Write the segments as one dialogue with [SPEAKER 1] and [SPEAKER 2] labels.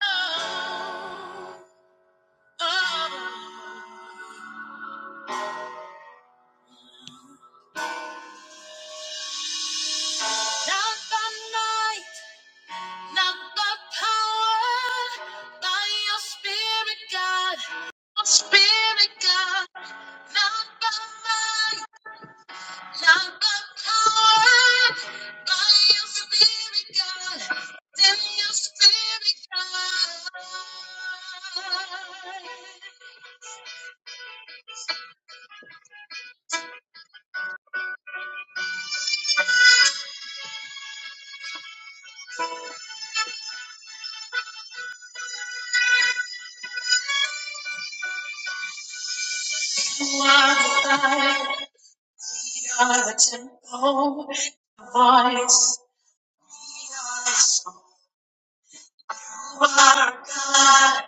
[SPEAKER 1] Not by might, not by power, by your spirit, God. spirit, God. Not by might, not by power, by your spirit, God. Send your spirit, God. You are the fire. We are the know the voice of our God.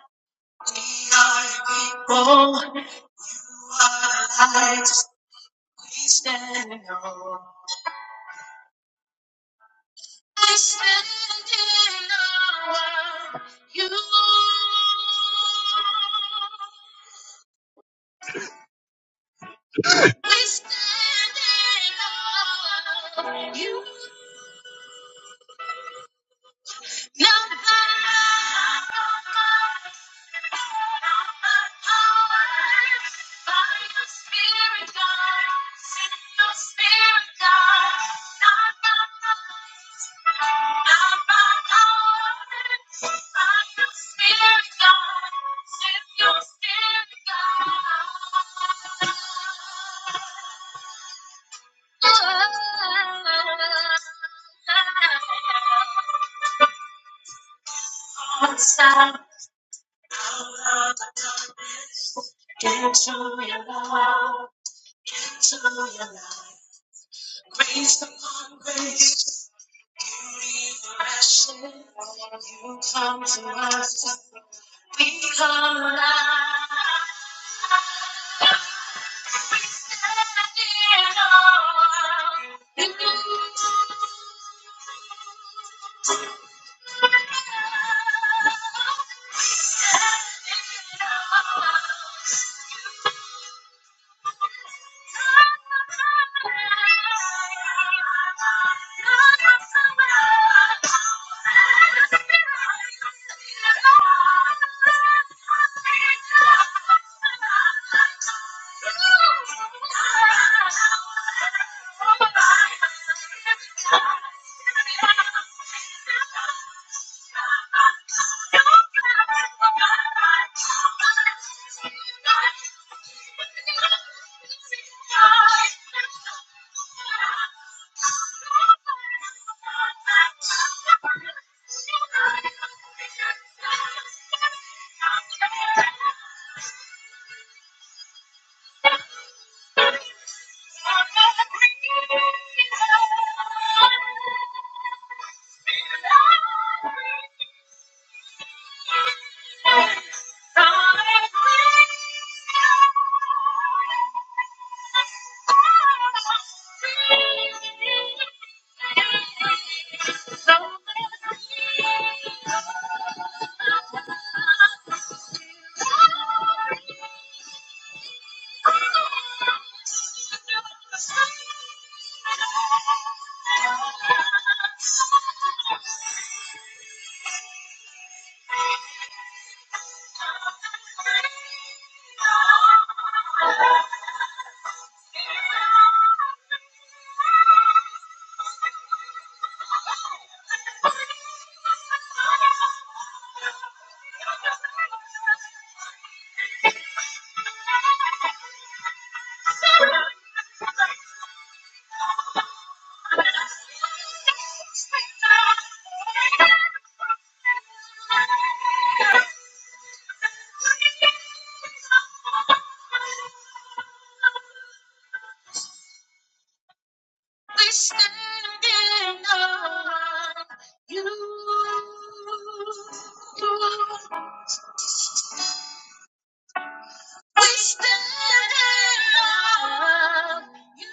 [SPEAKER 1] We are your people. lights we stand on. We stand in awe of you. We stand in awe of you. Nobody Stop. Get to your love, into your life. Grace upon grace. You come to us, we come alive. Dear Lord, You are dear Lord. Thank you. We stand on you. We stand on you.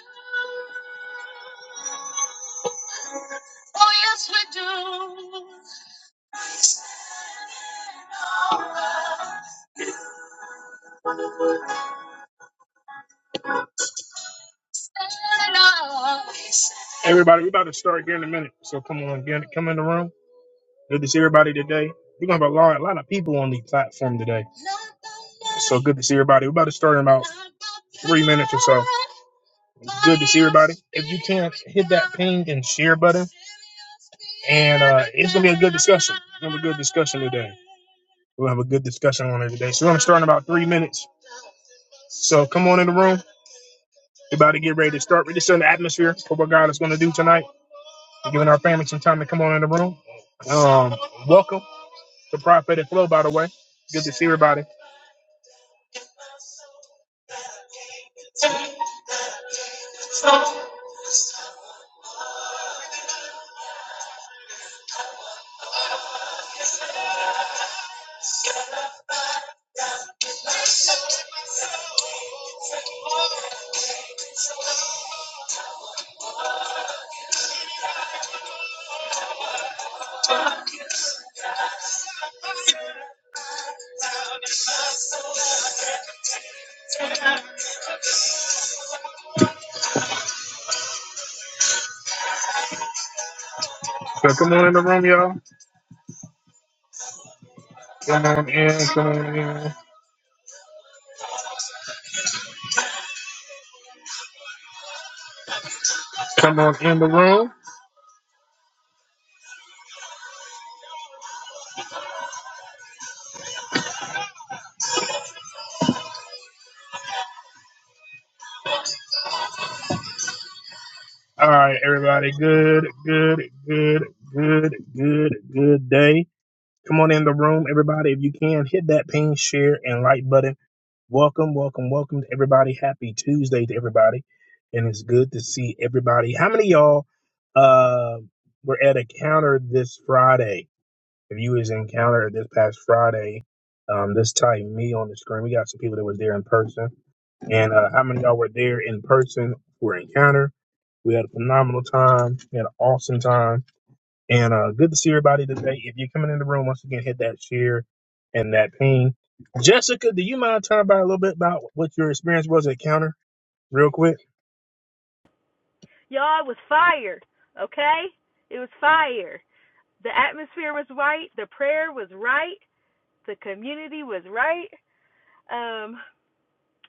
[SPEAKER 1] Oh, yes, we do. Stand on. Everybody, we're about to start here in a minute. So come on, get, come in the room. Good to see everybody today. We're gonna have a lot, a lot of people on the platform today. So good to see everybody. We're about to start in about three minutes or so. Good to see everybody. If you can hit that ping and share button, and uh, it's gonna be a good discussion. It's gonna be a good discussion today. We'll have a good discussion on it today. So we're gonna start in about three minutes. So come on in the room. We're about to get ready to start. We're just in the atmosphere for what God is gonna do tonight. We're giving our family some time to come on in the room. Um, welcome. the prophetic flow, by the way. Good to see everybody. So come on in the room, y'all. Come on in, come on in, come on in the room. All right, everybody. Good, good, good, good, good, good day. Come on in the room, everybody. If you can, hit that pin, share, and like button. Welcome, welcome, welcome to everybody. Happy Tuesday to everybody. And it's good to see everybody. How many of y'all uh, were at a counter this Friday? If you was encountered this past Friday, um, this time me on the screen, we got some people that was there in person, and uh, how many of y'all were there in person for encounter? We had a phenomenal time. We had an awesome time. And uh, good to see everybody today. If you're coming in the room, once again, hit that share and that ping. Jessica, do you mind telling about a little bit about what your experience was at encounter, real quick?
[SPEAKER 2] Y'all, it was fire, okay? It was fire. The atmosphere was right, the prayer was right, the community was right. Um,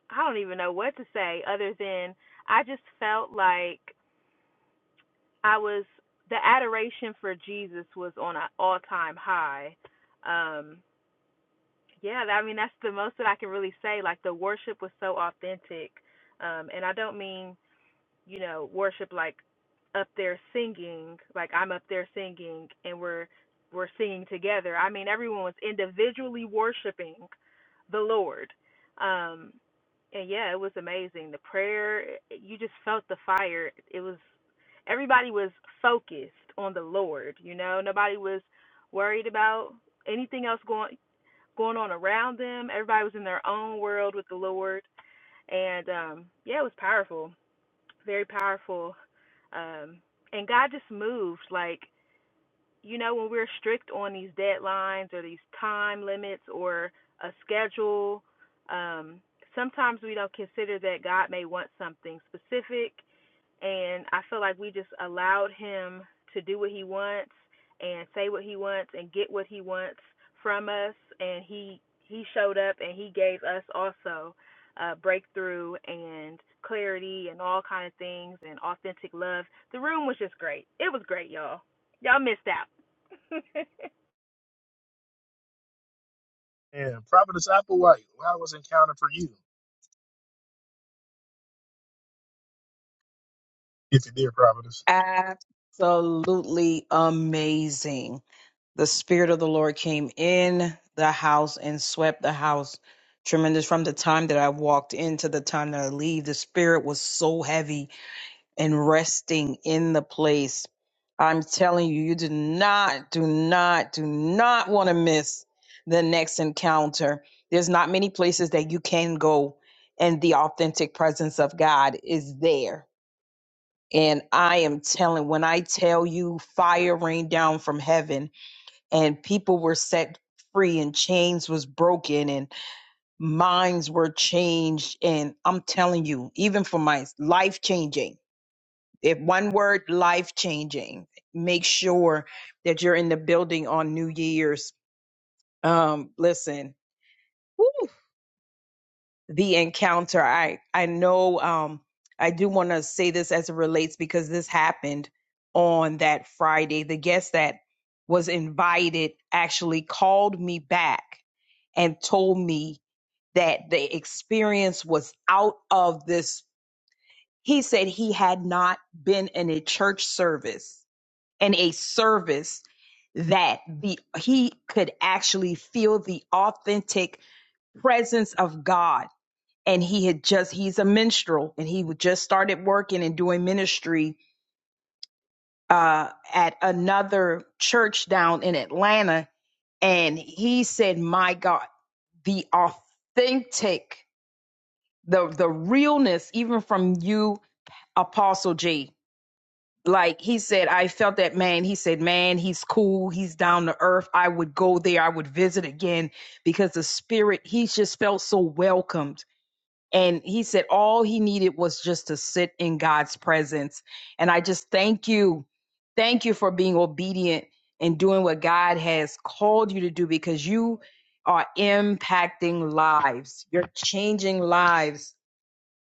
[SPEAKER 2] I don't even know what to say other than I just felt like I was the adoration for Jesus was on an all-time high. Um, yeah, I mean that's the most that I can really say. Like the worship was so authentic, um, and I don't mean you know, worship like up there singing, like I'm up there singing and we're we're singing together. I mean, everyone was individually worshiping the Lord. Um and yeah, it was amazing. The prayer, you just felt the fire. It was everybody was focused on the Lord, you know. Nobody was worried about anything else going going on around them. Everybody was in their own world with the Lord and um yeah, it was powerful very powerful um and god just moved like you know, when we're strict on these deadlines or these time limits or a schedule, um, sometimes we don't consider that God may want something specific. And I feel like we just allowed Him to do what He wants and say what He wants and get what He wants from us. And He He showed up and He gave us also uh, breakthrough and clarity and all kind of things and authentic love. The room was just great. It was great, y'all y'all missed out.
[SPEAKER 1] And Providence Applewhite, how was Encounter for you, if you did, Providence?
[SPEAKER 3] absolutely amazing. The Spirit of the Lord came in the house and swept the house. Tremendous from the time that I walked in to the time that I leave. The Spirit was so heavy and resting in the place. I'm telling you, you do not, do not, do not want to miss the next encounter. There's not many places that you can go, and the authentic presence of God is there and I am telling, when I tell you fire rained down from heaven and people were set free and chains was broken and minds were changed. And I'm telling you, even for my life changing, if one word, life changing, make sure that you're in the building on New Year's. Um, listen. woo, the encounter. I I know um I do want to say this as it relates because this happened on that Friday. The guest that was invited actually called me back and told me that the experience was out of this. He said he had not been in a church service in a service that the he could actually feel the authentic presence of God and he had just he's a minstrel and he just started working and doing ministry uh at another church down in Atlanta and he said my god the authentic the the realness even from you apostle J. like he said I felt that man he said man he's cool he's down to earth I would go there I would visit again because the spirit he just felt so welcomed And he said all he needed was just to sit in God's presence. And I just thank you. Thank you for being obedient and doing what God has called you to do because you are impacting lives. You're changing lives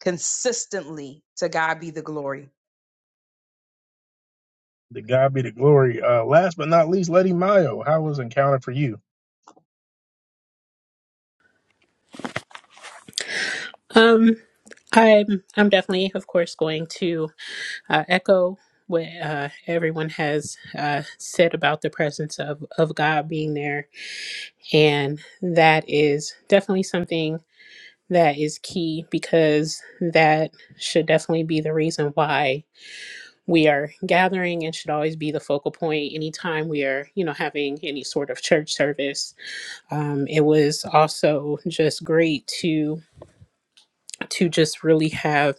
[SPEAKER 3] consistently. To God be the glory.
[SPEAKER 1] The God be the glory. Uh, last but not least, Lady Mayo, how was Encounter for you?
[SPEAKER 4] Um, I'm I'm definitely, of course, going to uh, echo what uh, everyone has uh, said about the presence of of God being there, and that is definitely something that is key because that should definitely be the reason why we are gathering and should always be the focal point anytime we are you know having any sort of church service um, it was also just great to to just really have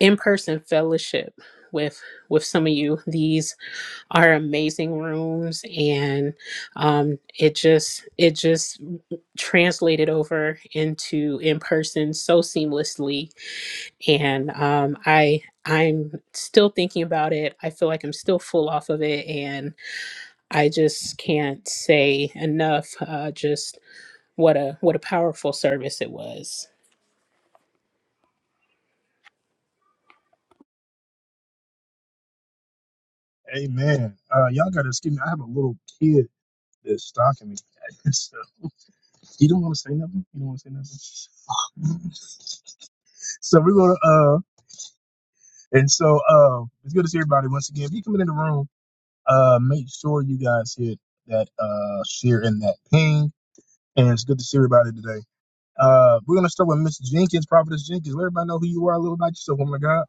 [SPEAKER 4] in-person fellowship with with some of you these are amazing rooms and um it just it just translated over into in person so seamlessly and um i i'm still thinking about it i feel like i'm still full off of it and i just can't say enough uh just what a what a powerful service it was
[SPEAKER 1] Amen. Uh, y'all got to excuse me. I have a little kid that's stalking me. so, you don't want to say nothing? You don't want to say nothing? so we're going to, uh, and so uh, it's good to see everybody once again. If you come in the room, uh, make sure you guys hit that uh, share and that ping. And it's good to see everybody today. Uh, we're gonna start with Miss Jenkins, Prophetess Jenkins. Let everybody know who you are a little about yourself, woman of God.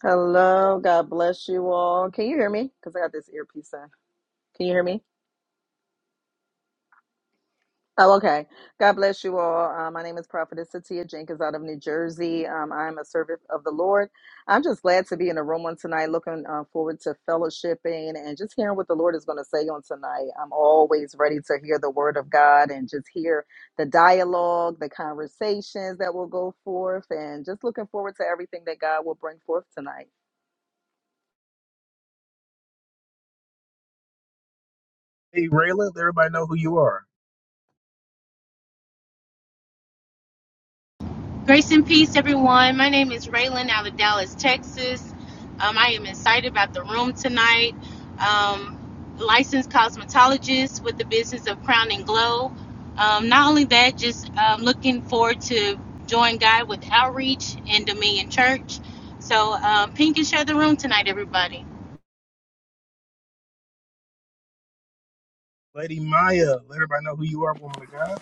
[SPEAKER 5] Hello, God bless you all. Can you hear me? Because I got this earpiece on. Can you hear me? Oh, okay. God bless you all. Uh, my name is Prophetess Satia Jenkins out of New Jersey. Um, I'm a servant of the Lord. I'm just glad to be in the room on tonight, looking uh, forward to fellowshipping and just hearing what the Lord is going to say on tonight. I'm always ready to hear the word of God and just hear the dialogue, the conversations that will go forth, and just looking forward to everything that God will bring forth tonight.
[SPEAKER 1] Hey Rayla, let everybody know who you are.
[SPEAKER 6] Grace and peace, everyone. My name is Raylan out of Dallas, Texas. Um, I am excited about the room tonight. Um, licensed cosmetologist with the business of Crown and Glow. Um, not only that, just um, looking forward to join God with Outreach and Dominion Church. So, um, pink and share the room tonight, everybody.
[SPEAKER 1] Lady Maya, let everybody know who you are, woman of God.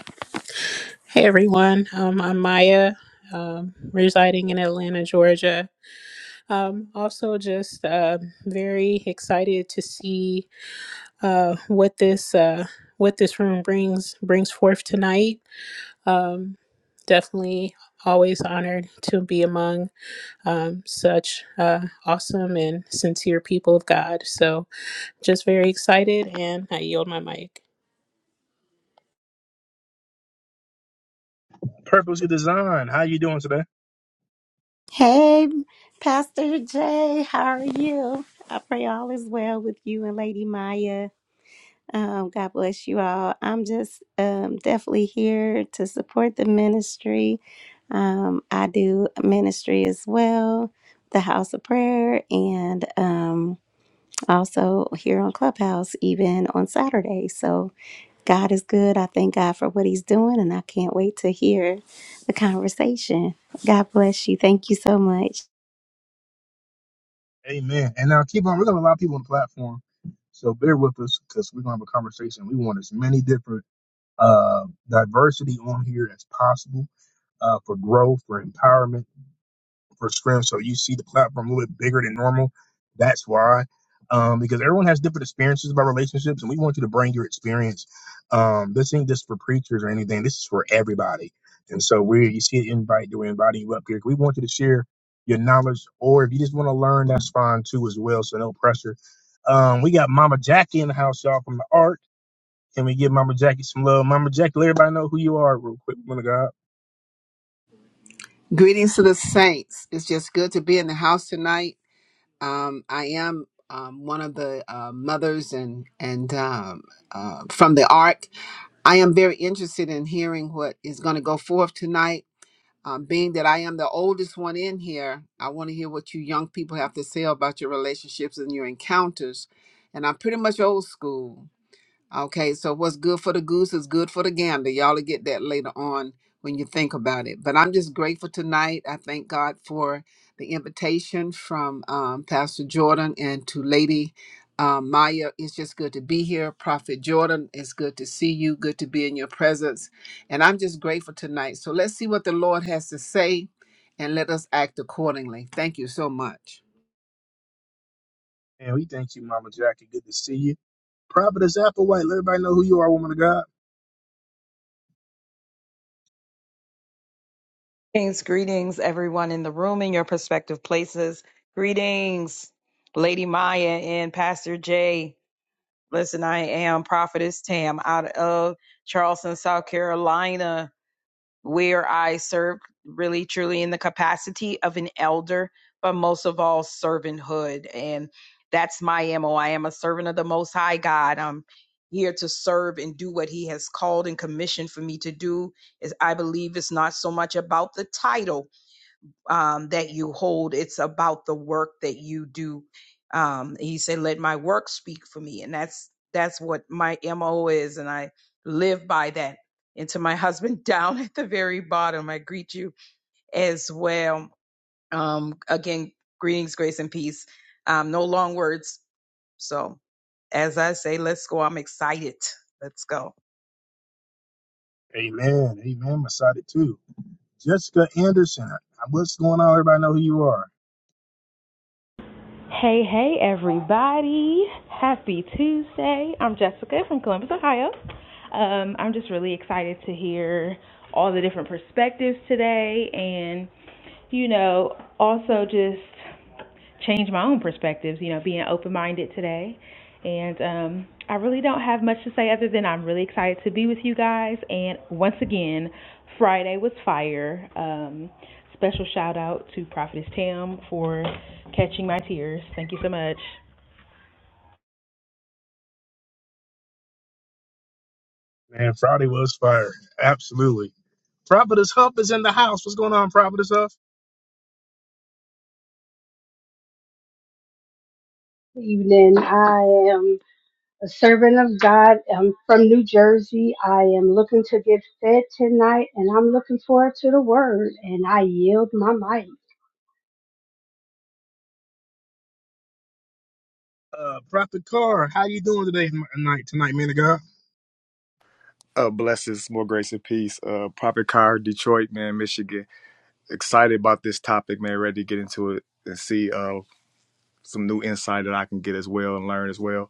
[SPEAKER 4] hey everyone um i'm maya um residing in atlanta georgia Um, also, just uh, very excited to see uh, what this uh, what this room brings brings forth tonight. Um, definitely, always honored to be among um, such uh, awesome and sincere people of God. So, just very excited, and I yield my mic.
[SPEAKER 1] Purposely designed. How you doing today?
[SPEAKER 7] Hey, Pastor Jay, how are you? I pray all is well with you and Lady Maya. Um, God bless you all. I'm just um, definitely here to support the ministry. Um, I do ministry as well, the House of Prayer, and um, also here on Clubhouse, even on Saturday. So God is good. I thank God for what He's doing, and I can't wait to hear the conversation. God bless you. Thank you so much.
[SPEAKER 1] Amen. And now keep on. We're gonna have a lot of people on the platform, so bear with us because we're gonna have a conversation. We want as many different uh diversity on here as possible uh for growth, for empowerment. per scrim. So you see the platform a little bit bigger than normal. That's why. Um, because everyone has different experiences about relationships, and we want you to bring your experience. Um, this ain't just for preachers or anything. This is for everybody. And so we, you see an invite, we're inviting you up here. We want you to share your knowledge, or if you just want to learn, that's fine too as well. So no pressure. Um, we got Mama Jackie in the house, y'all, from the Ark. Can we give Mama Jackie some love? Mama Jackie, let everybody know who you are real quick, woman of God.
[SPEAKER 8] Greetings to the saints. It's just good to be in the house tonight. Um, I am um, one of the uh, mothers and and um, uh, from the Ark. I am very interested in hearing what is going to go forth tonight. Um, being that I am the oldest one in here, I want to hear what you young people have to say about your relationships and your encounters. And I'm pretty much old school. Okay, so what's good for the goose is good for the gander. Y'all will get that later on when you think about it. But I'm just grateful tonight. I thank God for the invitation from um, Pastor Jordan and to Lady um, Maya. It's just good to be here. Prophet Jordan, it's good to see you. Good to be in your presence. And I'm just grateful tonight. So let's see what the Lord has to say and let us act accordingly. Thank you so much.
[SPEAKER 1] And we thank you, Mama Jackie. Good to see you. Prophetess Applewhite, let everybody know who you are, woman of God.
[SPEAKER 3] Greetings, greetings, everyone in the room in your prospective places. Greetings, Lady Maya and Pastor Jay. Listen, I am Prophetess Tam out of Charleston, South Carolina, where I serve really truly in the capacity of an elder, but most of all, servanthood. And that's my MO. I am a servant of the Most High God. I'm here to serve and do what He has called and commissioned for me to do. Is I believe it's not so much about the title um, that you hold. It's about the work that you do. Um, he said, "Let my work speak for me," and that's that's what my mo is, and I live by that. And to my husband down at the very bottom, I greet you as well. Um, again, greetings, grace, and peace. Um, no long words so, as I say, let's go. I'm excited. Let's go.
[SPEAKER 1] Amen. Amen. Masada too. Jessica Anderson, uh, what's going on? Everybody know who you are.
[SPEAKER 2] Hey, hey, everybody. Happy Tuesday. I'm Jessica from Columbus, Ohio. Um, I'm just really excited to hear all the different perspectives today and, you know, also just change my own perspectives, you know, being open minded today. And um, I really don't have much to say other than I'm really excited to be with you guys. And once again, Friday was fire. Um, special shout out to Prophetess Tam for catching my tears. Thank you so much.
[SPEAKER 1] Man, Friday was fire. Absolutely. Prophetess Huff is in the house. What's going on, Prophetess Huff?
[SPEAKER 9] evening. I am a servant of God. I'm from New Jersey. I am looking to get fed tonight and I'm looking forward to the word and I yield my might.
[SPEAKER 1] Uh, Prophet Carr, how you doing today, m- night, tonight, man of God?
[SPEAKER 10] Uh, blessings, more grace and peace. Uh, Prophet Car, Detroit, man, Michigan. Excited about this topic, man. Ready to get into it and see uh, some new insight that I can get as well and learn as well.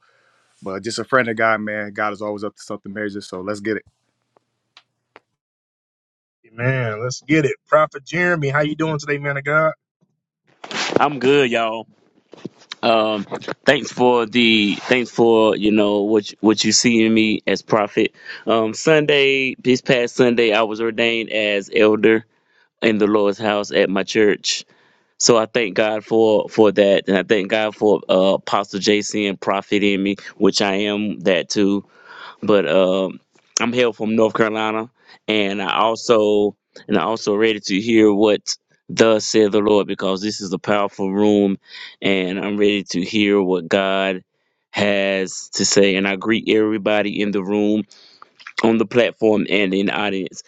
[SPEAKER 10] But just a friend of God, man. God is always up to something major, so let's get it.
[SPEAKER 1] Man, Let's get it. Prophet Jeremy, how you doing today, man of God?
[SPEAKER 11] I'm good, y'all. Um, thanks for the thanks for you know what you- what you see in me as prophet. Um, Sunday, this past Sunday, I was ordained as elder in the Lord's house at my church. So I thank God for for that, and I thank God for uh, Apostle JC and Prophet in me, which I am that too but um, I'm hail from North Carolina, and I also and I also ready to hear what thus said the Lord because this is a powerful room, and I'm ready to hear what God has to say. And I greet everybody in the room, on the platform, and in the audience.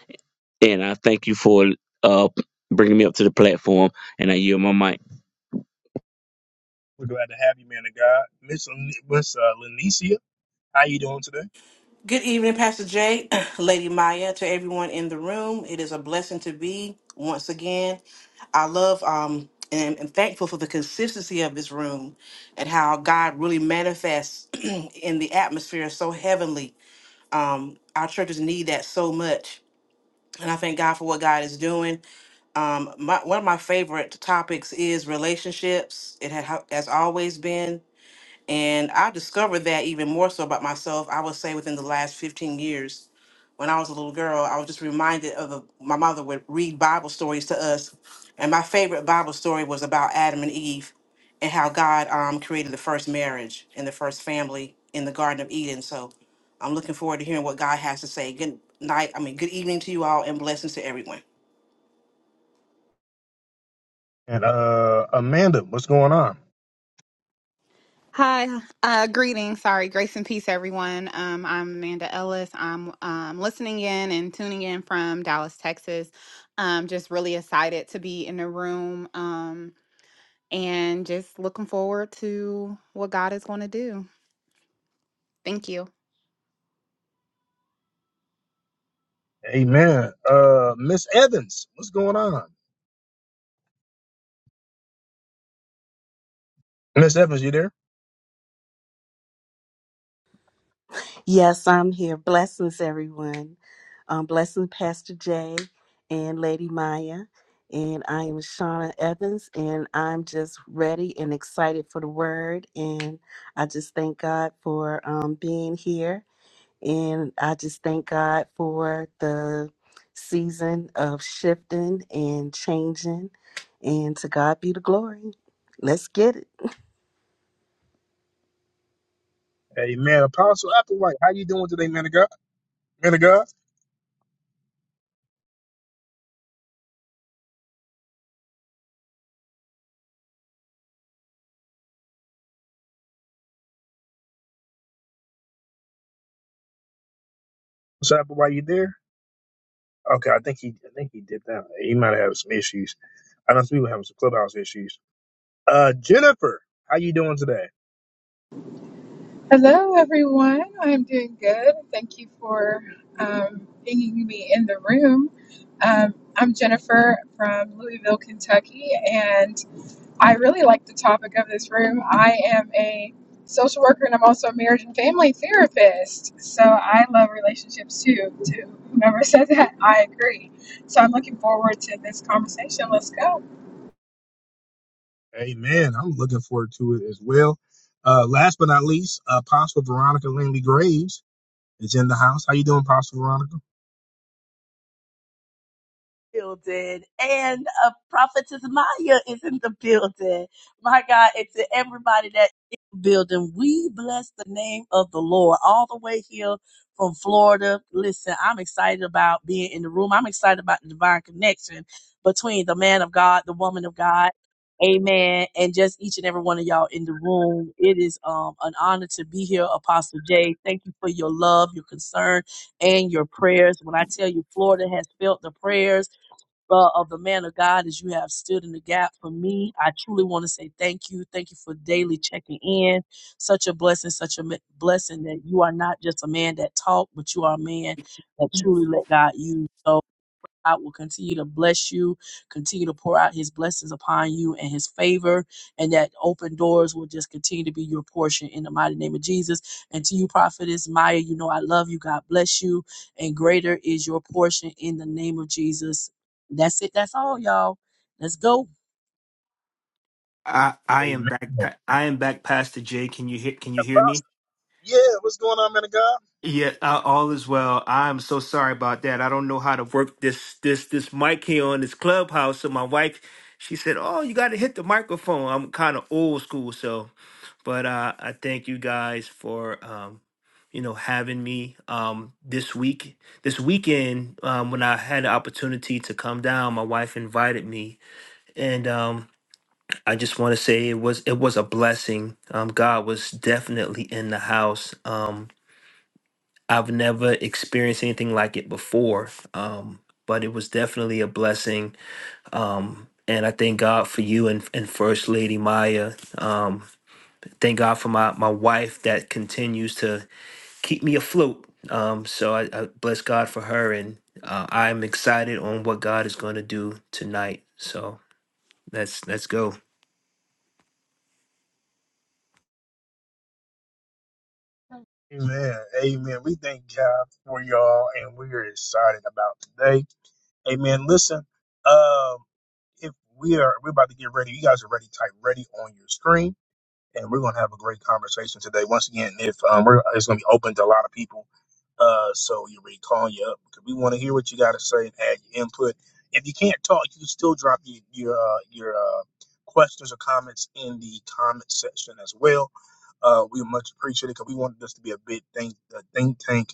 [SPEAKER 11] And I thank you for uh, bringing me up to the platform, and I yield my mic.
[SPEAKER 1] We're glad to have you, man of God. Miss, Lin- Miss uh, Lenicia, how you doing today?
[SPEAKER 12] Good evening, Pastor Jay, Lady Maya, to everyone in the room. It is a blessing to be once again. I love um, and, and thankful for the consistency of this room and how God really manifests in the atmosphere so heavenly. Um, our churches need that so much. And I thank God for what God is doing. Um, my, one of my favorite topics is relationships. It ha- has always been and I discovered that even more so about myself, I would say within the last 15 years. When I was a little girl, I was just reminded of the, my mother would read Bible stories to us. And my favorite Bible story was about Adam and Eve and how God um, created the first marriage and the first family in the Garden of Eden. So I'm looking forward to hearing what God has to say. Good night. I mean, good evening to you all and blessings to everyone.
[SPEAKER 1] And uh, Amanda, what's going on?
[SPEAKER 13] Hi, uh, greetings. Sorry, grace and peace, everyone. Um, I'm Amanda Ellis. I'm um, listening in and tuning in from Dallas, Texas. Um, just really excited to be in the room um, and just looking forward to what God is going to do. Thank you.
[SPEAKER 1] Amen. Uh, Miss Evans, what's going on? Miss Evans, you there?
[SPEAKER 14] Yes, I'm here. Blessings, everyone. Um, blessing Pastor Jay and Lady Maya. And I am Shauna Evans, and I'm just ready and excited for the word. And I just thank God for um, being here. And I just thank God for the season of shifting and changing. And to God be the glory. Let's get it.
[SPEAKER 1] Amen. Apostle Applewhite, how you doing today, man of God? Man of God, Miss Applewhite, you there? Okay, I think he, I think he dipped out. He might have some issues. I know some people having some clubhouse issues. Uh, Jennifer, how you doing today?
[SPEAKER 15] Hello, everyone. I'm doing good. Thank you for um, bringing me in the room. Um, I'm Jennifer from Louisville, Kentucky, and I really like the topic of this room. I am a social worker and I'm also a marriage and family therapist. So I love relationships too. To whomever said that, I agree. So I'm looking forward to this conversation. Let's go.
[SPEAKER 1] Amen. I'm looking forward to it as well. Uh, last but not least, Apostle Veronica Langley Graves is in the house. How you doing, Apostle Veronica?
[SPEAKER 16] building and uh, prophetess maya is in the building my god and to everybody that is in the building we bless the name of the lord all the way here from florida listen i'm excited about being in the room i'm excited about the divine connection between the man of god the woman of god amen and just each and every one of y'all in the room it is um an honor to be here apostle jay thank you for your love your concern and your prayers when i tell you florida has felt the prayers uh, of the man of God as you have stood in the gap for me. I truly want to say thank you. Thank you for daily checking in. Such a blessing, such a m- blessing that you are not just a man that talk, but you are a man that truly let God use. So God will continue to bless you, continue to pour out his blessings upon you and his favor, and that open doors will just continue to be your portion in the mighty name of Jesus. And to you, prophetess Maya, you know I love you. God bless you. And greater is your portion in the name of Jesus. That's it. That's all, y'all. Let's go.
[SPEAKER 17] I I am
[SPEAKER 1] Amen.
[SPEAKER 17] back. pa- I am back, Pastor Jay. Can you hear? Can you hear me?
[SPEAKER 1] Apostle. Yeah, what's going on, man of God?
[SPEAKER 17] Yeah, uh, all is well. I'm so sorry about that. I don't know how to work this this this mic here on this clubhouse. So my wife, she said, "Oh, you got to hit the microphone." I'm kind of old school, so but uh, I thank you guys for um, you know having me um, this week this weekend um, when I had the opportunity to come down. My wife invited me, and um, I just want to say it was it was a blessing. Um, God was definitely in the house. Um, I've never experienced anything like it before, um, but it was definitely a blessing. Um, and I thank God for you and, and First Lady Maya. Um, thank God for my my wife that continues to keep me afloat. Um, so I, I bless God for her, and uh, I'm excited on what God is going to do tonight. So let's let's go.
[SPEAKER 1] Amen. Amen. We thank God for y'all and we are excited about today. Amen. Listen, um, if we are we're about to get ready, you guys are ready, type ready on your screen and we're gonna have a great conversation today. Once again, if um, we're it's gonna be open to a lot of people, uh, so you we calling you up because we want to hear what you got to say and add your input. If you can't talk, you can still drop your your uh, your uh, questions or comments in the comment section as well. Uh, we much appreciate it because we wanted this to be a big think a think tank,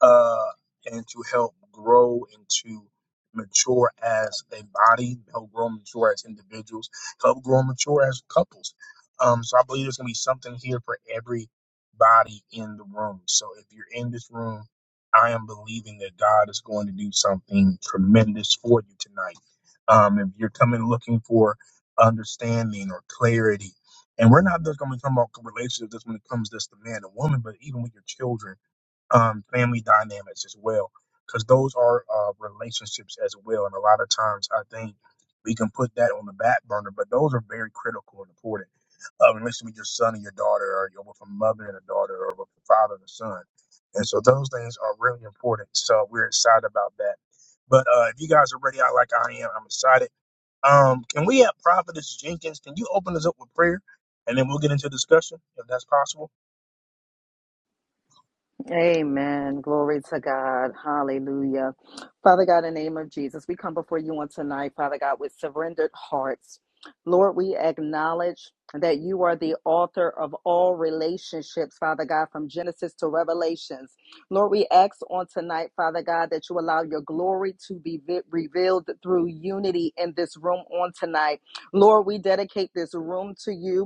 [SPEAKER 1] uh, and to help grow and to mature as a body, help grow and mature as individuals, help grow and mature as couples um, so I believe there's gonna be something here for everybody in the room. So if you're in this room, I am believing that God is going to do something tremendous for you tonight. Um, if you're coming looking for understanding or clarity, and we're not just gonna be talking about relationships just when it comes just to man and woman, but even with your children um, family dynamics as well, because those are uh, relationships as well. And a lot of times, I think we can put that on the back burner, but those are very critical and important. Uh, unless with your son and your daughter, or you're with a mother and a daughter, or with a father and a son, and so those things are really important. So we're excited about that. But uh, if you guys are ready, I like I am. I'm excited. Um, can we have Prophetess Jenkins? Can you open us up with prayer, and then we'll get into discussion if that's possible.
[SPEAKER 5] Amen. Glory to God. Hallelujah. Father God, in the name of Jesus, we come before you on tonight, Father God, with surrendered hearts. Lord, we acknowledge that you are the author of all relationships, Father God, from Genesis to Revelations. Lord, we ask on tonight, Father God, that you allow your glory to be vi- revealed through unity in this room on tonight. Lord, we dedicate this room to you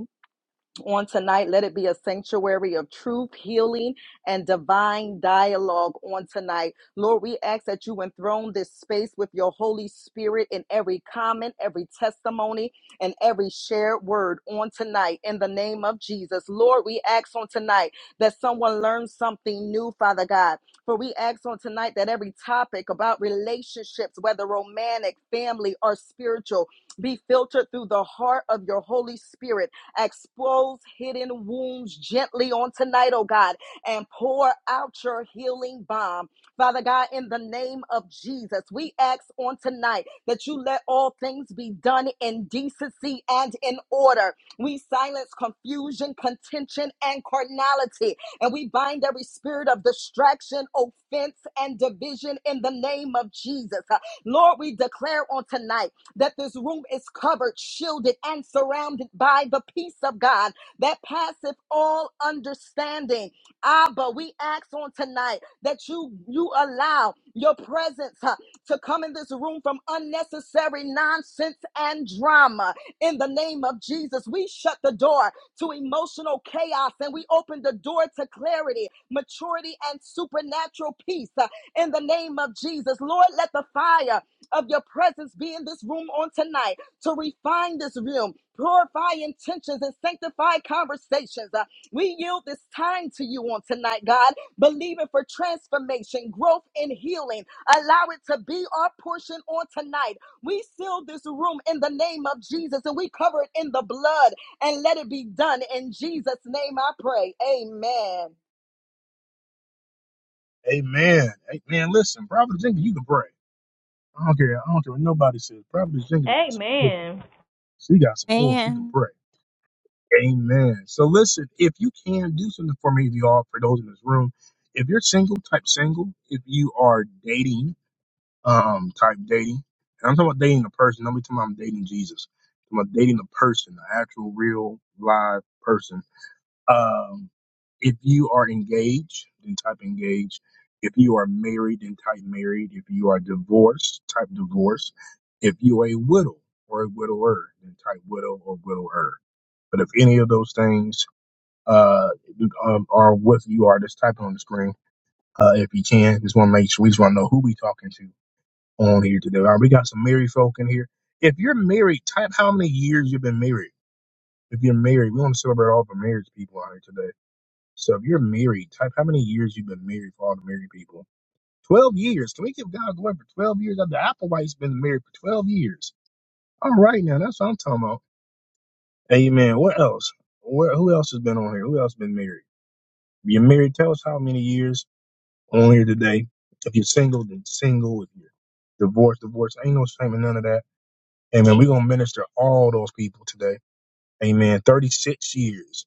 [SPEAKER 5] on tonight. Let it be a sanctuary of truth, healing, and divine dialogue on tonight. Lord, we ask that you enthrone this space with your Holy Spirit in every comment, every testimony, and every shared word on tonight in the name of Jesus. Lord, we ask on tonight that someone learns something new, Father God. For we ask on tonight that every topic about relationships, whether romantic, family, or spiritual, be filtered through the heart of your Holy Spirit Expose hidden wounds gently on tonight, oh God, and pour out your healing balm. Father God, in the name of Jesus, we ask on tonight that you let all things be done in decency and in order. We silence confusion, contention, and carnality, and we bind every spirit of distraction, offense, and division in the name of Jesus. Uh, Lord, we declare on tonight that this room is covered, shielded, and surrounded by the peace of God that passeth all understanding. Abba, we ask on tonight that you you allow your presence huh, to come in this room from unnecessary nonsense and drama. In the name of Jesus, we shut the door to emotional chaos and we open the door to clarity, maturity, and supernatural peace. huh, In the name of Jesus, Lord, let the fire of your presence be in this room on tonight to refine this room, purify intentions, and sanctify conversations. Uh, we yield this time to you on tonight, God, believing for transformation, growth, and healing. Allow it to be our portion on tonight. We seal this room in the name of Jesus and we cover it in the blood and let it be done. In Jesus' name I pray. Amen.
[SPEAKER 1] Amen. Amen. Listen, Prophetess Jenkins, you can pray. I don't care. I don't care what nobody says. Prophetess Jenkins
[SPEAKER 2] Hey,
[SPEAKER 1] got some oil.
[SPEAKER 2] man.
[SPEAKER 1] She got some oil. She can
[SPEAKER 7] Man.
[SPEAKER 1] pray. Amen. So listen, if you can do something for me, you all, for those in this room, if you're single, type single. If you are dating, um, type dating. And I'm talking about dating a person. Don't be talking about I'm dating Jesus. I'm talking about dating a person, an actual, real, live person um, if you are engaged, then type engaged. If you are married, then type married. If you are divorced, type divorce. If you are a widow or a widower, then type widow or widower. But if any of those things uh, um, are what you are, just type it on the screen uh, if you can. Just want to make sure we just want to know who we talking to on here today. All right, we got some married folk in here. If you're married, type how many years you've been married. If you're married, we want to celebrate all the marriage people out here today so if you're married, type how many years you've been married for all the married people. Twelve years. Can we give God glory for twelve years? The Applewhite's been married for twelve years. All right now, that's what I'm talking about. Amen. What else? Where, who else has been on here? Who else been married? If you're married, tell us how many years on here today. If you're single, then single. If you're divorced, divorced. Ain't no shame in none of that. Amen. We're gonna minister all those people today. Amen. Thirty-six years.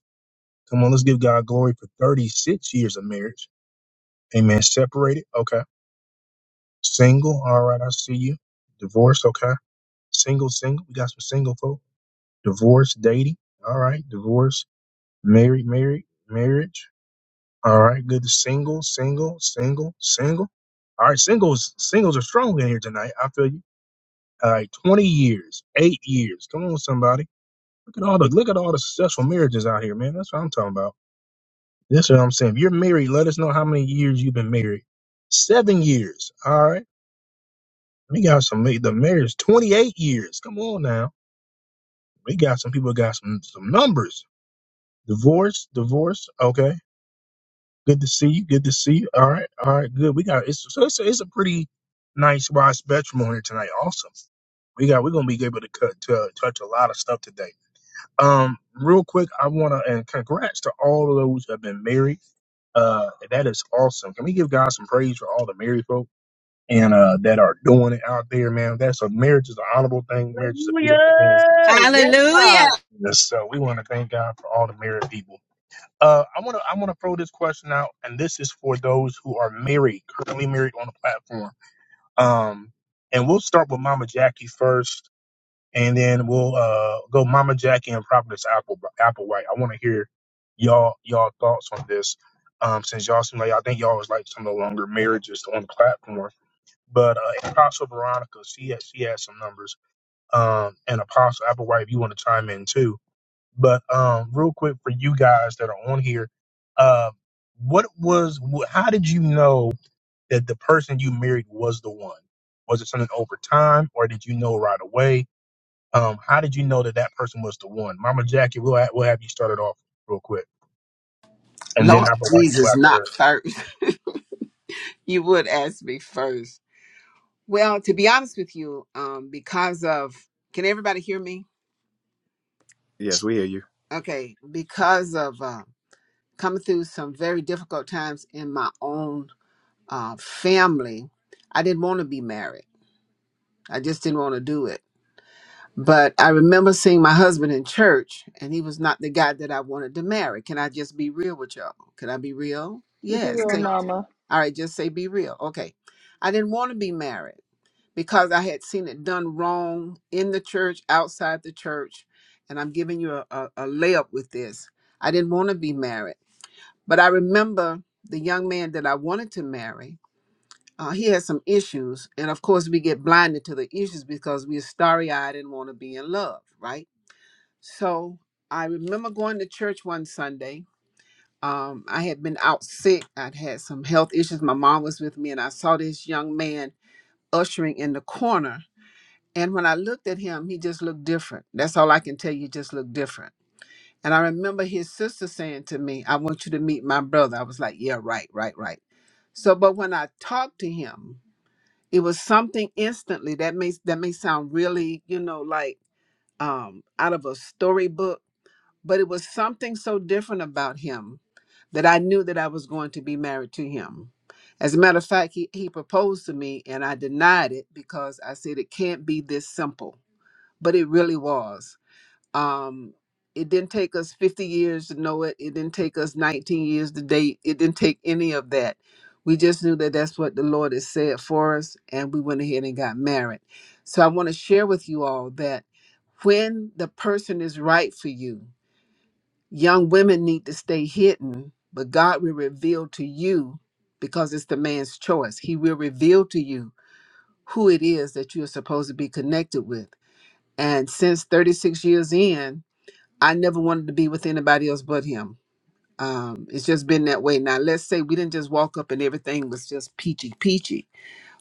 [SPEAKER 1] Come on, let's give God glory for thirty-six years of marriage. Amen. Separated. Okay. Single, all right, I see you. Divorce, okay. Single, single, we got some single folk. Divorce, dating, all right. Divorce, married, married, marriage, all right. Good. Single, single, single, single. All right, singles, singles are strong in here tonight. I feel you. All right, twenty years, eight years. Come on, somebody. Look at all the look at all the successful marriages out here, man. That's what I'm talking about. That's what I'm saying. If you're married, let us know how many years you've been married. Seven years. All right. We got some the marriage twenty eight years. Come on now, we got some people got some some numbers. Divorce, divorce. Okay, good to see you. Good to see you. All right, all right, good. We got it's so it's a, it's a pretty nice wide spectrum on here tonight. Awesome. We got we're gonna be able to cut to uh, touch a lot of stuff today. Um, real quick, I wanna and congrats to all of those who have been married. Uh, that is awesome. Can we give God some praise for all the married folks? and uh, that are doing it out there, man. That's a marriage is an honorable thing. Marriage is a beautiful thing.
[SPEAKER 16] Hallelujah. Yes,
[SPEAKER 7] Hallelujah.
[SPEAKER 16] God.
[SPEAKER 1] Yes, So we want to thank God for all the married people. Uh, I want to I want to throw this question out, and this is for those who are married, currently married on the platform. Um, and we'll start with Mama Jackie first, and then we'll uh go Mama Jackie and Prophetess Apple Applewhite. I want to hear y'all y'all thoughts on this. Um, since y'all seem like I think y'all was like some of the longer marriages on the platform. But uh, Apostle Veronica, she has, she has some numbers. Um, and Apostle Applewhite, if you want to chime in too. But um, real quick for you guys that are on here, uh, what was wh- how did you know that the person you married was the one? Was it something over time, or did you know right away? Um, how did you know that that person was the one? Mama Jackie, we'll ha- we'll have you started off real quick, and then
[SPEAKER 8] Lord
[SPEAKER 1] Applewhite, you go
[SPEAKER 8] Jesus,
[SPEAKER 1] after
[SPEAKER 8] not
[SPEAKER 1] her.
[SPEAKER 8] first. You would ask me first. Well, to be honest with you, um, because of can everybody hear me?
[SPEAKER 10] Yes, we hear you.
[SPEAKER 8] Okay, because of uh, coming through some very difficult times in my own uh, family, I didn't want to be married. I just didn't want to do it. But I remember seeing my husband in church, and he was not the guy that I wanted to marry. Can I just be real with y'all? Can I be real? Yes. Can, all right, just say be real. Okay. I didn't want to be married. because I had seen it done wrong in the church, outside the church. And I'm giving you a, a, a layup with this. I didn't want to be married, but I remember the young man that I wanted to marry. Uh, he had some issues. And of course, we get blinded to the issues because we're starry eyed and want to be in love, right? So I remember going to church one Sunday. Um, I had been out sick. I'd had some health issues. My mom was with me, and I saw this young man ushering in the corner and when I looked at him, he just looked different. That's all I can tell you, just looked different. And I remember his sister saying to me, I want you to meet my brother. I was like, yeah, right, right, right. So, but when I talked to him, it was something instantly that may that may sound really, you know, like um out of a storybook, but it was something so different about him that I knew that I was going to be married to him. As a matter of fact, he, he proposed to me and I denied it because I said it can't be this simple but it really was. Um, it didn't take us 50 years to know it. It didn't take us 19 years to date. It didn't take any of that. We just knew that that's what the Lord has said for us, and we went ahead and got married. So I want to share with you all that when the person is right for you, young women need to stay hidden, but God will reveal to you because it's the man's choice. He will reveal to you who it is that you are supposed to be connected with. And since 36 years in, I never wanted to be with anybody else but him. Um, it's just been that way. Now, let's say we didn't just walk up and everything was just peachy peachy.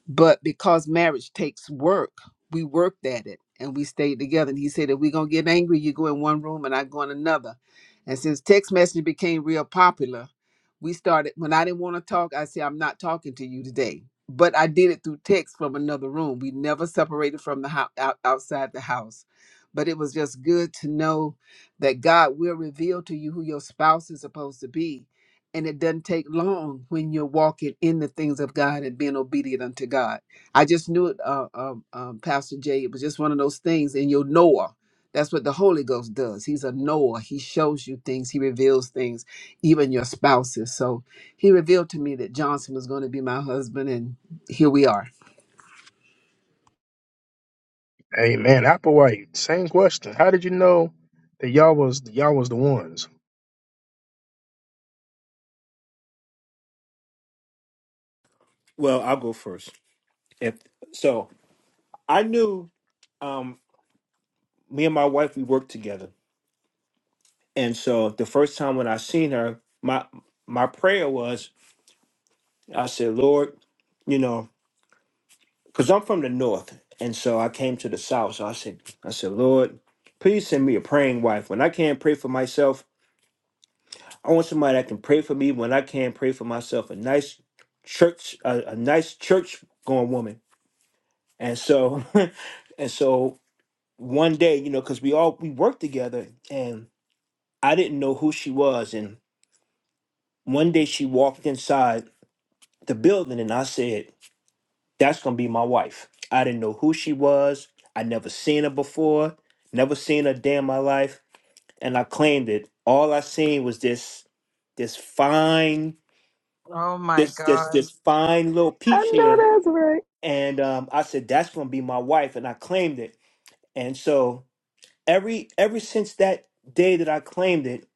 [SPEAKER 8] But because marriage takes work, we worked at it and we stayed together. And he said, if we're going to get angry, you go in one room and I go in another. And since text messaging became real popular, we started, when I didn't want to talk, I said, I'm not talking to you today. But I did it through text from another room. We never separated from the house, out, outside the house. But it was just good to know that God will reveal to you who your spouse is supposed to be and it doesn't take long when you're walking in the things of God and being obedient unto God. I just knew it, uh, um, um, Pastor Jay. It was just one of those things, and you'll Noah. That's what the Holy Ghost does. He's a Noah. He shows you things. He reveals things, even your spouses. So he revealed to me that Johnson was going to be my husband, and here we are.
[SPEAKER 1] Hey man, Applewhite, same question. How did you know that y'all was y'all was the ones?
[SPEAKER 17] Well, I'll go first. If so, I knew um, me and my wife we worked together, and so the first time when I seen her, my my prayer was, I said, Lord, you know, because I'm from the north, and so I came to the south. So I said, I said, Lord, please send me a praying wife. When I can't pray for myself, I want somebody that can pray for me. When I can't pray for myself, a nice church, a, a nice church going woman. And so, and so one day, you know, because we all we worked together, and I didn't know who she was. And one day she walked inside the building and I said, That's gonna be my wife. I didn't know who she was. I never seen her before, never seen her day in my life. And I claimed it. All I seen was this this fine,
[SPEAKER 3] Oh my
[SPEAKER 17] this this
[SPEAKER 3] gosh.
[SPEAKER 17] this fine little peach here. And um, I said, That's gonna be my wife, and I claimed it. And so every ever since that day that I claimed it,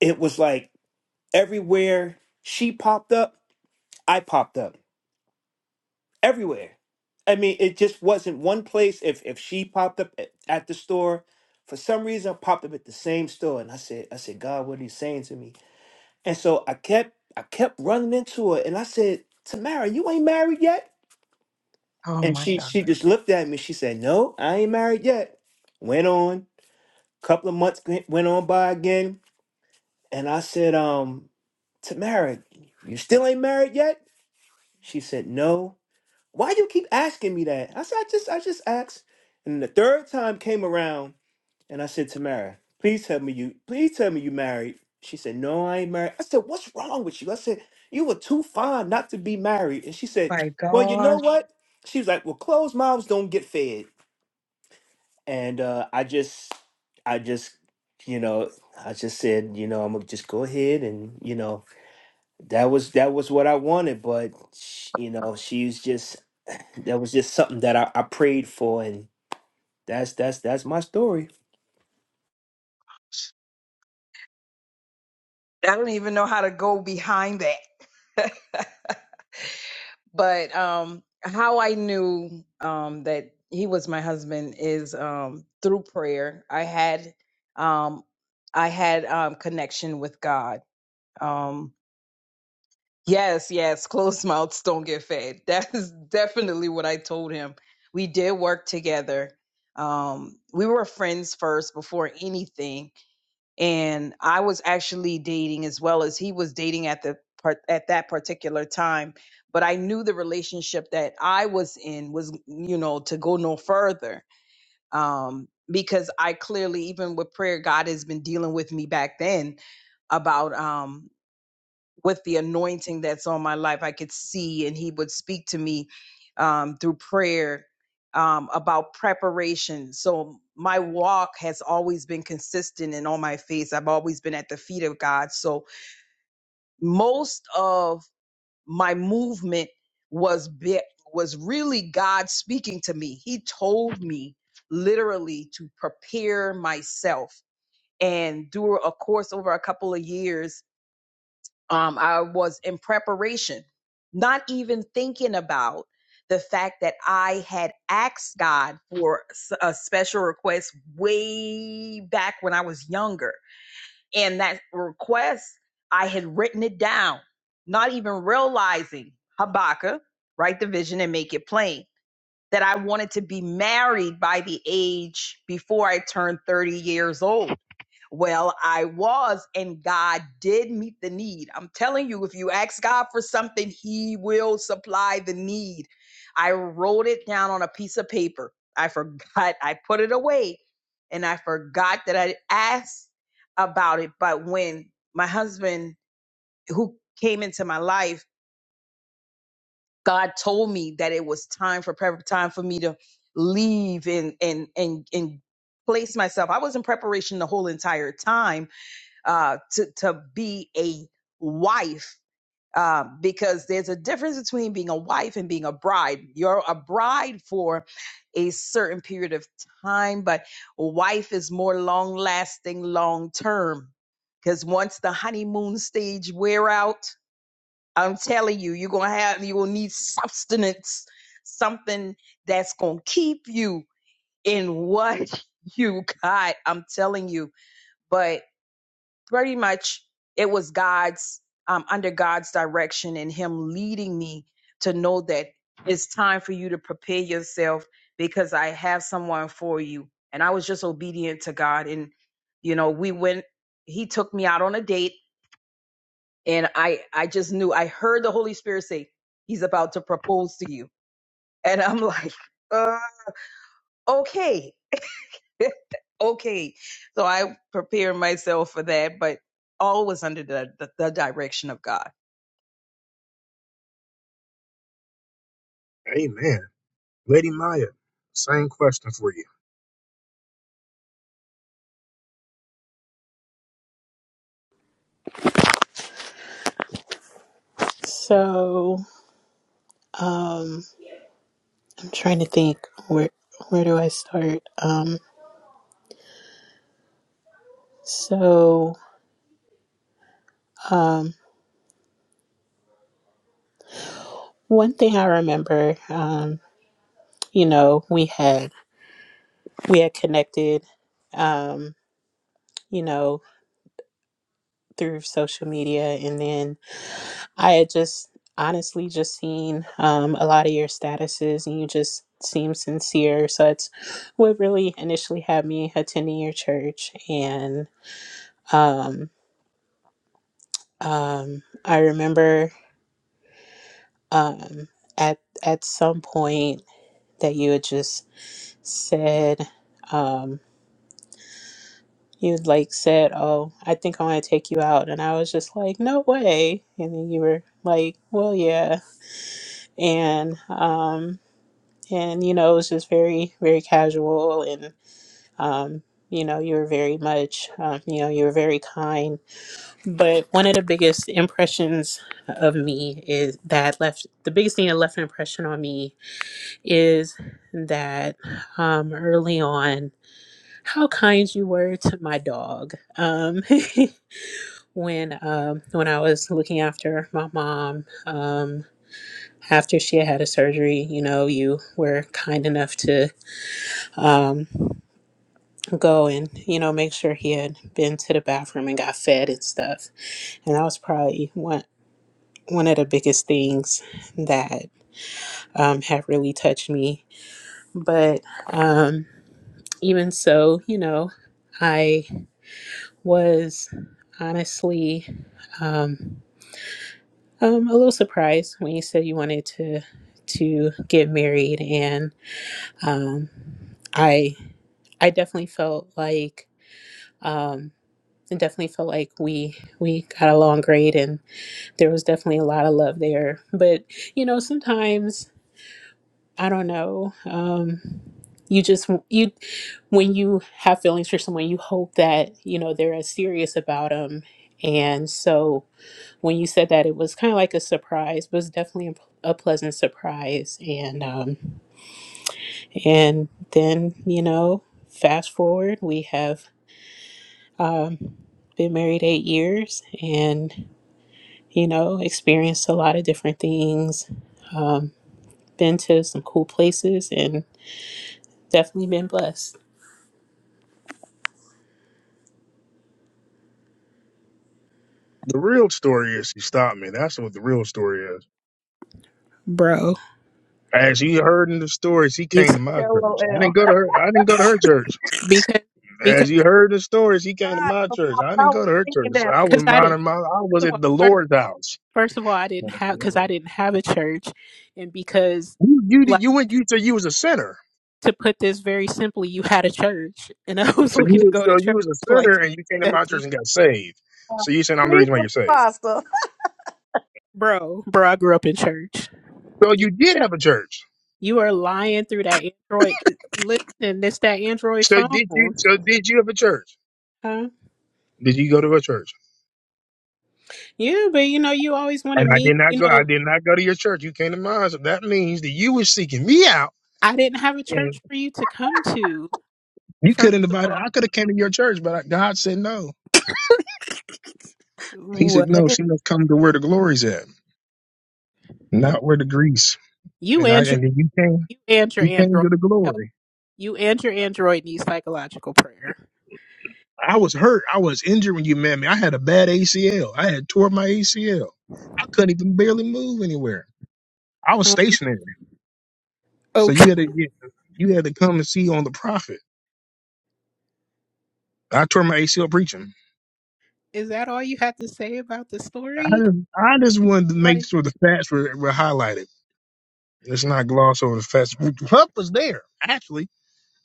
[SPEAKER 17] it was like everywhere she popped up. I popped up everywhere. I mean, it just wasn't one place. If if she popped up at, at the store, for some reason I popped up at the same store, and I said, I said, God, what are you saying to me? And so I kept I kept running into her, and I said, Tamara, you ain't married yet.
[SPEAKER 3] Oh
[SPEAKER 17] And
[SPEAKER 3] my
[SPEAKER 17] she
[SPEAKER 3] gosh.
[SPEAKER 17] she just looked at me. She said, No, I ain't married yet. Went on. Couple of months went went on by again, and I said, Um, Tamara, you still ain't married yet? She said, No, why you keep asking me that? I said, I just, I just asked. And the third time came around, and I said, Tamara, please tell me you, please tell me you married. She said, No, I ain't married. I said, What's wrong with you? I said, You were too fine not to be married. And she said,
[SPEAKER 3] My
[SPEAKER 17] Well, you know
[SPEAKER 3] gosh.
[SPEAKER 17] what? She was like, Well, closed mouths don't get fed. And uh, I just, I just, you know, I just said, you know, I'm gonna just go ahead and, you know, that was that was what I wanted. But sh- you know, she's just that was just something that I, I prayed for, and that's that's that's my story.
[SPEAKER 3] I don't even know how to go behind that. But um, how I knew um, that he was my husband is um, through prayer. I had um, I had um, connection with God. Um, yes, yes, closed mouths don't get fed. That is definitely what I told him. We did work together. Um, we were friends first before anything and I was actually dating as well as he was dating at the part at that particular time. But I knew the relationship that I was in was, you know, to go no further. Um, because I clearly, even with prayer, God has been dealing with me back then about um with the anointing that's on my life. I could see, and he would speak to me um, through prayer um, about preparation. So my walk has always been consistent and on my face. I've always been at the feet of God. So most of my movement was bit, was really God speaking to me. He told me literally to prepare myself. And through a course over a couple of years, um, I was in preparation, not even thinking about the fact that I had asked God for s- a special request way back when I was younger. And that request, I had written it down, not even realizing Habakkuk, write the vision and make it plain. That I wanted to be married by the age before I turned 30 years old well, I was, and God did meet the need. I'm telling you, if you ask God for something, He will supply the need. I wrote it down on a piece of paper. I forgot, I put it away, and I forgot that I asked about it. But when my husband, who came into my life, God told me that it was time for prep- time for me to leave and and and and place myself. I was in preparation the whole entire time uh, to to be a wife uh, because there's a difference between being a wife and being a bride. You're a bride for a certain period of time, but wife is more long lasting, long term. Because once the honeymoon stage wear out, I'm telling you, you're gonna have you will need substance, something that's gonna keep you in what you got. I'm telling you. But pretty much it was God's um, under God's direction and Him leading me to know that it's time for you to prepare yourself because I have someone for you. And I was just obedient to God, and you know we went. He took me out on a date, and I I just knew I heard the Holy Spirit say He's about to propose to you, and I'm like, uh, okay. okay. So I prepared myself for that, but always under the, the, the direction of God.
[SPEAKER 1] Amen. Lady Maya, same question for you.
[SPEAKER 4] So, um, I'm trying to think where where do I start? Um, so, um, one thing I remember. Um, you know we had we had connected um you know through social media and then i had just honestly just seen um a lot of your statuses and you just seem sincere so it's what really initially had me attending your church and um um i remember um at at some point that you had just said Um, He was like said, "Oh, I think I want to take you out," and I was just like, "No way!" And then you were like, "Well, yeah," and um, and you know, it was just very, very casual, and um, you know, you were very much, um, you know, you were very kind. But one of the biggest impressions of me is that left the biggest thing that left an impression on me is that um, early on how kind you were to my dog. Um, when um when I was looking after my mom um after she had had a surgery you know you were kind enough to um go and you know make sure he had been to the bathroom and got fed and stuff and that was probably one one of the biggest things that um had really touched me but um even so you know I was honestly Um, Um, a little surprised when you said you wanted to to get married, and um, I I definitely felt like um, I definitely felt like we we got along great, and there was definitely a lot of love there. But you know, sometimes I don't know. Um, you just you when you have feelings for someone, you hope that you know they're as serious about them, and so. when you said that it was kind of like a surprise but it was definitely a, a pleasant surprise and um and then you know fast forward we have um been married eight years and you know experienced a lot of different things um been to some cool places and definitely been blessed
[SPEAKER 1] The real story is she stopped me. That's what the real story is.
[SPEAKER 4] bro
[SPEAKER 1] As you heard in the stories, he
[SPEAKER 4] you
[SPEAKER 1] came to my church. I
[SPEAKER 16] LOL.
[SPEAKER 1] didn't go to her. I didn't go to her church.
[SPEAKER 4] because because
[SPEAKER 1] As you heard the stories, he
[SPEAKER 16] Bye.
[SPEAKER 1] came to
[SPEAKER 16] I
[SPEAKER 1] my church. I didn't
[SPEAKER 16] was
[SPEAKER 1] go to her
[SPEAKER 16] thinking
[SPEAKER 1] church.
[SPEAKER 16] that.
[SPEAKER 1] I
[SPEAKER 4] because
[SPEAKER 1] was
[SPEAKER 4] i did
[SPEAKER 1] minding my. I
[SPEAKER 4] first
[SPEAKER 1] was
[SPEAKER 4] of
[SPEAKER 1] at
[SPEAKER 4] all
[SPEAKER 1] the
[SPEAKER 4] first of
[SPEAKER 1] Lord's
[SPEAKER 4] all,
[SPEAKER 1] house.
[SPEAKER 4] first of all i didn't have because i
[SPEAKER 1] You
[SPEAKER 4] didn't have a church and because
[SPEAKER 1] you did-
[SPEAKER 4] like
[SPEAKER 1] you went. You said you was a sinner.
[SPEAKER 4] to put this very simply, you had a church, and I was
[SPEAKER 1] So
[SPEAKER 4] looking
[SPEAKER 1] you
[SPEAKER 4] to
[SPEAKER 1] was-
[SPEAKER 4] go to
[SPEAKER 1] so you
[SPEAKER 4] church.
[SPEAKER 1] was a
[SPEAKER 4] Like
[SPEAKER 1] sinner,
[SPEAKER 4] it's
[SPEAKER 1] and you came to
[SPEAKER 4] that
[SPEAKER 1] my church
[SPEAKER 4] deep,
[SPEAKER 1] and got saved.
[SPEAKER 16] uh,
[SPEAKER 1] So you saying I'm the reason why you're saved.
[SPEAKER 16] I
[SPEAKER 4] bro. Bro, I grew up in church.
[SPEAKER 1] So
[SPEAKER 4] You
[SPEAKER 1] you did have a church.
[SPEAKER 4] you are lying through that Android. th- Listen, it's that Android
[SPEAKER 1] So did you?
[SPEAKER 4] phone.
[SPEAKER 1] So did you have a church?
[SPEAKER 4] Huh?
[SPEAKER 1] Did you go to a church?
[SPEAKER 4] Yeah, but you know, you always want to
[SPEAKER 1] And I
[SPEAKER 4] meet.
[SPEAKER 1] did not
[SPEAKER 4] You
[SPEAKER 1] go. I
[SPEAKER 4] know,
[SPEAKER 1] did not go to your church. You came to mine, so that means that you were seeking me out,
[SPEAKER 4] I didn't have a church
[SPEAKER 1] and
[SPEAKER 4] for you to come to.
[SPEAKER 1] you
[SPEAKER 4] First
[SPEAKER 1] couldn't
[SPEAKER 4] of
[SPEAKER 1] invite.
[SPEAKER 4] all,
[SPEAKER 1] I could have came to your church, but I, God said no. He said
[SPEAKER 4] what
[SPEAKER 1] no. She must come to where the glory's at, not where the grease.
[SPEAKER 4] you
[SPEAKER 1] And I
[SPEAKER 4] and your
[SPEAKER 1] and then you came.
[SPEAKER 4] you and your
[SPEAKER 1] You came
[SPEAKER 4] Android
[SPEAKER 1] to the
[SPEAKER 4] help.
[SPEAKER 1] glory.
[SPEAKER 4] You and your Android need psychological prayer.
[SPEAKER 1] I was hurt. I was injured when you met me. I had a bad ACL. I had tore my ACL. I couldn't even barely move anywhere. I was
[SPEAKER 4] Um,
[SPEAKER 1] stationary. So
[SPEAKER 4] okay,
[SPEAKER 1] you had to get. You had to come and see on the prophet. I tore my ACL preaching.
[SPEAKER 4] is that all you had to say about the
[SPEAKER 1] I
[SPEAKER 4] story?
[SPEAKER 1] just, I just wanted to
[SPEAKER 4] Like.
[SPEAKER 1] make sure the facts were, were highlighted. Let's not gloss over the facts. Huff was there, actually.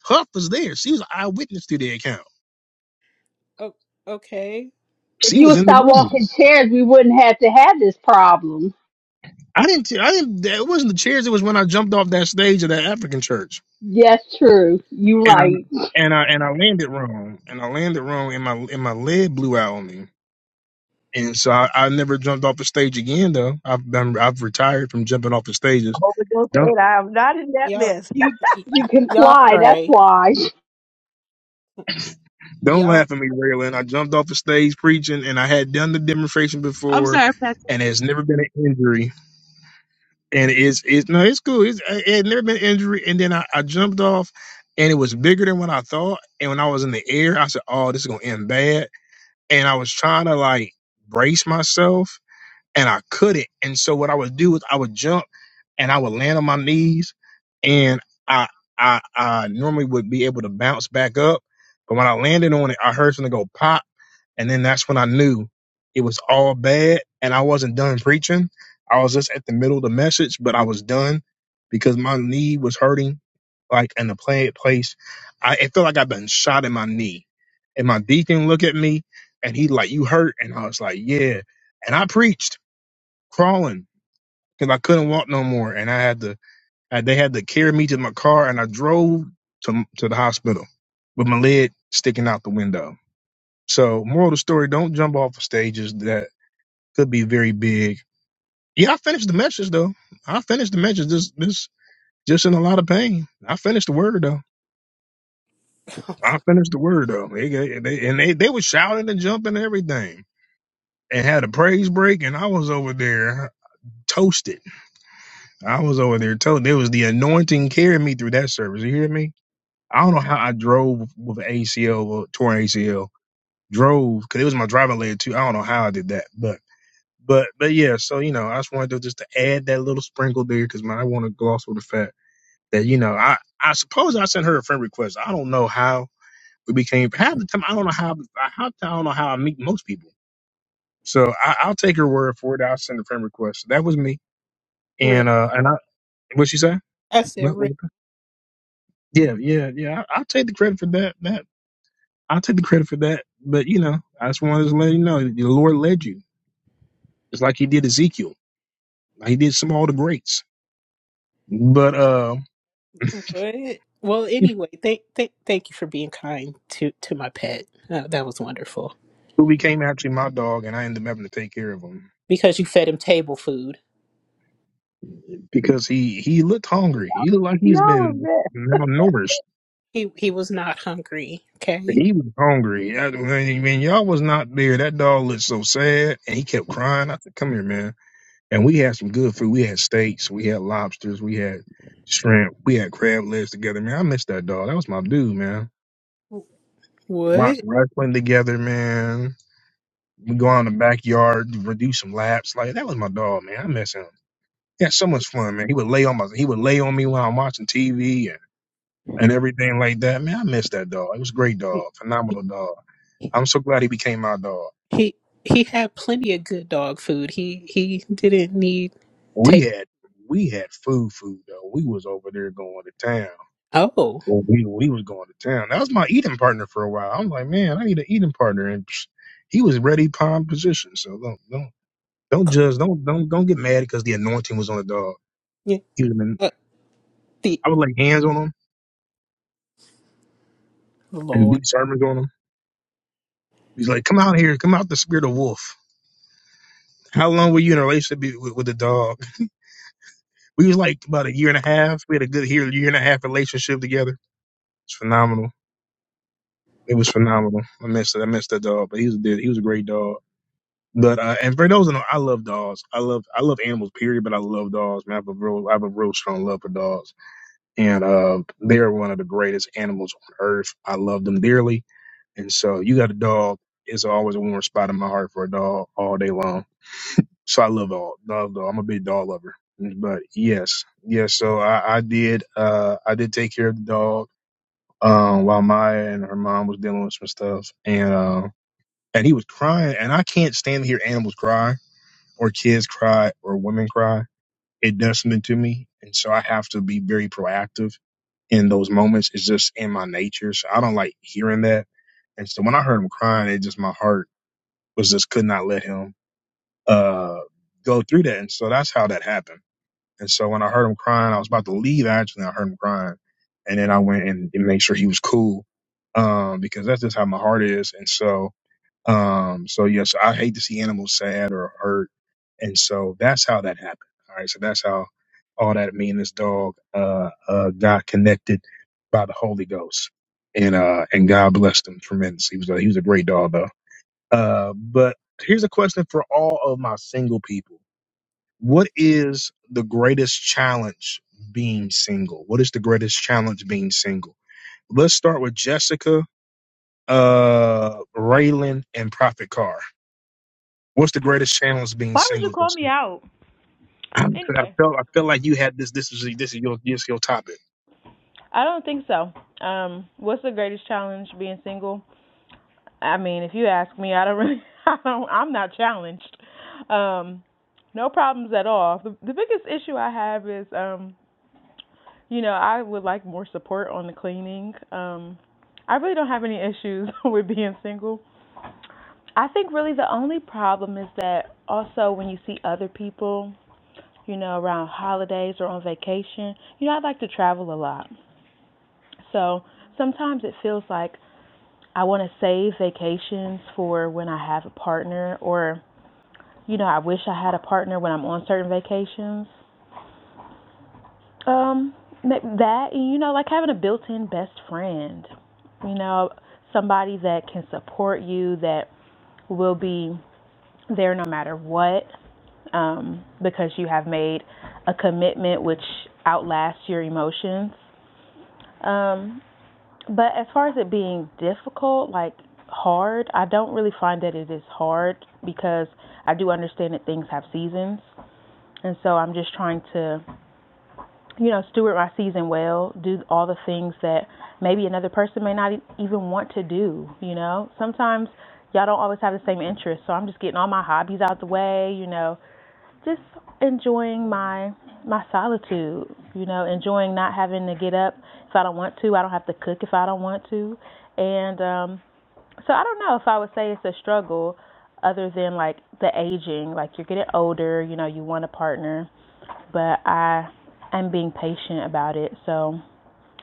[SPEAKER 1] Huff was there. She was an eyewitness to the account.
[SPEAKER 4] Oh, okay.
[SPEAKER 9] If
[SPEAKER 1] She
[SPEAKER 9] you
[SPEAKER 1] was
[SPEAKER 9] would
[SPEAKER 1] in the
[SPEAKER 9] stop
[SPEAKER 1] room.
[SPEAKER 9] walking chairs, we wouldn't have to have this problem.
[SPEAKER 1] I didn't. I didn't. It wasn't the chairs. It was when I jumped off that stage of that African church,
[SPEAKER 9] Yes, true. You're
[SPEAKER 1] and I
[SPEAKER 9] right.
[SPEAKER 1] and I and I landed wrong, and I landed wrong, and my and my leg blew out on me. And so I, I never jumped off the stage again, though. I've done. I've retired from jumping off the stages.
[SPEAKER 16] hope it goes good. I am not in that
[SPEAKER 4] Y'all,
[SPEAKER 16] mess.
[SPEAKER 9] You
[SPEAKER 4] y-
[SPEAKER 9] you can
[SPEAKER 4] y'all
[SPEAKER 9] fly, that's
[SPEAKER 4] pray.
[SPEAKER 9] why.
[SPEAKER 1] Don't
[SPEAKER 4] Y'all
[SPEAKER 1] laugh at me, Raylan. I jumped off the stage preaching, and I had done the demonstration
[SPEAKER 6] I'm
[SPEAKER 1] before,
[SPEAKER 6] sorry, Pastor.
[SPEAKER 1] and there's never been an injury. And it's it's no, it's cool. It's it had never been an injury. And then I, I jumped off, and it was bigger than what I thought. And when I was in the air, I said, "Oh, this is gonna end bad." And I was trying to like brace myself, and I couldn't. And so what I would do is I would jump and I would land on my knees and I I I normally would be able to bounce back up. But when I landed on it, I heard something go pop. And then that's when I knew it was all bad and I wasn't done preaching. I was just at the middle of the message, but I was done because my knee was hurting like in the play place. I it felt like I've been shot in my knee. And my deacon looked at me and he like, You hurt? And I was like, Yeah. And I preached crawling because I couldn't walk no more, and I had to. I, they had to carry me to my car, and I drove to to the hospital with my leg sticking out the window. So, moral of the story: don't jump off of stages that could be very big. Yeah, I finished the message though. I finished the message. This this just in a lot of pain. I finished the word though. I finished the word though. They, they, they- and they they were shouting and jumping and everything, and had a praise break, and I was over there toasted I was over there telling there was the anointing carrying me through that service. You hear me? I don't know how I drove with an ACL or torn ACL. Drove because it was my driving leg too. I don't know how I did that, but but but yeah. So you know, I just wanted to just to add that little sprinkle there because I want to gloss over the fact that you know I I suppose I sent her a friend request. I don't know how we became half the time. I don't know how I half the time, I don't know how I meet most people. So I, I'll take her word for it. I'll send a friend request. so That was me,
[SPEAKER 4] real.
[SPEAKER 1] and uh and I what she say?
[SPEAKER 4] I said
[SPEAKER 1] What, what
[SPEAKER 4] real.
[SPEAKER 1] Yeah, yeah, yeah. I, I'll take the credit for that. That I'll take the credit for that. But you know, I just wanted to let you know the Lord led you. It's like He did Ezekiel. Like He did some of all the greats. But uh,
[SPEAKER 4] What? Well, anyway, thank thank thank you for being kind to to my pet. Uh, that was wonderful
[SPEAKER 1] who became actually my dog, and I ended up having to take care of him
[SPEAKER 4] because you fed him table food.
[SPEAKER 1] because he he looked hungry. He looked like
[SPEAKER 16] Y'all
[SPEAKER 1] he's
[SPEAKER 16] was
[SPEAKER 1] been malnourished.
[SPEAKER 4] He he was not hungry. Okay.
[SPEAKER 1] He was hungry. I, when, when y'all was not there, that dog looked so sad, and he kept crying. I said, "Come here, man." And we had some good food. We had steaks, we had lobsters, we had shrimp, we had crab legs together. Man, I miss that dog. That was my dude, man. Watch
[SPEAKER 4] What?
[SPEAKER 1] wrestling together, man. We go out in the backyard, we do some laps. Like that was my dog, man. I miss him. He had so much fun, man. He would lay on my he would lay on me while I'm watching TV and, and everything like that. Man, I miss that dog. It was a great dog, phenomenal dog. I'm so glad he became my dog.
[SPEAKER 4] He he had plenty of good dog food. He he didn't need
[SPEAKER 1] We
[SPEAKER 4] take.
[SPEAKER 1] had we had food food though. We was over there going to town
[SPEAKER 4] Oh,
[SPEAKER 1] Well, we we was going to town. That was my eating partner for a while. I'm like, man, I need an eating partner, and psh, he was ready palm position. So don't don't don't judge. Don't don't don't get mad because the anointing was on the dog.
[SPEAKER 4] yeah,
[SPEAKER 1] He was in,
[SPEAKER 4] uh, the
[SPEAKER 1] I would lay hands on him and do
[SPEAKER 4] Lord.
[SPEAKER 1] sermons on him. He's like, come out here, come out the spirit of wolf. How long were you in a relationship be- with, with the dog? We was like about a year and a half. We had a good year, year and a half relationship together. It's phenomenal. It was phenomenal. I missed it. I missed that dog, but he was a dude. He was a great dog But uh, and for those that know, I love dogs. I love I love animals, period. But I love dogs. Man, I have a real I have a real strong love for dogs, and uh, they are one of the greatest animals on earth. I love them dearly, and so you got a dog. It's always a warm spot in my heart for a dog all day long. So I love all love dog. I'm a big dog lover. But yes, yes. So I, I did uh I did take care of the dog um while Maya and her mom was dealing with some stuff, and um and he was crying, and I can't stand to hear animals cry or kids cry or women cry, it does something to me. And so I have to be very proactive in those moments. It's just in my nature. So I don't like hearing that. And so when I heard him crying, it just my heart was just could not let him uh go through that. And so that's how that happened. And so when I heard him crying, I was about to leave actually, I heard him crying. And then I went and made sure he was cool. Um, because that's just how my heart is. And so um, so yes, I hate to see animals sad or hurt. And so that's how that happened. All right. So that's how all that me and this dog, uh, uh, got connected by the Holy Ghost and, uh, and God blessed him tremendously. He was a, he was a great dog though. Uh, but here's a question for all of my single people. What is the greatest challenge being single? What is the greatest challenge being single? Let's start with Jessica, uh, Raylan and Prophet Carr. What's the greatest challenge being
[SPEAKER 2] Why would you
[SPEAKER 1] single,
[SPEAKER 2] call me
[SPEAKER 1] Justin?
[SPEAKER 2] out?
[SPEAKER 1] Because I
[SPEAKER 2] Anyway,
[SPEAKER 1] felt I felt like you had this. This is this is your this is your topic.
[SPEAKER 2] I don't think so. Um, what's the greatest challenge being single? I mean, if you ask me, I don't really, I don't, I'm not challenged. Um, no problems at all. The, the biggest issue I have is, um, you know, I would like more support on the cleaning. Um, I really don't have any issues with being single. I think really the only problem is that also when you see other people, you know, around holidays or on vacation, you know, I like to travel a lot. So sometimes it feels like I want to save vacations for when I have a partner or You know, I wish I had a partner when I'm on certain vacations. Um, that and you know, like having a built-in best friend. You know, somebody that can support you, that will be there no matter what, um, because you have made a commitment which outlasts your emotions. Um, but as far as it being difficult, like hard, I don't really find that it is hard because I do understand that things have seasons. And so I'm just trying to you know, steward my season well, do all the things that maybe another person may not e- even want to do, you know. Sometimes y'all don't always have the same interests, so I'm just getting all my hobbies out the way, you know, just enjoying my my solitude, you know, enjoying not having to get up if I don't want to, I don't have to cook if I don't want to. And um so I don't know if I would say it's a struggle other than like the aging, like you're getting older, you know, you want a partner but I am being patient about it. So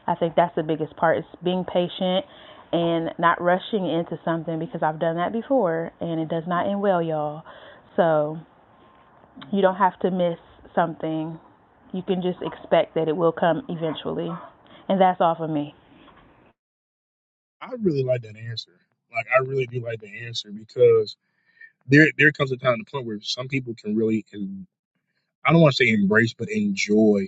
[SPEAKER 2] I think that's the biggest part is being patient and not rushing into something because I've done that before and it does not end well, y'all. So you don't have to miss something. You can just expect that it will come eventually. And that's all for me.
[SPEAKER 1] I really like that answer. Like I really do like the answer because there there comes a time and a point where some people can really en- I don't want to say embrace but enjoy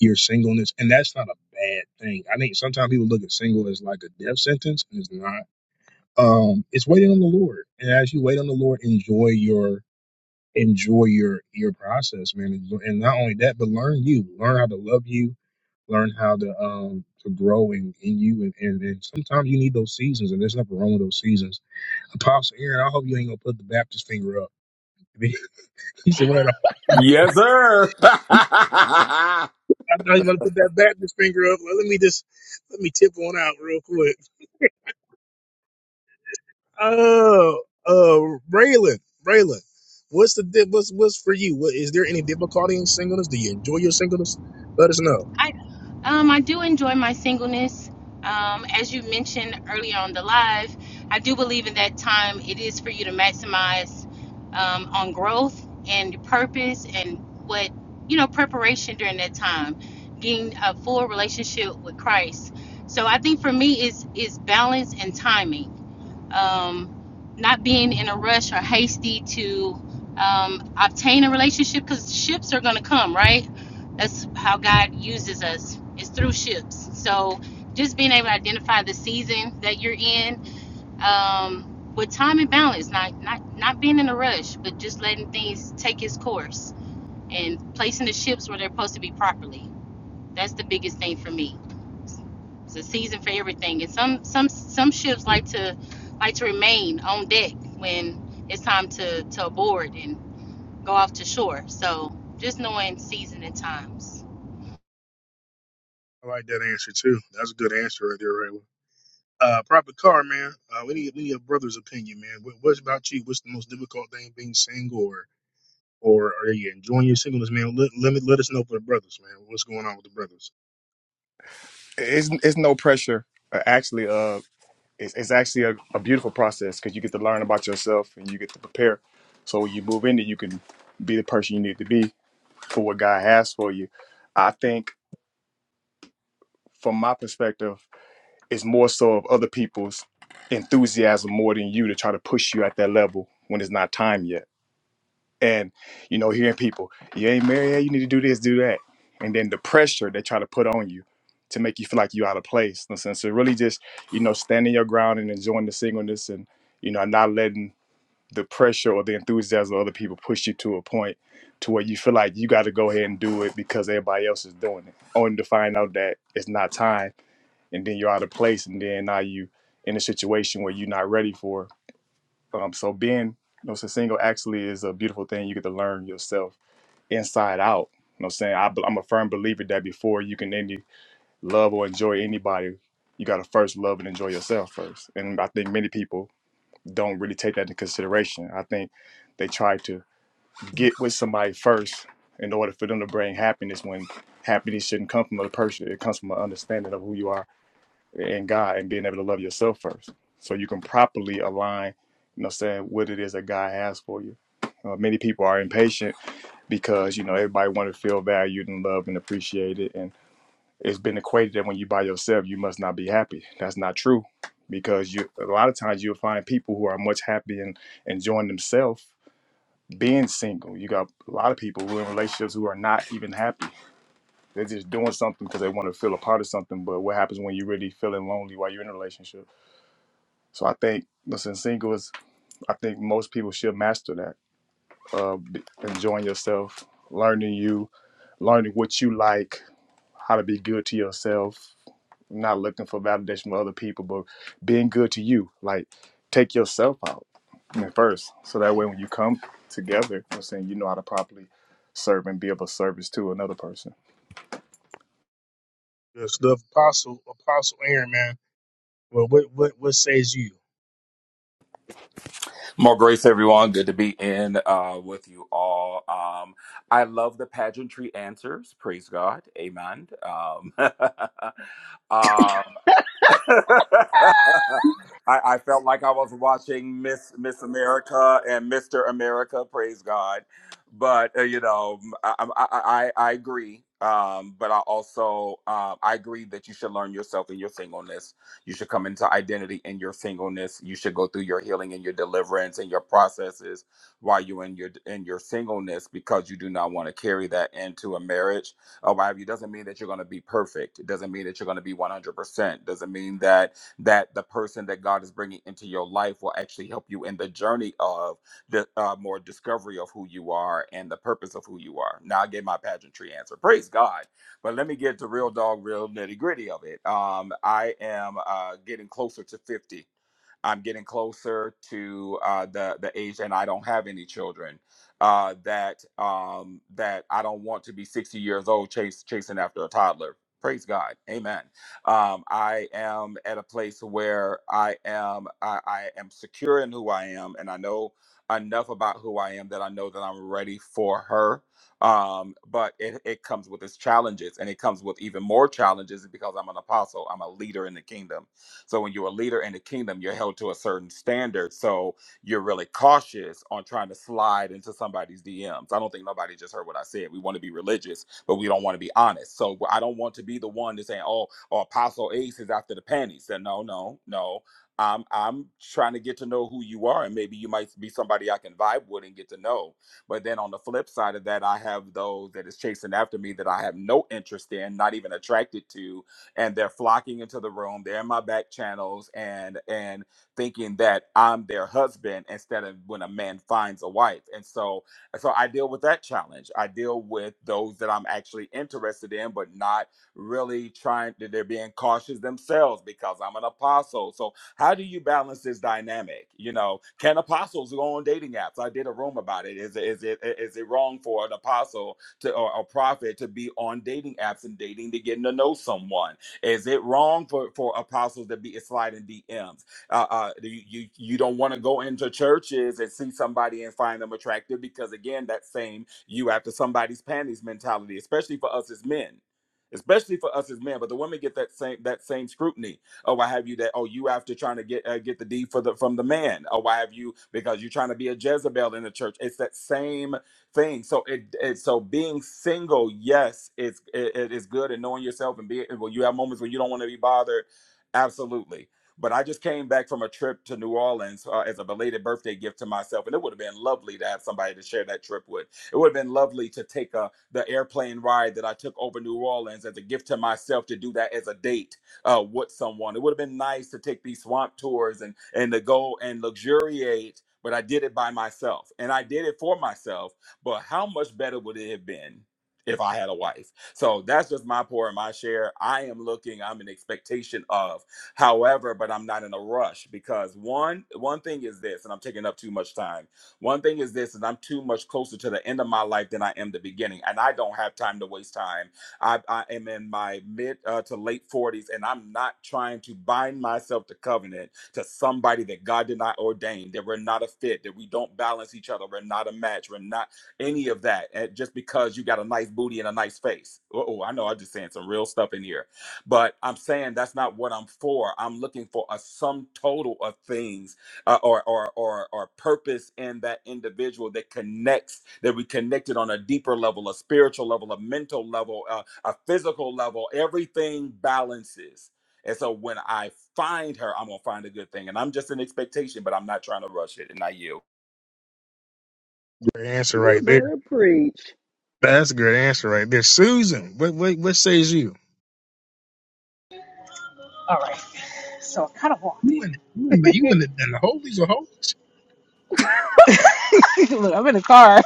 [SPEAKER 1] your singleness and that's not a bad thing. I think sometimes people look at single as like a death sentence and it's not. Um it's waiting on the Lord. And as you wait on the Lord, enjoy your enjoy your your process, man. And and not only that, but learn you, learn how to love you, learn how to um to grow in, in you. And, and and sometimes you need those seasons, and there's nothing wrong with those seasons. Apostle Aaron, I hope you ain't gonna put the Baptist finger up. he said, "Well, I
[SPEAKER 18] Yes, sir.
[SPEAKER 1] thought you were gonna put that Baptist finger up. Well, let me just let me tip one out real quick. Oh, uh, Braylon, Braylon, what's the di- what's what's for you? What is there any difficulty in singleness? Do you enjoy your singleness? Let us know.
[SPEAKER 6] Um, I do enjoy my singleness. Um, as you mentioned earlier on the live, I do believe in that time it is for you to maximize um, on growth and purpose and what, you know, preparation during that time, getting a full relationship with Christ. So I think for me, is is balance and timing um, not being in a rush or hasty to um, obtain a relationship because ships are going to come, right? That's how God uses us, it's through ships. So just being able to identify the season that you're in um, with time and balance, not, not, not being in a rush, but just letting things take its course and placing the ships where they're supposed to be properly. That's the biggest thing for me. It's a season for everything, and some some some ships like to like to remain on deck when it's time to to board and go off to shore. So just knowing season and times.
[SPEAKER 1] I like that answer too. That's a good answer right there, Rayla. Uh, Prophet Car, man. Uh, we need we need a brother's opinion, man. What, what about you? What's the most difficult thing being single, or or are you enjoying your singleness, man? Let let, me, let us know for the brothers, man. What's going on with the brothers?
[SPEAKER 10] It's it's no pressure. Uh, actually, uh, it's, it's actually a, a beautiful process because you get to learn about yourself and you get to prepare. So when you move into, you can be the person you need to be for what God has for you. I think, from my perspective It's more so of other people's enthusiasm more than you to try to push you at that level when it's not time yet. And you know, hearing people, you ain't married yet, you need to do this, do that. And then the pressure they try to put on you to make you feel like you're out of place. And so so really just, you know, standing your ground and enjoying the singleness and, you know, not letting the pressure or the enthusiasm of other people push you to a point to where you feel like you got to go ahead and do it because everybody else is doing it. Only to find out that it's not time and then you're out of place, and then now you in a situation where you're not ready for. Um, so being you know, so single actually is a beautiful thing. You get to learn yourself inside out. You know, what I'm saying I, am a firm believer that before you can any love or enjoy anybody, you got to first love and enjoy yourself first. And I think many people don't really take that into consideration. I think they try to get with somebody first in order for them to bring happiness when happiness shouldn't come from a person. It comes from an understanding of who you are and God and being able to love yourself first. So you can properly align, you know, saying what it is that God has for you. Uh, many people are impatient because, you know, everybody want to feel valued and loved and appreciated. And it's been equated that when you by yourself, you must not be happy. That's not true because you a lot of times you'll find people who are much happy and enjoying themselves being single. You got a lot of people who are in relationships who are not even happy. They're just doing something because they want to feel a part of something. But what happens when you're really feeling lonely while you're in a relationship? So I think listen, single is I think most people should master that. Uh, b- enjoying yourself, learning you, learning what you like, how to be good to yourself, not looking for validation from other people, but being good to you. Like take yourself out you know, first, so that way when you come together, I'm saying you know how to properly serve and be of a service to another person.
[SPEAKER 1] Good stuff, Apostle Apostle Aaron, man. Well, what what what says you?
[SPEAKER 18] More grace, everyone. Good to be in uh, with you all. Um, I love the pageantry answers. Praise God. Amen. Um, um, I, I felt like I was watching Miss Miss America and Mister America. Praise God, but uh, you know, I I, I, I I agree. Um, but I also um, I agree that you should learn yourself in your singleness. You should come into identity in your singleness. You should go through your healing and your deliverance and your processes while you're in your in your singleness because you do not want to carry that into a marriage arrive you doesn't mean that you're going to be perfect it doesn't mean that you're going to be 100% doesn't mean that that the person that god is bringing into your life will actually help you in the journey of the uh, more discovery of who you are and the purpose of who you are now i gave my pageantry answer praise god but let me get to real dog real nitty gritty of it um, i am uh, getting closer to 50 I'm getting closer to uh, the the age, and I don't have any children uh, that um, that I don't want to be 60 years old chase, chasing after a toddler. Praise God, Amen. Um, I am at a place where I am I, I am secure in who I am, and I know enough about who I am that I know that I'm ready for her. Um, but it, it comes with its challenges, and it comes with even more challenges because I'm an apostle. I'm a leader in the kingdom. So when you're a leader in the kingdom, you're held to a certain standard. So you're really cautious on trying to slide into somebody's DMs. I don't think nobody just heard what I said. We want to be religious, but we don't want to be honest. So I don't want to be the one to say, "Oh, oh Apostle Ace is after the panties." Then no, no, no. I'm I'm trying to get to know who you are, and maybe you might be somebody I can vibe with and get to know. But then on the flip side of that, I have those that is chasing after me that I have no interest in, not even attracted to, and they're flocking into the room. They're in my back channels, and and thinking that I'm their husband instead of when a man finds a wife. And so so I deal with that challenge. I deal with those that I'm actually interested in but not really trying that they're being cautious themselves because I'm an apostle. So how do you balance this dynamic? You know, can apostles go on dating apps? I did a room about it. Is Is it is it wrong for an apostle to or a prophet to be on dating apps and dating to getting to know someone? Is it wrong for for apostles to be sliding DMs? uh, uh, you, you you don't want to go into churches and see somebody and find them attractive because again, that same you after somebody's panties mentality, especially for us as men. Especially for us as men, but the women get that same that same scrutiny. Oh, why have you that? Oh, you after trying to get uh, get the D for the from the man. Oh, why have you because you're trying to be a Jezebel in the church? It's that same thing. So it, it so being single, yes, it's it, it is good and knowing yourself and being. Well, you have moments when you don't want to be bothered. Absolutely, but I just came back from a trip to New Orleans uh, as a belated birthday gift to myself, and it would have been lovely to have somebody to share that trip with. It would have been lovely to take uh, the airplane ride that I took over New Orleans as a gift to myself to do that as a date uh, with someone. It would have been nice to take these swamp tours and and to go and luxuriate. But I did it by myself, and I did it for myself. But how much better would it have been if I had a wife? So that's just my pour and my share. I am looking. I'm in expectation of However, but I'm not in a rush because one one thing is this, and I'm taking up too much time. One thing is this, and I'm too much closer to the end of my life than I am the beginning, and I don't have time to waste time. I, I am in my mid uh, to late 40s, and I'm not trying to bind myself to covenant to somebody that God did not ordain, that we're not a fit, that we don't balance each other, we're not a match, we're not any of that. And just because you got a nice booty and a nice face. Oh, I know I'm just saying some real stuff in here but I'm saying that's not what I'm for. I'm looking for a sum total of things uh, or, or or or purpose in that individual that connects that we connected on a deeper level, a spiritual level, a mental level, uh, a physical level. Everything balances. And so when I find her, I'm gonna find a good thing. And I'm just in expectation, but I'm not trying to rush it. And I yield.
[SPEAKER 1] Good answer right there. That's a good answer right there, Susan. What what what says you?
[SPEAKER 19] All right. So I kind of walked
[SPEAKER 1] You
[SPEAKER 19] in.
[SPEAKER 1] and you and the you and the, and the holies of holies.
[SPEAKER 19] Look, I'm in the car.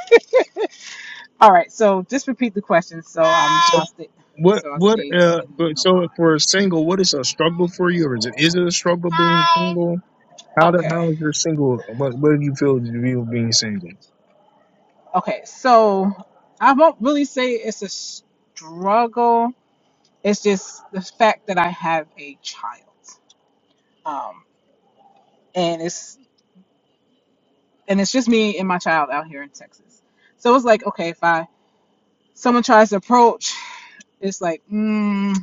[SPEAKER 19] All right. So just repeat the question. So um,
[SPEAKER 1] So
[SPEAKER 19] I'll stay.
[SPEAKER 1] what
[SPEAKER 19] So I
[SPEAKER 1] what
[SPEAKER 19] stayed
[SPEAKER 1] uh
[SPEAKER 19] in
[SPEAKER 1] but
[SPEAKER 19] the
[SPEAKER 1] so if
[SPEAKER 19] line.
[SPEAKER 1] we're single, what is a struggle for you, or is it is it a struggle being single? How do,
[SPEAKER 19] Okay.
[SPEAKER 1] how is your single? What what do you feel to you being single?
[SPEAKER 19] Okay. So I won't really say it's a struggle. It's just the fact that I have a child. Um, and it's and it's just me and my child out here in Texas. So it's like okay, if I someone tries to approach, it's like. mm,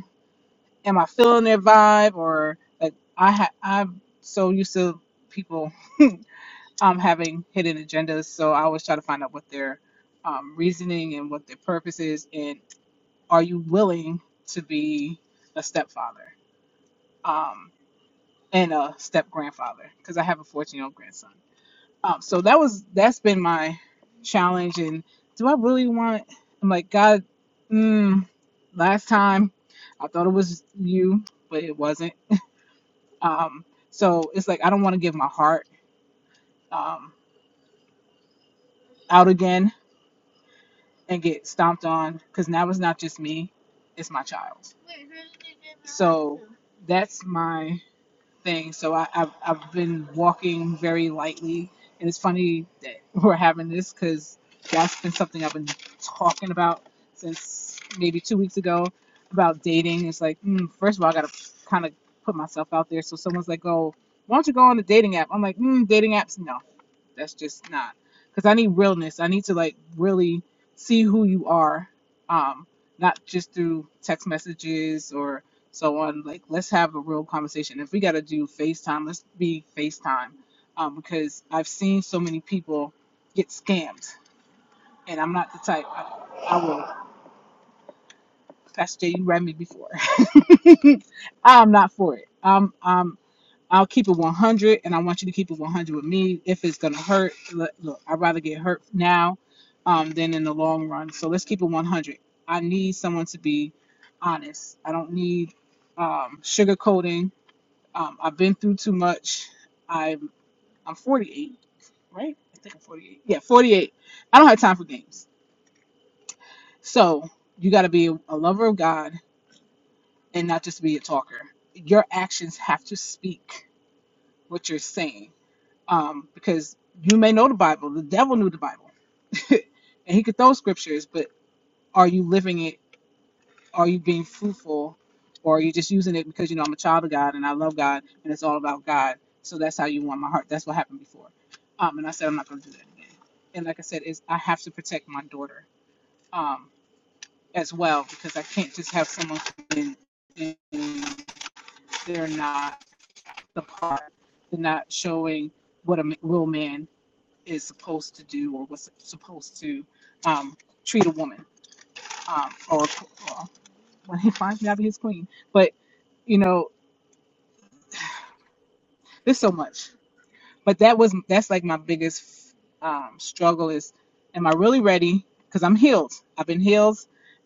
[SPEAKER 19] am I feeling their vibe or like I ha- I'm so used to people um having hidden agendas, so I always try to find out what their um, reasoning and what their purpose is, and are you willing to be a stepfather um, and a step grandfather? Because I have a 14 year old grandson. Um, so that was that's been my challenge. And do I really want? I'm like God. Mm, last time I thought it was you, but it wasn't Um, so it's like I don't want to give my heart um, out again and get stomped on because now it's not just me, it's my child. So that's my thing. So I, I've, I've been walking very lightly. And it's funny that we're having this because that's been something I've been talking about since maybe two weeks ago about dating. It's like, mm, first of all, I got to kind of put myself out there. So someone's like, oh, why don't you go on the dating app? I'm like, mm, dating apps? No, that's just not. Because I need realness. I need to like really see who you are, um, not just through text messages or so on like let's have a real conversation if we got to do facetime let's be facetime um, because i've seen so many people get scammed and i'm not the type i, I will pastor Jay, you read me before i'm not for it um, um, i'll keep it 100 and i want you to keep it 100 with me if it's gonna hurt look, look i'd rather get hurt now um, than in the long run so let's keep it 100 i need someone to be honest i don't need um, sugarcoating Um, I've been through too much. I'm I'm 48, right? I think I'm 48. Yeah, 48. I don't have time for games. So you got to be a lover of God and not just be a talker. Your actions have to speak what you're saying, um, because you may know the Bible. The devil knew the Bible, and he could throw scriptures, but are you living it? Are you being fruitful, or are you just using it because you know I'm a child of God and I love God and it's all about God? So that's how you want my heart. That's what happened before. Um, and I said I'm not going to do that again. And like I said, is I have to protect my daughter um, as well because I can't just have someone come in and they're not the part. They're not showing what a m- real man is supposed to do or what's supposed to um, treat a woman um, or, or when he finds me, I'll be his queen. But you know. There's so much, but that was that's like my biggest um, struggle is, am I really ready? Because I'm healed. I've been healed,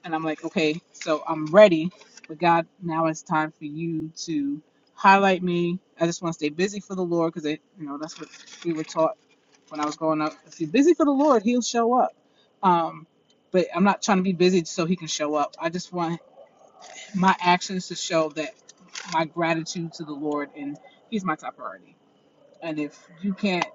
[SPEAKER 19] and I'm like, okay, so I'm ready. But God, now it's time for you to highlight me. I just want to stay busy for the Lord because you know that's what we were taught when I was growing up. If you're busy for the Lord, He'll show up. Um, but I'm not trying to be busy so He can show up. I just want my actions to show that my gratitude to the Lord, and He's my top priority and if you can't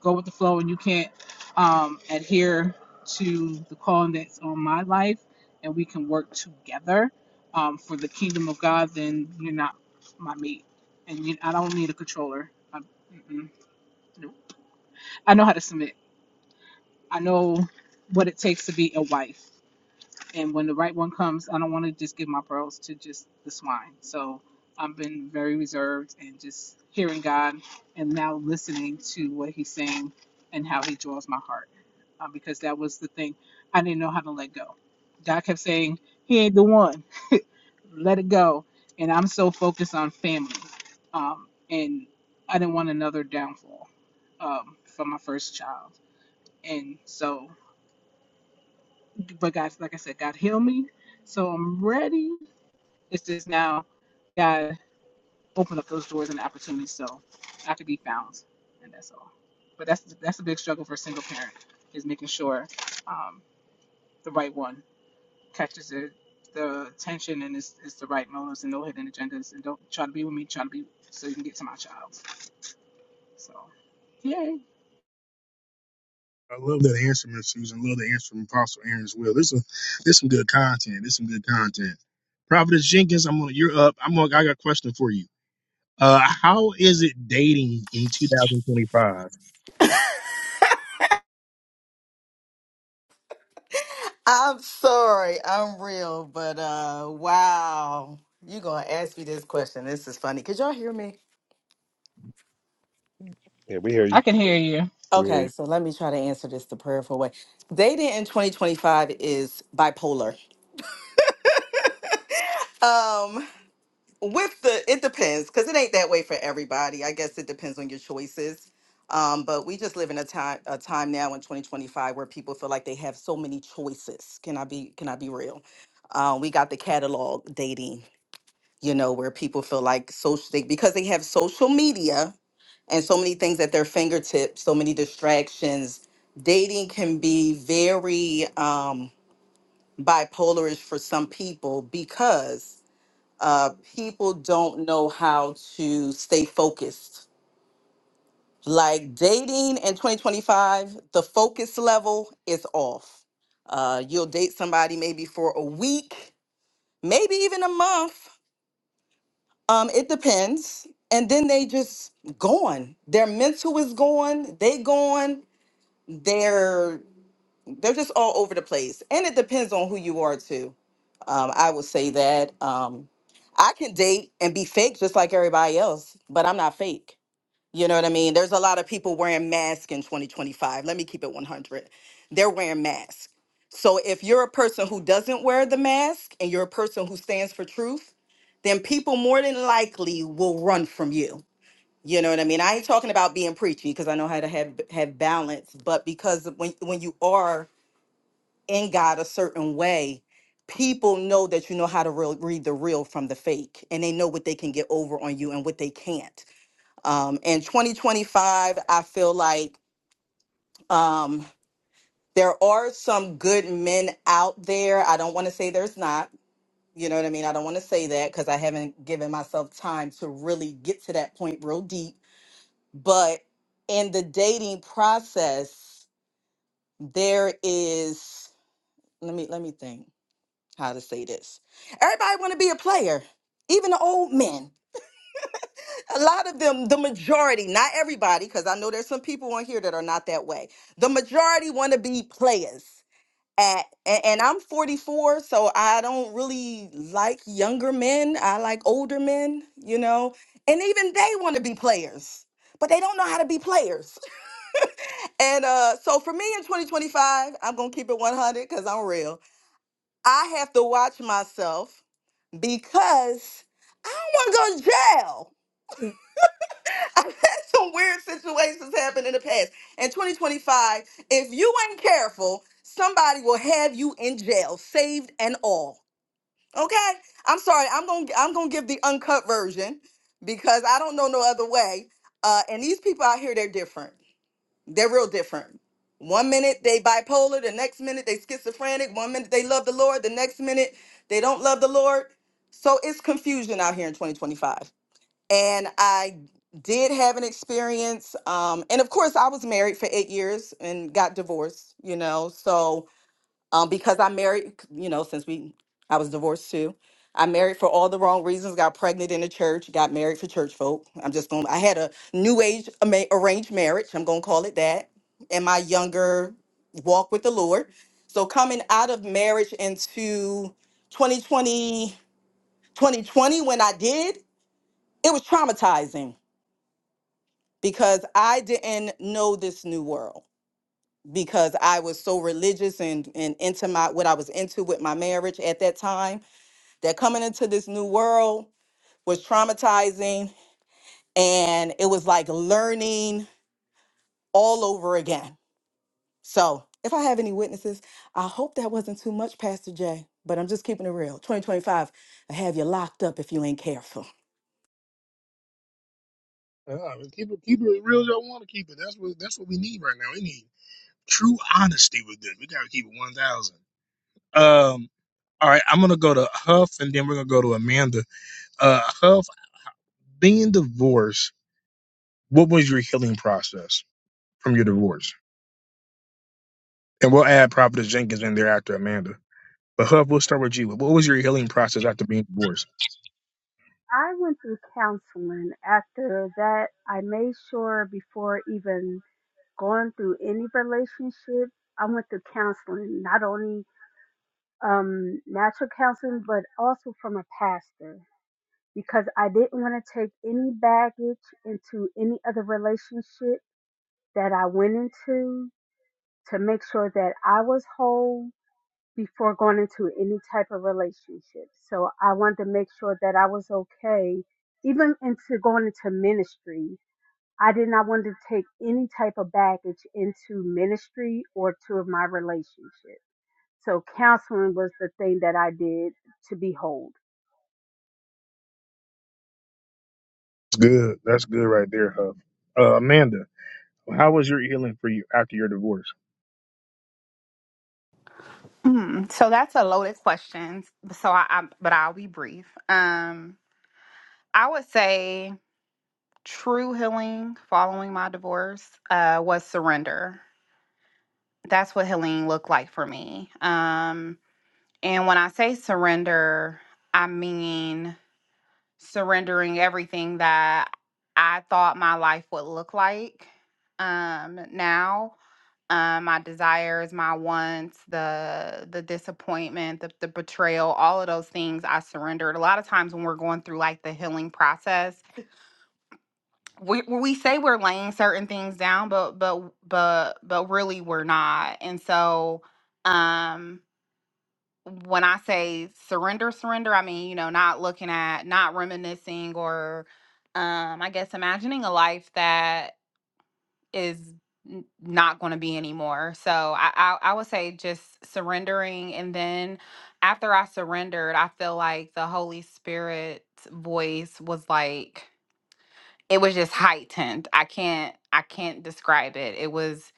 [SPEAKER 19] go with the flow and you can't um, adhere to the calling that's on my life and we can work together um, for the kingdom of god then you're not my mate and you, i don't need a controller I, mm-mm, no. I know how to submit i know what it takes to be a wife and when the right one comes, I don't want to just give my pearls to just the swine. So I've been very reserved and just hearing God and now listening to what He's saying and how He draws my heart, uh, because that was the thing I didn't know how to let go. God kept saying, "He ain't the one. Let it go." And I'm so focused on family, um, and I didn't want another downfall um, from my first child. And so, but God, like I said, God healed me. So I'm ready it's just now God opened up those doors and opportunities so I could be found, and that's all. But that's that's a big struggle for a single parent is making sure um, the right one catches the the attention and is, is the right motives and no hidden agendas and don't try to be with me, try to be so you can get to my child. So yeah,
[SPEAKER 1] I love that answer, Miss Susan. Love the answer from Apostle Aaron as well. This is this some good content. This some good content. Providence Jenkins, I'm on. You're up. I'm on. I got a question for you. Uh, how is it dating in 2025?
[SPEAKER 5] I'm sorry, I'm real, but uh wow. You're gonna ask me this question. This is funny. Could y'all hear me?
[SPEAKER 10] Yeah, we hear you.
[SPEAKER 19] I can hear you.
[SPEAKER 10] We hear
[SPEAKER 5] Okay,
[SPEAKER 10] you.
[SPEAKER 5] so let me try to answer this the prayerful way. Dating in 2025 is bipolar. Um, with the it depends, because it ain't that way for everybody. I guess it depends on your choices. Um, but we just live in a time a time now in 2025 where people feel like they have so many choices. Can I be can I be real? Uh, we got the catalog dating you know, where people feel like social they, because they have social media and so many things at their fingertips, so many distractions. Dating can be very um, bipolarish for some people because uh, people don't know how to stay focused. Like dating in 2025, the focus level is off. Uh, you'll date somebody maybe for a week, maybe even a month, Um, it depends. And then they just gone. Their mental is gone. They gone. They're they're just all over the place. And it depends on who you are too. Um, I would say that. Um, I can date and be fake just like everybody else, but I'm not fake. You know what I mean? There's a lot of people wearing masks in 2025. Let me keep it 100. They're wearing masks. So if you're a person who doesn't wear the mask and you're a person who stands for truth, then people more than likely will run from you. You know what I mean? I ain't talking about being preachy because I know how to have have balance, but because when when you are in God a certain way, people know that you know how to real, read the real from the fake, and they know what they can get over on you and what they can't um, in 2025, I feel like um, there are some good men out there. I don't want to say there's not. You know what I mean? I don't want to say that because I haven't given myself time to really get to that point real deep. But in the dating process, there is let me let me think how to say this. Everybody want to be a player, even the old men. a lot of them, the majority, not everybody, because I know there's some people on here that are not that way. The majority want to be players. At, a- and I'm 44, so I don't really like younger men. I like older men, you know, and even they want to be players, but they don't know how to be players. And uh, so for me in 2025, I'm going to keep it 100 because I'm real. I have to watch myself because I don't want to go to jail. I've had some weird situations happen in the past. In 2025, if you ain't careful, somebody will have you in jail, saved and all. Okay? I'm sorry. I'm going to I'm going to give the uncut version because I don't know no other way. Uh and these people out here they're different. They're real different. One minute they bipolar, the next minute they schizophrenic, one minute they love the Lord, the next minute they don't love the Lord. So it's confusion out here in 2025 and I did have an experience. Um, and of course, I was married for eight years and got divorced. You know, so um, because I married, you know, since we I was divorced too, I married for all the wrong reasons. Got pregnant in the church. Got married for church folk. I'm just going. to I had a new age ama- arranged marriage. I'm going to call it that. And my younger walk with the Lord. So coming out of marriage into 2020, 2020 when I did, it was traumatizing because I didn't know this new world because I was so religious and and into my what I was into with my marriage at that time that coming into this new world was traumatizing and it was like learning all over again. So, if I have any witnesses, I hope that wasn't too much Pastor Jay, but I'm just keeping it real. 2025, I have you locked up if you ain't careful.
[SPEAKER 1] Uh, keep it keep it as real as y'all want to keep it. That's what that's what we need right now. We need true honesty with this. We gotta keep it 1,000. Um, all right, I'm gonna go to Huff, and then we're gonna go to Amanda. Uh, Huff, being divorced, what was your healing process from your divorce? And we'll add Prophetess Jenkins in there after Amanda. But Huff, we'll start with you. What was your healing process after being divorced?
[SPEAKER 9] I went through counseling. After that, I made sure before even going through any relationship, I went through counseling, not only um, natural counseling, but also from a pastor because I didn't want to take any baggage into any other relationship that I went into to make sure that I was whole before going into any type of relationship. So I wanted to make sure that I was okay. Even into going into ministry, I did not want to take any type of baggage into ministry or to my relationship. So counseling was the thing that I did to be whole.
[SPEAKER 1] That's good. That's good right there, Huff. Uh, Amanda, how was your healing for you after your divorce?
[SPEAKER 13] Mm, so that's a loaded question. So I, I, but I'll be brief. Um, I would say true healing following my divorce uh, was surrender. That's what healing looked like for me. Um, And when I say surrender, I mean surrendering everything that I thought my life would look like um now. Um, my desires, my wants, the the disappointment, the, the betrayal, all of those things I surrendered. A lot of times when we're going through like the healing process, we we say we're laying certain things down, but but but but really we're not. And so um when I say surrender, surrender, I mean, you know, not looking at, not reminiscing, or um, I guess imagining a life that is n- not going to be anymore. So I, I, I would say just surrendering. And then after I surrendered, I feel like the Holy Spirit's voice was like, it was just heightened. I can't, I can't describe it. It was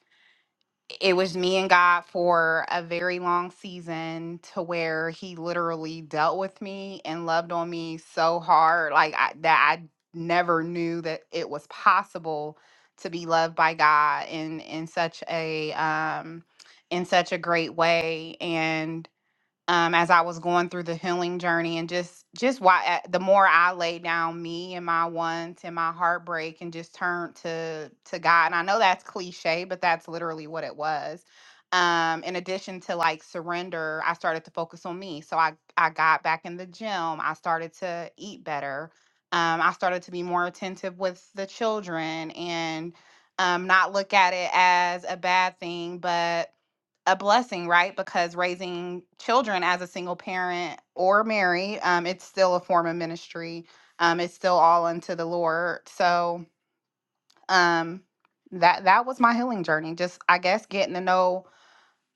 [SPEAKER 13] it was me and God for a very long season to where he literally dealt with me and loved on me so hard like I, that I never knew that it was possible to be loved by God in in such a um in such a great way and um, as I was going through the healing journey and just just why uh, the more I laid down me and my wants and my heartbreak and just turned to to God. And I know that's cliche, but that's literally what it was. Um, in addition to like surrender, I started to focus on me. So I I got back in the gym. I started to eat better. Um, I started to be more attentive with the children and um, not look at it as a bad thing, but a blessing, right? Because raising children as a single parent or married, um, it's still a form of ministry. Um, it's still all unto the Lord. So um, that that was my healing journey. Just I guess getting to know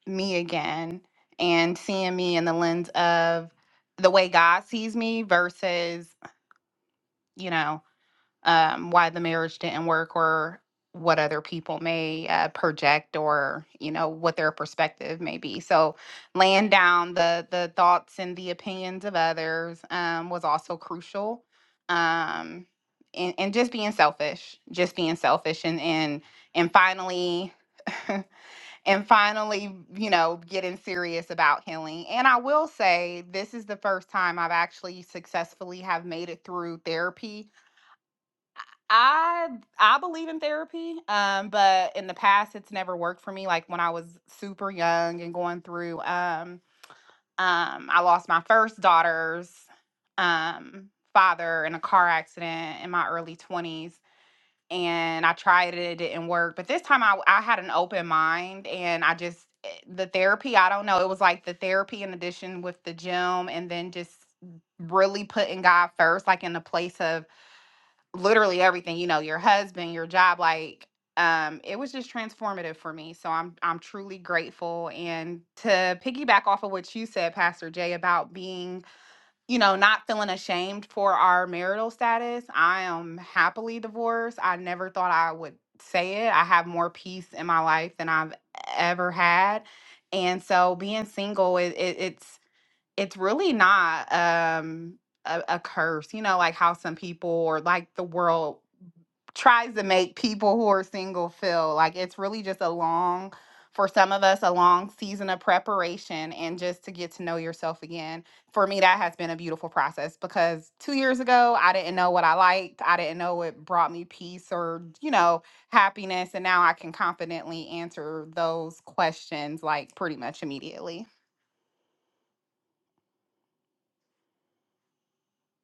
[SPEAKER 13] me again and seeing me in the lens of the way God sees me versus you know um, why the marriage didn't work or what other people may uh, project or you know what their perspective may be so laying down the the thoughts and the opinions of others um, was also crucial um, and, and just being selfish just being selfish and and and finally and finally you know getting serious about healing and i will say this is the first time i've actually successfully have made it through therapy I I believe in therapy, um, but in the past it's never worked for me. Like when I was super young and going through, um, um, I lost my first daughter's um, father in a car accident in my early twenties, and I tried it, it didn't work. But this time I I had an open mind, and I just eh, the therapy. I don't know. It was like the therapy in addition with the gym, and then just really putting God first, like in the place of literally everything, you know, your husband, your job, like um it was just transformative for me. So I'm I'm truly grateful and to piggyback off of what you said Pastor Jay about being, you know, not feeling ashamed for our marital status. I am happily divorced. I never thought I would say it. I have more peace in my life than I've ever had. And so being single it, it it's it's really not um a, a curse, you know, like how some people or like the world tries to make people who are single feel like it's really just a long for some of us a long season of preparation and just to get to know yourself again for me that has been a beautiful process because two years ago i didn't know what i liked i didn't know what brought me peace or you know happiness and now i can confidently answer those questions like pretty much immediately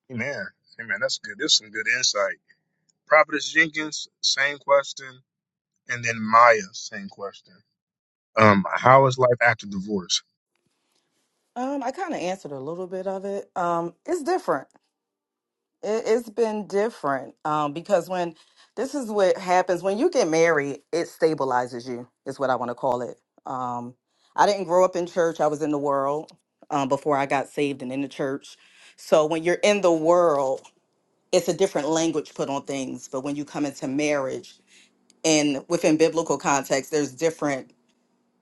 [SPEAKER 1] Amen. Amen. That's good. There's some good insight. Prophetess Jenkins, same question, and then Maya, same question. Um, how is life after divorce?
[SPEAKER 5] Um, I kind of answered a little bit of it. Um, it's different. It, it's been different um, because when this is what happens when you get married, it stabilizes you, is what I want to call it. Um, I didn't grow up in church, I was in the world um, before I got saved and in the church. So when you're in the world, it's a different language put on things but when you come into marriage and within biblical context there's different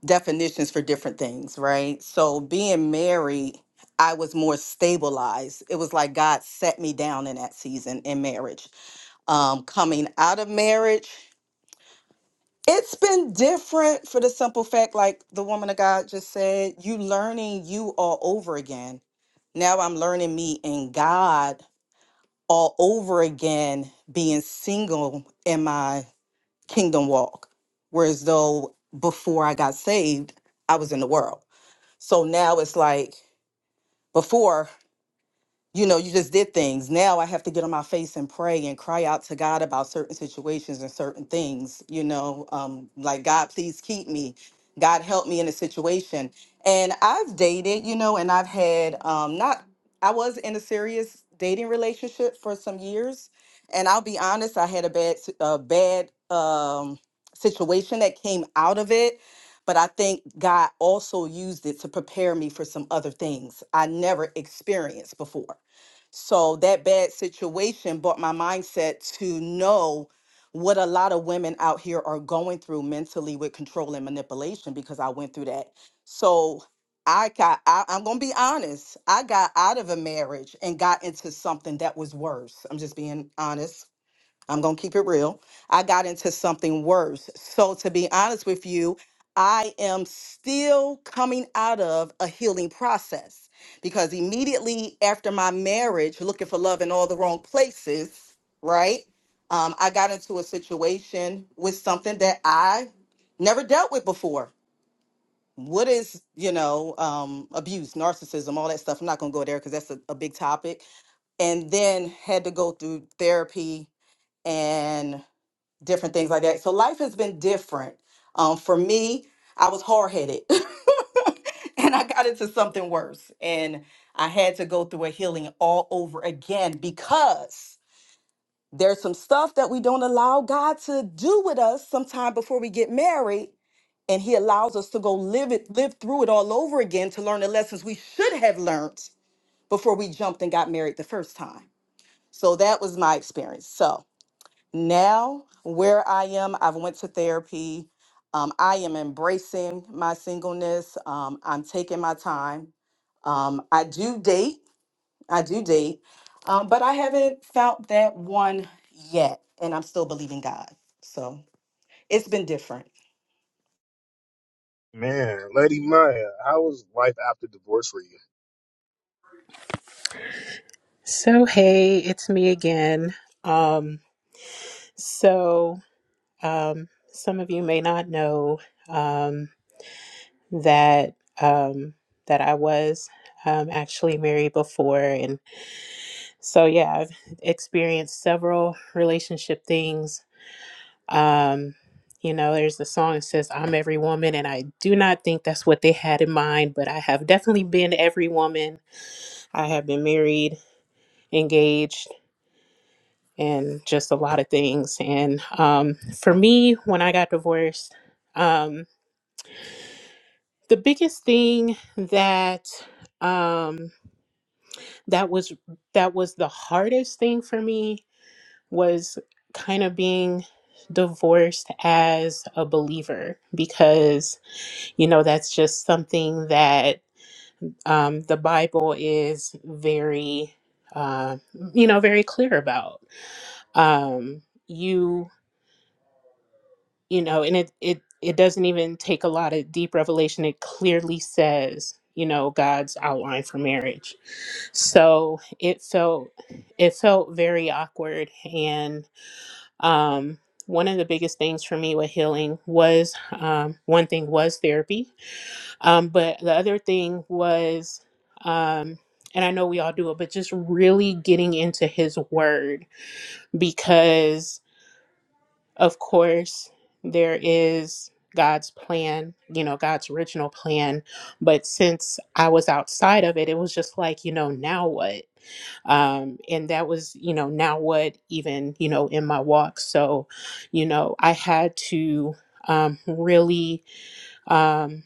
[SPEAKER 5] definitions for different things right so being married i was more stabilized it was like god set me down in that season in marriage um coming out of marriage it's been different for the simple fact like the woman of god just said you learning you all over again now i'm learning me in god all over again being single in my kingdom walk. Whereas though before I got saved, I was in the world. So now it's like before you know, you just did things. Now I have to get on my face and pray and cry out to God about certain situations and certain things, you know, um, like, God, please keep me. God, help me in a situation. And I've dated, you know, and I've had um, not, I was in a serious dating relationship for some years. And I'll be honest, I had a bad, s- a bad um, situation that came out of it. But I think God also used it to prepare me for some other things I never experienced before so that bad situation brought my mindset to know what a lot of women out here are going through mentally with control and manipulation because I went through that. So I got, I, I'm going to be honest, I got out of a marriage and got into something that was worse. I'm just being honest I'm going to keep it real. I got into something worse. So, to be honest with you, I am still coming out of a healing process because immediately after my marriage, looking for love in all the wrong places, right? Um, I got into a situation with something that I never dealt with before. What is, you know, um, abuse, narcissism, all that stuff? I'm not going to go there because that's a, a big topic. And then had to go through therapy and different things like that. So life has been different. Um, for me, I was hard headed and I got into something worse. And I had to go through a healing all over again because there's some stuff that we don't allow God to do with us sometime before we get married. And he allows us to go live it, live through it all over again to learn the lessons we should have learned before we jumped and got married the first time. So that was my experience. So now where i am i've went to therapy um, i am embracing my singleness um, i'm taking my time um, i do date i do date um, but i haven't found that one yet and i'm still believing god so it's been different
[SPEAKER 1] Man, Lady Maya, how is life after divorce for you?
[SPEAKER 4] So hey, it's me again. Um, so um, some of you may not know um that um that I was um actually married before, and so yeah, I've experienced several relationship things Um, you know, there's the song that says, I'm every woman, and I do not think that's what they had in mind, but I have definitely been every woman. I have been married, engaged, and just a lot of things. And um, for me, when I got divorced, um, the biggest thing that um, that was that was the hardest thing for me was kind of being divorced as a believer because You know, that's just something that um, the Bible is very, uh, you know, very clear about. Um, you, you know, and it, it, it doesn't even take a lot of deep revelation. It clearly says, you know, God's outline for marriage. So it felt, it felt very awkward. And um, one of the biggest things for me with healing was um, one thing was therapy Um, but the other thing was, um, and I know we all do it, but just really getting into his word because, of course, there is God's plan, you know, God's original plan. But since I was outside of it, it was just like, you know, now what? um and that was you know now what even you know in my walk so you know i had to um really um,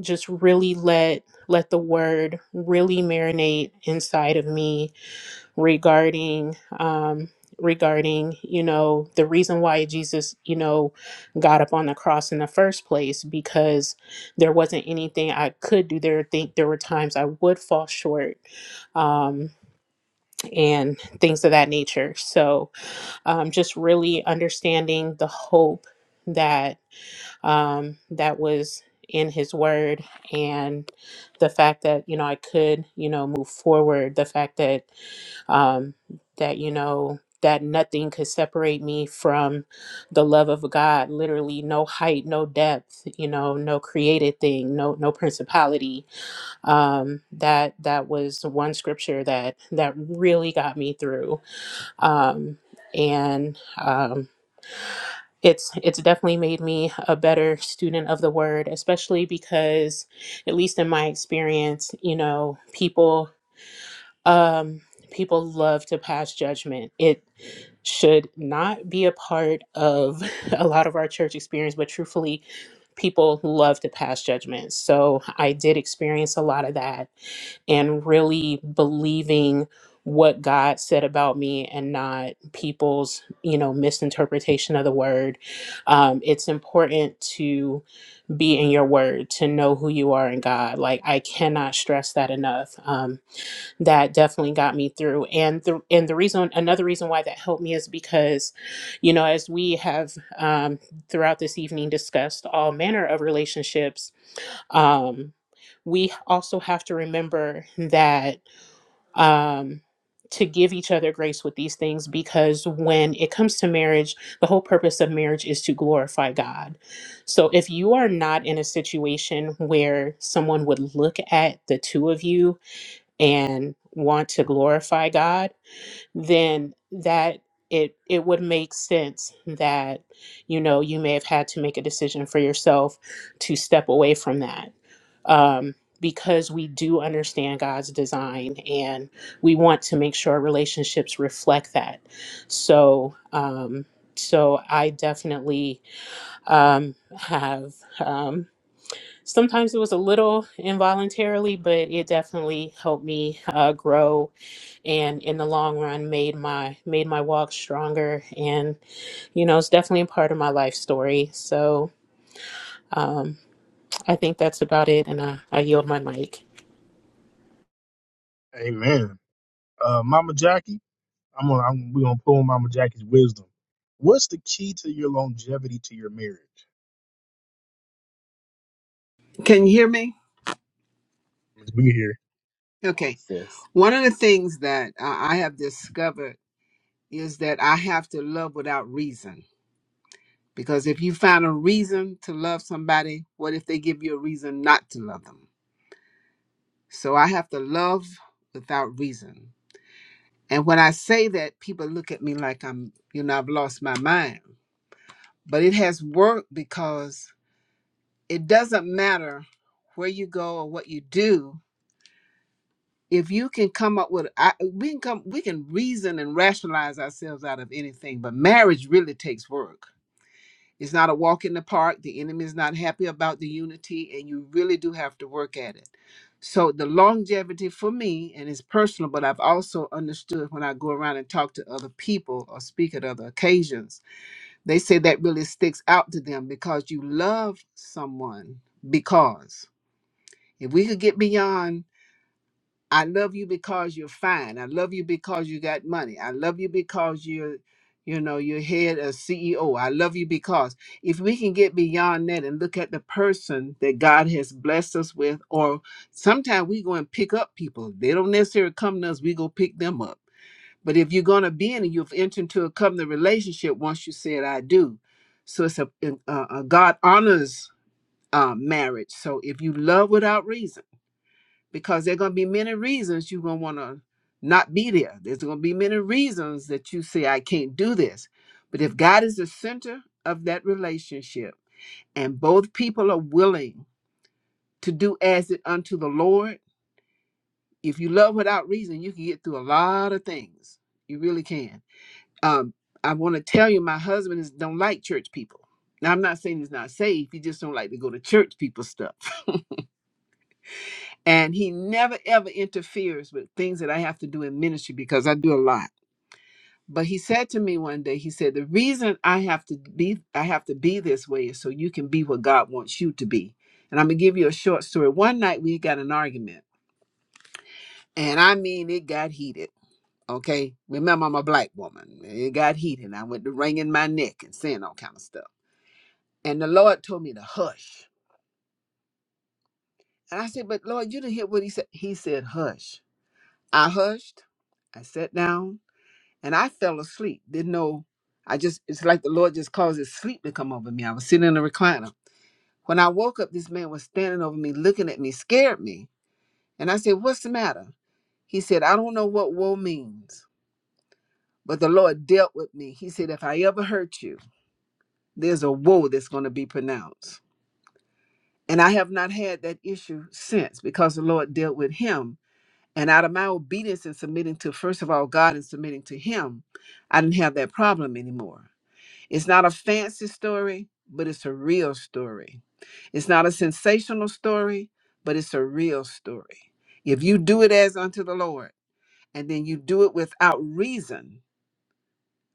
[SPEAKER 4] just really let let the word really marinate inside of me regarding um, regarding you know the reason why Jesus you know got up on the cross in the first place because there wasn't anything I could do there think there were times I would fall short um, and things of that nature so um, just really understanding the hope um, that was in his word and the fact that you know i could you know move forward the fact that um, that you know that nothing could separate me from the love of god literally no height no depth you know no created thing no no principality um, that that was one scripture that that really got me through um, and um, it's it's definitely made me a better student of the word especially because at least in my experience you know people um people love to pass judgment it should not be a part of a lot of our church experience but truthfully people love to pass judgment so i did experience a lot of that and really believing what God said about me and not people's, you know, misinterpretation of the word. Um, it's important to be in your word, to know who you are in God. Like I cannot stress that enough. Um, that definitely got me through. And the and the reason another reason why that helped me is because, you know, as we have um throughout this evening discussed all manner of relationships, um, we also have to remember that um, to give each other grace with these things because when it comes to marriage, the whole purpose of marriage is to glorify God. So if you are not in a situation where someone would look at the two of you and want to glorify God, then that it it would make sense that you know you may have had to make a decision for yourself to step away from that um, because we do understand God's design and we want to make sure our relationships reflect that. So um, so I definitely um, have. Um, Sometimes it was a little involuntarily, but it definitely helped me uh, grow and in the long run made my made my walk stronger and you know it's definitely a part of my life story so um i think that's about it and i, I yield my mic
[SPEAKER 1] Amen. Uh, Mama Jackie, I'm gonna I'm, we're gonna pull Mama Jackie's wisdom. What's the key to your longevity to your marriage?
[SPEAKER 8] Can you hear me?
[SPEAKER 1] Let's be here.
[SPEAKER 8] Okay.
[SPEAKER 10] Yes.
[SPEAKER 8] One of the things that uh, I have discovered is that I have to love without reason Because if you find a reason to love somebody, what if they give you a reason not to love them? So I have to love without reason. And when I say that, people look at me like I'm, you know, I've lost my mind. But it has worked because it doesn't matter where you go or what you do. If you can come up with, I, we can come, we can reason and rationalize ourselves out of anything. But marriage really takes work It's not a walk in the park. The enemy is not happy about the unity, and you really do have to work at it. So, the longevity for me, and it's personal, but I've also understood when I go around and talk to other people or speak at other occasions, they say that really sticks out to them because you love someone. Because if we could get beyond I love you because you're fine. I love you because you got money. I love you because you're, you know, you're head a CEO. I love you because if we can get beyond that and look at the person that God has blessed us with, or sometimes we go and pick up people. They don't necessarily come to us, we go pick them up. But if you're gonna be in it, you've entered into a covenant relationship once you said I do. So it's a, a, a God honors uh, marriage. So if you love without reason because there are going to be many reasons you're going to want to not be there. There's going to be many reasons that you say, I can't do this. But if God is the center of that relationship and both people are willing to do as it unto the Lord, if you love without reason, you can get through a lot of things. You really can. Um, I want to tell you, my husband is, don't like church people. Now, I'm not saying he's not saved. He just don't like to go to church people stuff. And he never ever interferes with things that I have to do in ministry because I do a lot. But he said to me one day, he said, The reason I have to be I have to be this way is so you can be what God wants you to be. And I'm gonna give you a short story. One night we got an argument, and I mean it got heated. Okay. Remember, I'm a black woman. It got heated. I went to wringing my neck and saying all kind of stuff. And the Lord told me to hush. And I said, But Lord, you didn't hear what he said. He said, Hush. I hushed. I sat down and I fell asleep. Didn't know. I just it's like the Lord just caused his sleep to come over me. I was sitting in a recliner. When I woke up, this man was standing over me, looking at me, scared me. And I said, What's the matter? He said, I don't know what woe means, but the Lord dealt with me. He said, If I ever hurt you, there's a woe that's going to be pronounced. And I have not had that issue since because the Lord dealt with him. And out of my obedience and submitting to, first of all, God and submitting to him, I didn't have that problem anymore. It's not a fancy story, but it's a real story. It's not a sensational story, but it's a real story. If you do it as unto the Lord, and then you do it without reason,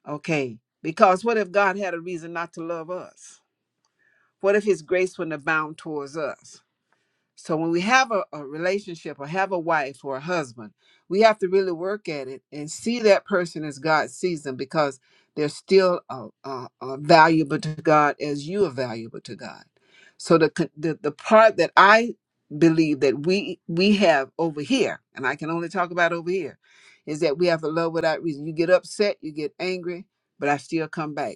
[SPEAKER 8] okay? Because what if God had a reason not to love us? What if His grace wouldn't abound towards us? So when we have a, a relationship or have a wife or a husband, we have to really work at it and see that person as God sees them because they're still uh, uh, uh, valuable to God as you are valuable to God. So the, con- the the part that I believe that we we have over here, and I can only talk about over here, is that we have a love without reason. You get upset, you get angry, but I still come back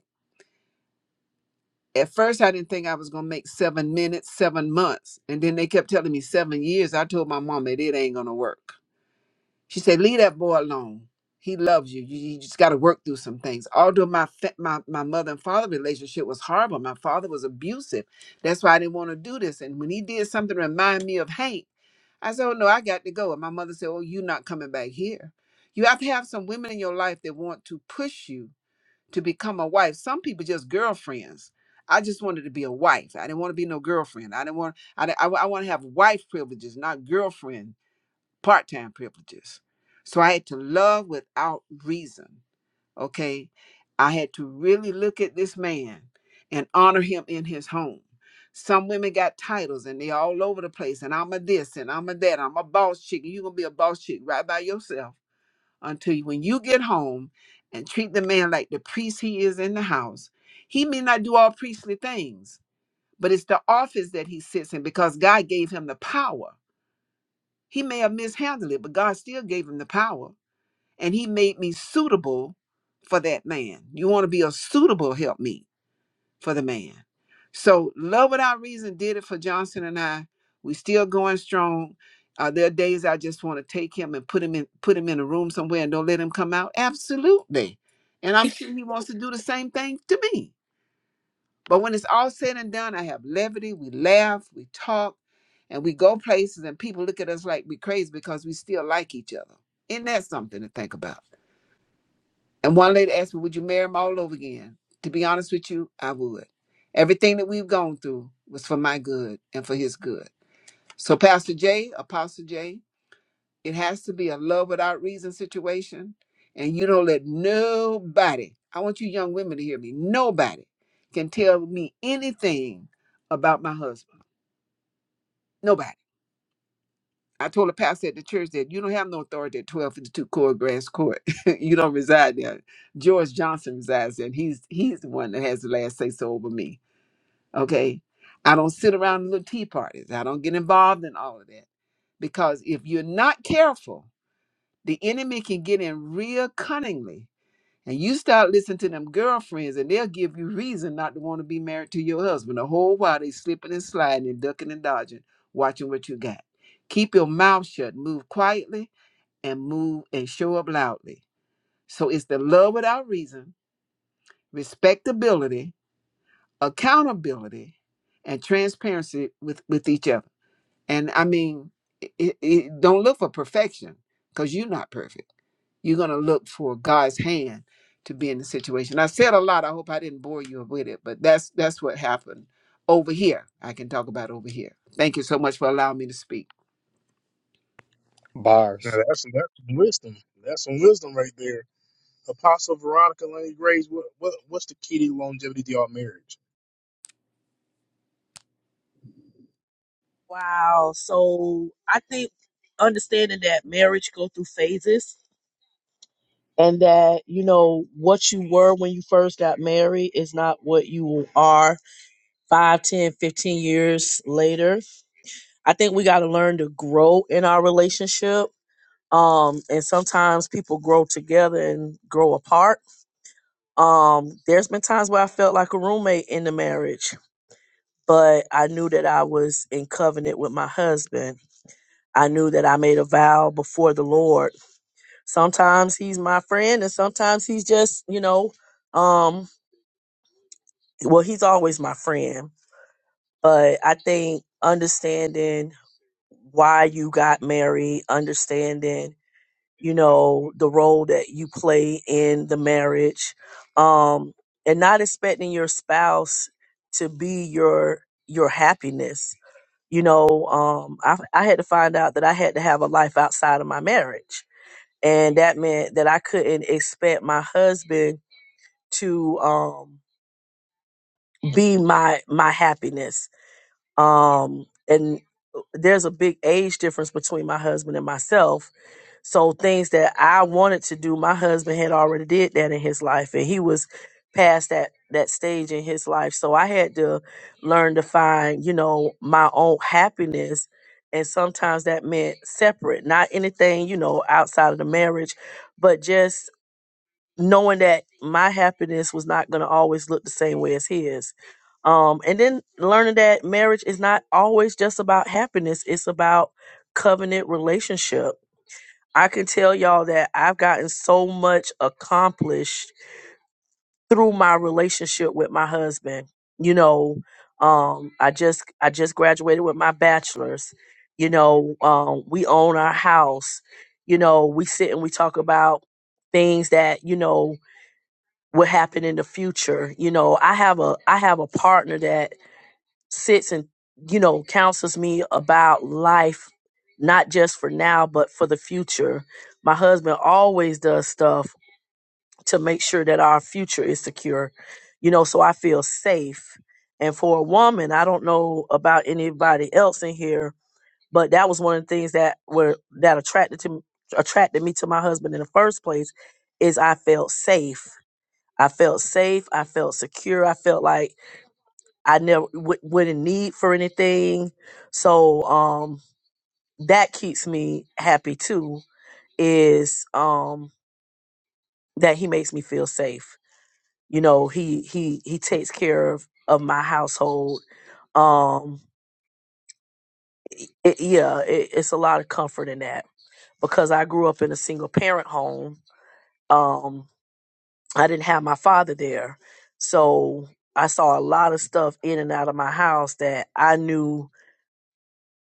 [SPEAKER 8] at first I didn't think I was gonna make seven minutes, seven months. And then they kept telling me seven years. I told my mom that it ain't gonna work. She said, Leave that boy alone. He loves you. You, you just gotta work through some things. Although my, fa- my my mother and father relationship was horrible. My father was abusive. That's why I didn't want to do this. And when he did something to remind me of Hank, I said, Oh no, I got to go. And my mother said, Oh, you're not coming back here. You have to have some women in your life that want to push you to become a wife. Some people just girlfriends. I just wanted to be a wife. I didn't want to be no girlfriend. I didn't want. I di- I, wa- I want to have wife privileges, not girlfriend part time privileges. So I had to love without reason. Okay, I had to really look at this man and honor him in his home. Some women got titles and they all over the place. And I'm a this and I'm a that. I'm a boss chick. And you gonna be a boss chick right by yourself until you, when you get home and treat the man like the priest he is in the house. He may not do all priestly things, but it's the office that he sits in because God gave him the power. He may have mishandled it, but God still gave him the power. And he made me suitable for that man. You want to be a suitable helpmeet for the man. So Love Without Reason did it for Johnson and I. We still going strong. Are there days I just want to take him and put him in put him in a room somewhere and don't let him come out? Absolutely. And I'm sure he wants to do the same thing to me. But when it's all said and done, I have levity. We laugh, we talk, and we go places and people look at us like we crazy because we still like each other. Isn't that something to think about? And one lady asked me, Would you marry him all over again? To be honest with you, I would. Everything that we've gone through was for my good and for his good. So, Pastor Jay, Apostle Jay, it has to be a love without reason situation. And you don't let nobody, I want you young women to hear me, nobody can tell me anything about my husband. Nobody. I told a pastor at the church that you don't have no authority at 1252 Court Grass Court. you don't reside there. George Johnson resides there. And he's he's the one that has the last say so over me. Okay. I don't sit around in little tea parties. I don't get involved in all of that. Because if you're not careful, the enemy can get in real cunningly and you start listening to them girlfriends, and they'll give you reason not to want to be married to your husband. The whole while they slipping and sliding and ducking and dodging, watching what you got. Keep your mouth shut, move quietly, and move and show up loudly. So it's the love without reason, respectability, accountability, and transparency with, with each other. And I mean, it, it, don't look for perfection because you're not perfect. You're going to look for God's hand to be in the situation. I said a lot. I hope I didn't bore you with it, but that's that's what happened over here. I can talk about over here. Thank you so much for allowing me to speak.
[SPEAKER 1] Now
[SPEAKER 10] Bars.
[SPEAKER 1] that's that's some wisdom. That's some wisdom right there. Apostle Veronica Lane Grace, what, what what's the key to your longevity to your marriage?
[SPEAKER 16] Wow. So I think understanding that marriage go through phases and that, you know, what you were when you first got married is not what you are five, ten, fifteen years later. I think we got to learn to grow in our relationship. Um, and sometimes people grow together and grow apart. Um, there's been times where I felt like a roommate in the marriage, but I knew that I was in covenant with my husband I knew that I made a vow before the Lord. Sometimes he's my friend and sometimes he's just, you know, um well he's always my friend, but I think understanding why you got married, understanding, you know, the role that you play in the marriage, um and not expecting your spouse to be your your happiness. You know, um I I had to find out that I had to have a life outside of my marriage and that meant that I couldn't expect my husband to um be my my happiness. Um and uh, there's a big age difference between my husband and myself. So things that I wanted to do, my husband had already did that in his life and he was past that that stage in his life. So I had to learn to find, you know, my own happiness and sometimes that meant separate, not anything, you know, outside of the marriage, but just knowing that my happiness was not going to always look the same way as his um and then learning that marriage is not always just about happiness it's about covenant relationship i can tell y'all that i've gotten so much accomplished through my relationship with my husband you know um i just i just graduated with my bachelor's you know um we own our house you know we sit and we talk about things that you know what happened in the future. You know, I have a I have a partner that sits and you know counsels me about life, not just for now but for the future. My husband always does stuff to make sure that our future is secure. You know, so I feel safe. And for a woman, I don't know about anybody else in here, but that was one of the things that were that attracted to attracted me to my husband in the first place is I felt safe I felt safe. I felt secure. I felt like I never w- wouldn't need for anything. So um, that keeps me happy too. Is um, that he makes me feel safe? You know, he he he takes care of of my household. Um, it, it- yeah, it, it's a lot of comfort in that because I grew up in a single parent home. Um, I didn't have my father there. So I saw a lot of stuff in and out of my house that I knew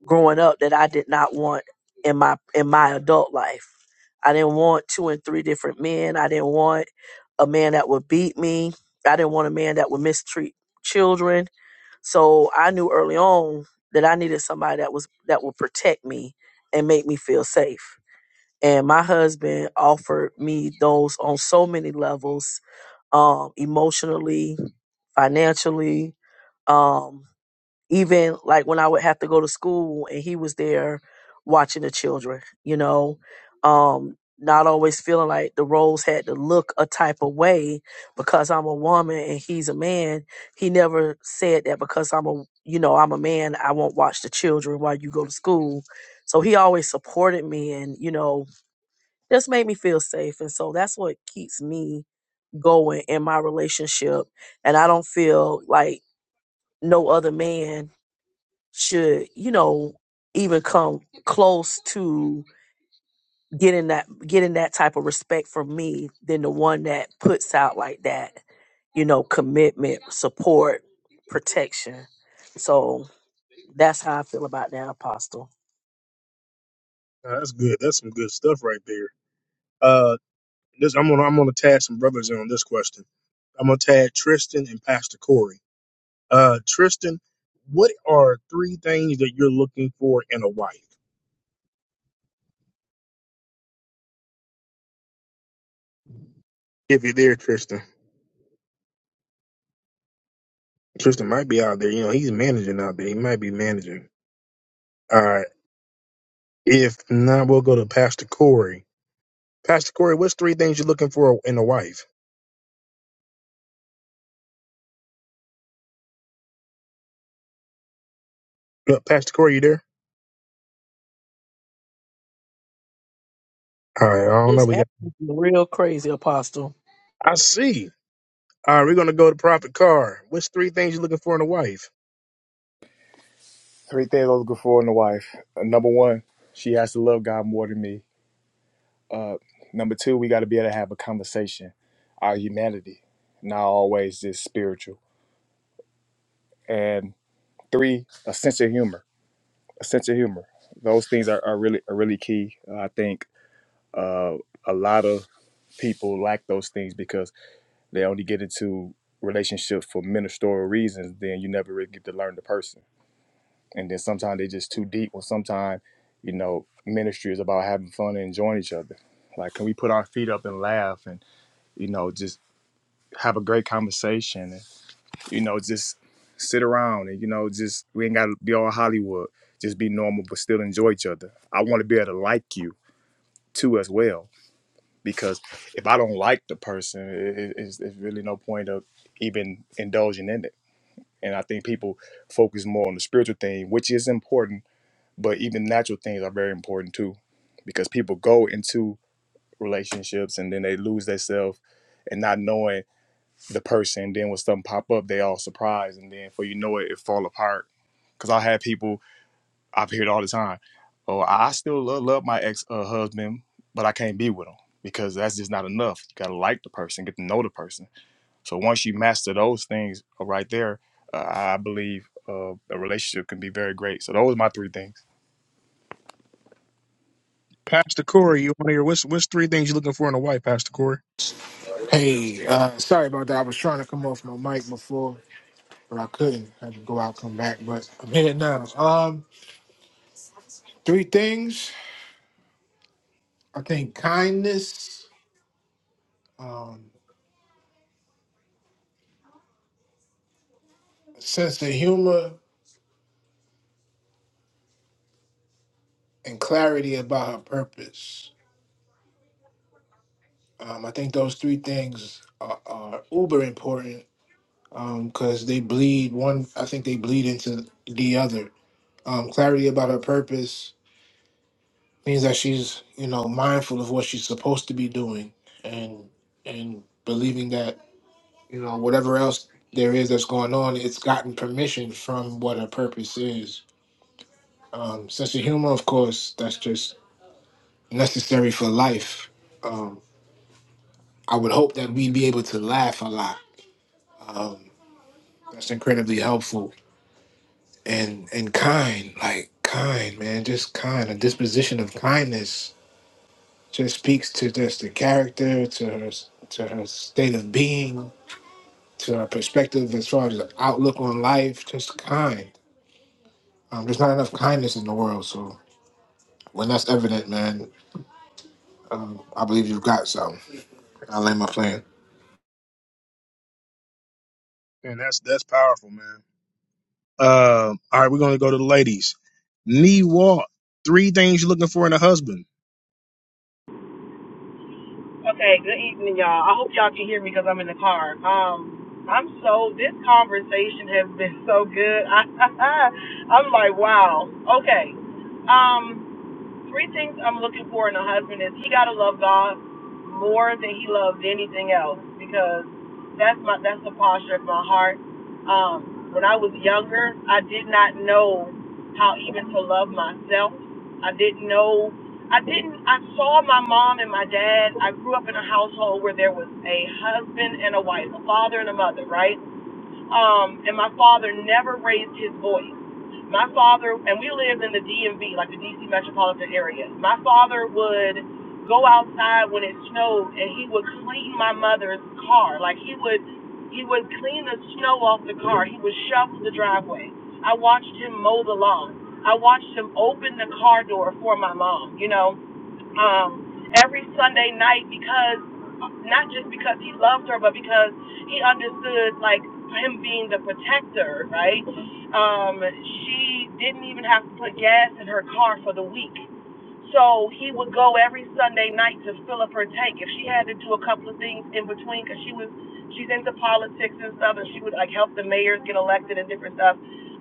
[SPEAKER 16] growing up that I did not want in my in my adult life. I didn't want two and three different men. I didn't want a man that would beat me. I didn't want a man that would mistreat children. So I knew early on that I needed somebody that was that would protect me and make me feel safe. And my husband offered me those on so many levels um, emotionally, financially, um, even like when I would have to go to school and he was there watching the children, you know, um, not always feeling like the roles had to look a type of way because I'm a woman and he's a man. He never said that because I'm a, you know, I'm a man, I won't watch the children while you go to school. So he always supported me and, you know, just made me feel safe. And so that's what keeps me going in my relationship and I don't feel like no other man should, you know, even come close to getting that getting that type of respect from me than the one that puts out like that, you know, commitment, support, protection. So that's how I feel about that apostle.
[SPEAKER 1] Now, that's good. That's some good stuff right there Uh. This I'm gonna I'm gonna tag some brothers in on this question. I'm gonna tag Tristan and Pastor Corey. Uh, Tristan, what are three things that you're looking for in a wife? If you're there, Tristan. Tristan might be out there. You know, he's managing out there. He might be managing. All right. If not, we'll go to Pastor Corey. Pastor Corey, what's three things you're looking for in a wife? Look, Pastor Corey, you there? All right. I don't know.
[SPEAKER 16] This
[SPEAKER 1] We
[SPEAKER 16] app
[SPEAKER 1] got.
[SPEAKER 16] is real crazy, Apostle.
[SPEAKER 1] I see. All right. We're gonna go to Prophet Carr. What's three things you're looking for in a wife?
[SPEAKER 10] Three things I was looking for in a wife. Uh, Number one, she has to love God more than me. Uh, number two, we got to be able to have a conversation. Our humanity, not always just spiritual. And three, a sense of humor. A sense of humor. Those things are, are really are really key. Uh, I think uh, a lot of people lack those things because they only get into relationships for ministerial reasons. Then you never really get to learn the person. And then sometimes they're just too deep. Or sometimes, you know, ministry is about having fun and enjoying each other. Like, can we put our feet up and laugh and you know just have a great conversation. And, you know, just sit around and you know, just we ain't gotta be all Hollywood. Just be normal, but still enjoy each other. I want to be able to like you too as well, because if I don't like the person, it, it's, it's really no point of even indulging in it. And I think people focus more on the spiritual thing, which is important, but even natural things are very important too, because people go into relationships and then they lose themselves, and not knowing the person. Then when something pop up, they all surprised, and then for you know it, it fall apart. Cause I have people I've heard all the time. Oh, I still love, love my ex uh, husband, but I can't be with him because that's just not enough. You gotta like the person, get to know the person. So once you master those things uh, right there, uh, I believe uh, a relationship can be very great. So those are my three things.
[SPEAKER 1] Pastor Corey, you want to hear what's what's three things you're looking for in a wife, Pastor Corey?
[SPEAKER 20] Hey, uh, sorry about that. I was trying to come off my mic before, but I couldn't. I had to go out, come back, but I'm here now. Um, three things. I think kindness, um, sense of humor, and clarity about her purpose. Um, I think those three things are, are uber important because they bleed one. I think they bleed into the other. Um, clarity about her purpose means that she's you know mindful of what she's supposed to be doing and and believing that you know whatever else there is that's going on it's gotten permission from what her purpose is um sense of humor of course that's just necessary for life um i would hope that we'd be able to laugh a lot um that's incredibly helpful and and kind like kind man just kind a disposition of kindness just speaks to just the character, to her to her state of being, to her perspective as far as the outlook on life. Just kind. Um, there's not enough kindness in the world, so when that's evident, man, um, I believe you've got some. I lay my plan.
[SPEAKER 1] And that's that's powerful, man. Uh, all right, we're gonna go to the ladies. Knee walk. Three things you're looking for in a husband.
[SPEAKER 21] Okay, good evening, y'all. I hope y'all can hear me because I'm in the car. Um, I'm so this conversation has been so good. I, I'm like, wow. Okay. Um, Three things I'm looking for in a husband is he gotta love God more than he loves anything else because that's my that's the posture of my heart. Um, when I was younger, I did not know how even to love myself. I didn't know. I didn't. I saw my mom and my dad. I grew up in a household where there was a husband and a wife, a father and a mother, right? Um, and my father never raised his voice. My father, and we lived in the DMV, like the DC metropolitan area. My father would go outside when it snowed, and he would clean my mother's car. Like he would, he would clean the snow off the car. He would shovel the driveway. I watched him mow the lawn. I watched him open the car door for my mom. You know, um, every Sunday night because not just because he loved her, but because he understood like him being the protector, right? Um, she didn't even have to put gas in her car for the week so he would go every Sunday night to fill up her tank. If she had to do a couple of things in between, because she was she's into politics and stuff, and she would like help the mayors get elected and different stuff.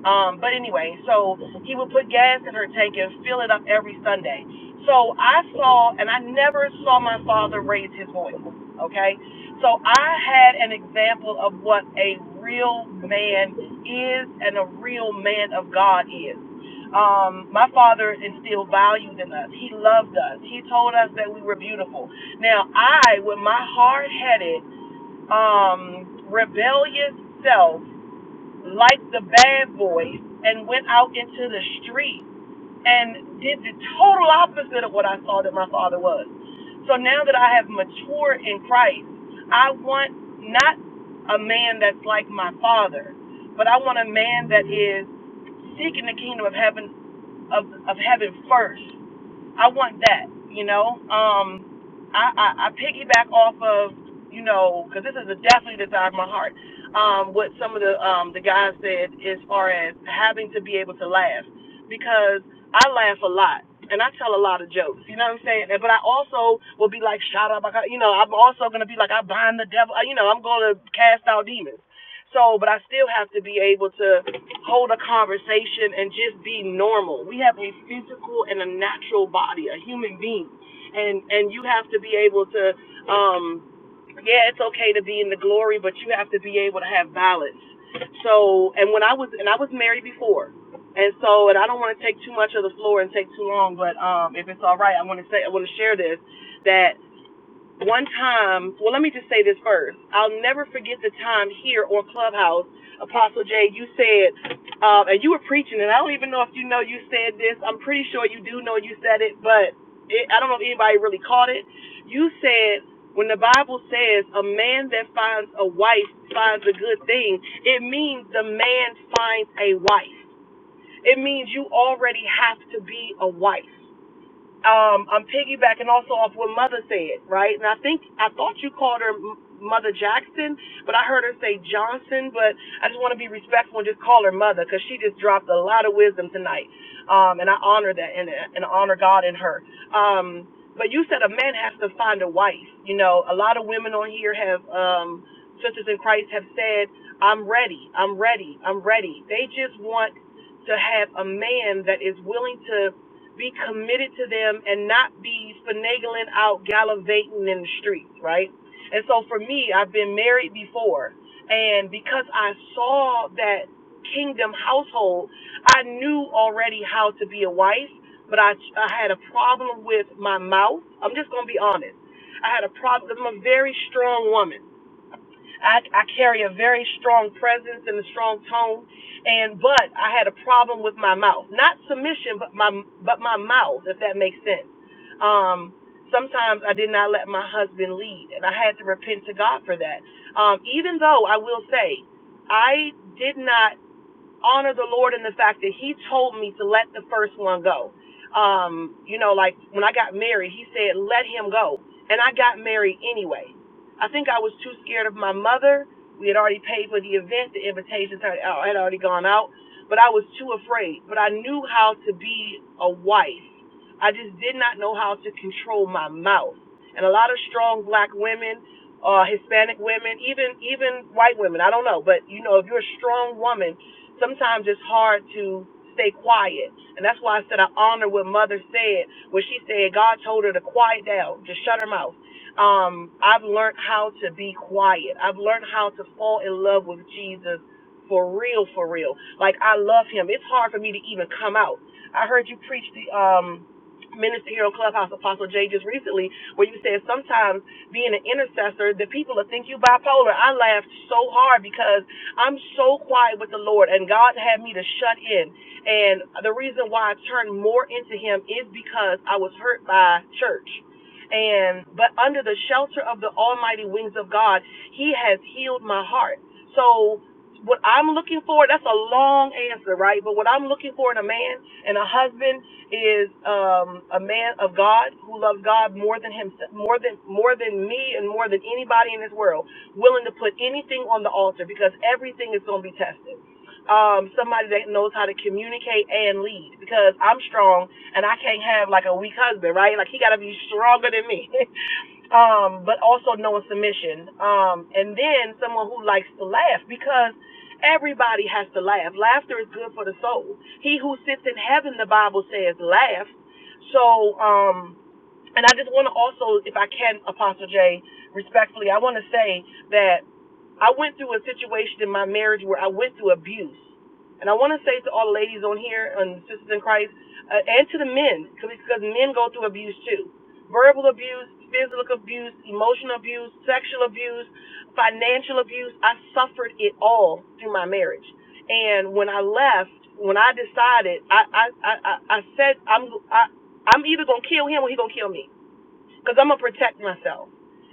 [SPEAKER 21] Um, but anyway, so he would put gas in her tank and fill it up every Sunday. So I saw, and I never saw my father raise his voice. Okay, so I had an example of what a real man is and a real man of God is. Um, my father instilled values in us. He loved us. He told us that we were beautiful. Now, I, with my hard headed, um, rebellious self, like the bad boys, and went out into the street and did the total opposite of what I saw that my father was. So now that I have matured in Christ, I want not a man that's like my father, but I want a man that is seeking the kingdom of heaven of, of heaven first. I want that, you know. Um, I, I, I piggyback off of, you know, because this is a definitely desire of my heart. Um, what some of the um, the guys said as far as having to be able to laugh, because I laugh a lot and I tell a lot of jokes. You know what I'm saying? And- But I also will be like, shut up, I got-" you know. I'm also gonna be like, I bind the devil. You know, I'm gonna cast out demons. So, but I still have to be able to hold a conversation and just be normal. We have a physical and a natural body, a human being, and and you have to be able to, um, yeah, it's okay to be in the glory, but you have to be able to have balance. So, and when I was and I was married before, and so and I don't want to take too much of the floor and take too long, but um, if it's all right, I want to say I want to share this that one time, well, let me just say this first. I'll never forget the time here on Clubhouse, Apostle Jay, you said, uh, and you were preaching, and I don't even know if you know you said this. I'm pretty sure you do know you said it, but it, I don't know if anybody really caught it. You said, when the Bible says a man that finds a wife finds a good thing, it means the man finds a wife. It means you already have to be a wife um, I'm piggybacking also off what Mother said, right? And I think I thought you called her M- Mother Jackson, but I heard her say Johnson. But I just want to be respectful and just call her Mother because she just dropped a lot of wisdom tonight, um, and I honor that and, and honor God in her. Um, but you said a man has to find a wife. You know, a lot of women on here have um, sisters in Christ have said, "I'm ready, I'm ready, I'm ready." They just want to have a man that is willing to be committed to them and not be finagling out gallivanting in the streets, right? And so for me, I've been married before, and because I saw that kingdom household, I knew already how to be a wife, but I I had a problem with my mouth. I'm just gonna be honest. I had a problem. I'm a very strong woman I, I carry a very strong presence and a strong tone, and but I had a problem with my mouth, not submission, but my but my mouth, if that makes sense. Um, sometimes I did not let my husband lead, and I had to repent to God for that. Um, even though I will say, I did not honor the Lord in the fact that He told me to let the first one go. Um, you know, like when I got married, He said, let him go. And I got married anyway. I think I was too scared of my mother. We had already paid for the event, the invitations had uh, had already gone out, but I was too afraid. But I knew how to be a wife. I just did not know how to control my mouth. And a lot of strong black women, uh, Hispanic women, even even white women, I don't know, but you know, if you're a strong woman, sometimes it's hard to stay quiet. And that's why I said I honor what mother said when she said God told her to quiet down, just shut her mouth. Um, I've learned how to be quiet. I've learned how to fall in love with Jesus for real, for real. Like I love him. It's hard for me to even come out. I heard you preach the um minutes here on Clubhouse, Apostle Jay, just recently, where you said sometimes being an intercessor, the people will think you bipolar. I laughed so hard because I'm so quiet with the Lord, and God had me to shut in. And the reason why I turned more into Him is because I was hurt by church. And but under the shelter of the almighty wings of God, He has healed my heart. So what I'm looking for, that's a long answer, right? But what I'm looking for in a man and a husband is um, a man of God who loves God more than himself, more than more than me, and more than anybody in this world, willing to put anything on the altar because everything is going to be tested. Um, somebody that knows how to communicate and lead because I'm strong and I can't have like a weak husband, right? Like he got to be stronger than me. um, but also knowing submission. Um, and then someone who likes to laugh because everybody has to laugh. Laughter is good for the soul. He who sits in heaven, the Bible says, laughs. So, um, and I just want to also, if I can, Apostle J, respectfully, I want to say that I went through a situation in my marriage where I went through abuse. And I want to say to all the ladies on here and sisters in Christ uh, and to the men, because men go through abuse too verbal abuse, physical abuse, emotional abuse, sexual abuse, financial abuse. I suffered it all through my marriage. And when I left, when I decided, I I I, I I said I'm I, I'm either gonna kill him or he gonna kill me because I'm gonna protect myself.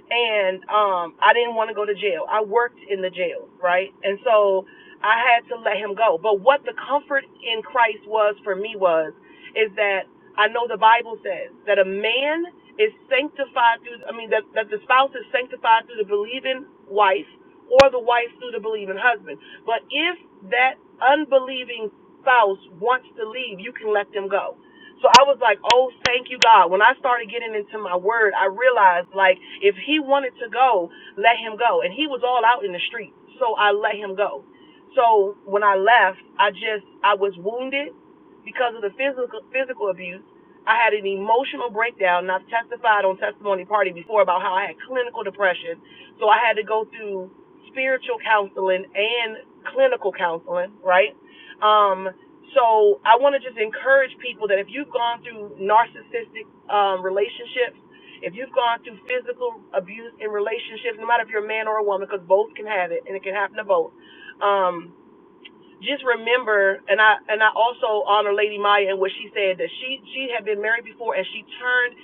[SPEAKER 21] And um, I didn't want to go to jail. I worked in the jail, right? And so I had to let him go. But what the comfort in Christ was for me was is that I know the Bible says that a man is sanctified through. I mean that that the spouse is sanctified through the believing wife, or the wife through the believing husband. But if that unbelieving spouse wants to leave, you can let them go so I was like, oh, thank you, God. When I started getting into my word, I realized, like, if he wanted to go, let him go. And he was all out in the street. So I let him go. So when I left, I just, I was wounded because of the physical, physical abuse. I had an emotional breakdown, and I've testified on Testimony Party before about how I had clinical depression. So I had to go through spiritual counseling and clinical counseling, right? Um, so I want to just encourage people that if you've gone through narcissistic um, relationships, if you've gone through physical abuse in relationships, no matter if you're a man or a woman, because both can have it and it can happen to both. Um, just remember, and I and I also honor Lady Maya and what she said that she she had been married before and she turned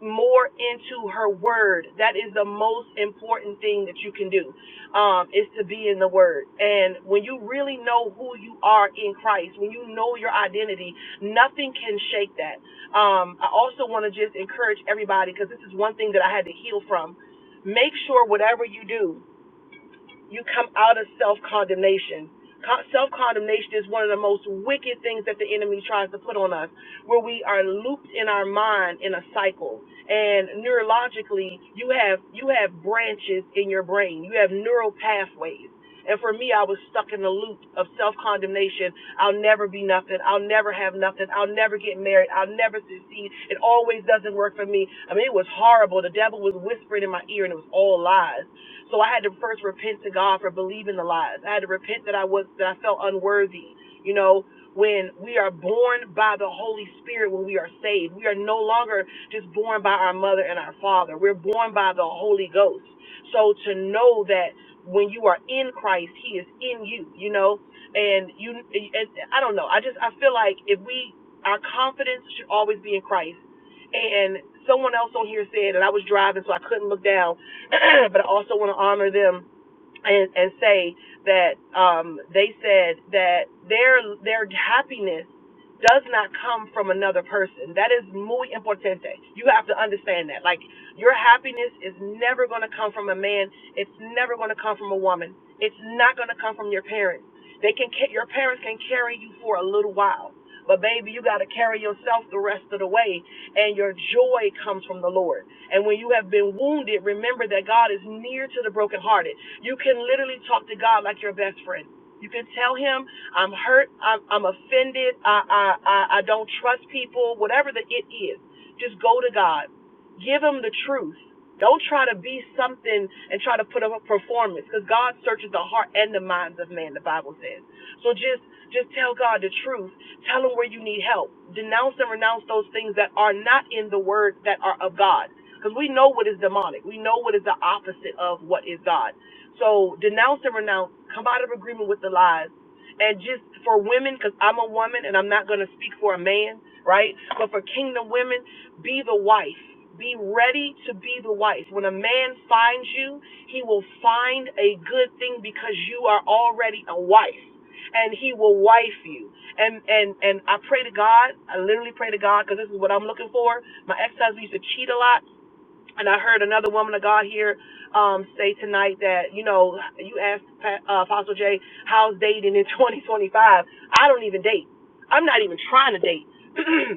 [SPEAKER 21] more into her word. That is the most important thing that you can do, um, is to be in the word. And when you really know who you are in Christ, when you know your identity, nothing can shake that. Um, I also want to just encourage everybody because this is one thing that I had to heal from. Make sure whatever you do you come out of self condemnation. Self condemnation is one of the most wicked things that the enemy tries to put on us, where we are looped in our mind in a cycle. And neurologically, you have you have branches in your brain. You have neural pathways. And for me, I was stuck in a loop of self condemnation. I'll never be nothing. I'll never have nothing. I'll never get married. I'll never succeed. It always doesn't work for me. I mean, it was horrible. The devil was whispering in my ear, and it was all lies. So I had to first repent to God for believing the lies. I had to repent that I was that I felt unworthy. You know, when we are born by the Holy Spirit, when we are saved, we are no longer just born by our mother and our father. We're born by the Holy Ghost. So to know that when you are in Christ, He is in you, you know, and you, and I don't know. I just, I feel like if we, our confidence should always be in Christ. And someone else on here said, and I was driving, so I couldn't look down, but I also want to honor them and, and say that um, they said that their their happiness does not come from another person. That is muy importante. You have to understand that. Like your happiness is never going to come from a man. It's never going to come from a woman. It's not going to come from your parents. They can ca- your parents can carry you for a little while, but baby, you got to carry yourself the rest of the way and your joy comes from the Lord. And when you have been wounded, remember that God is near to the brokenhearted. You can literally talk to God like your best friend. You can tell him, I'm hurt, I'm, I'm offended, I, I, I, I don't trust people, whatever the it is. Just go to God. Give him the truth. Don't try to be something and try to put up a performance because God searches the heart and the minds of man, the Bible says. So just just tell God the truth Tell them where you need help. Denounce and renounce those things that are not in the word that are of God. Because we know what is demonic. We know what is the opposite of what is God. So denounce and renounce. Come out of agreement with the lies. And just for women, because I'm a woman and I'm not going to speak for a man, right? But for kingdom women, be the wife. Be ready to be the wife. When a man finds you, he will find a good thing because you are already a wife and he will wife you. And and and I pray to God. I literally pray to God because this is what I'm looking for. My ex-husband used to cheat a lot, and I heard another woman of God here um, say tonight that you know you asked Pa- uh, Apostle Jay how's dating in 2025. I don't even date. I'm not even trying to date.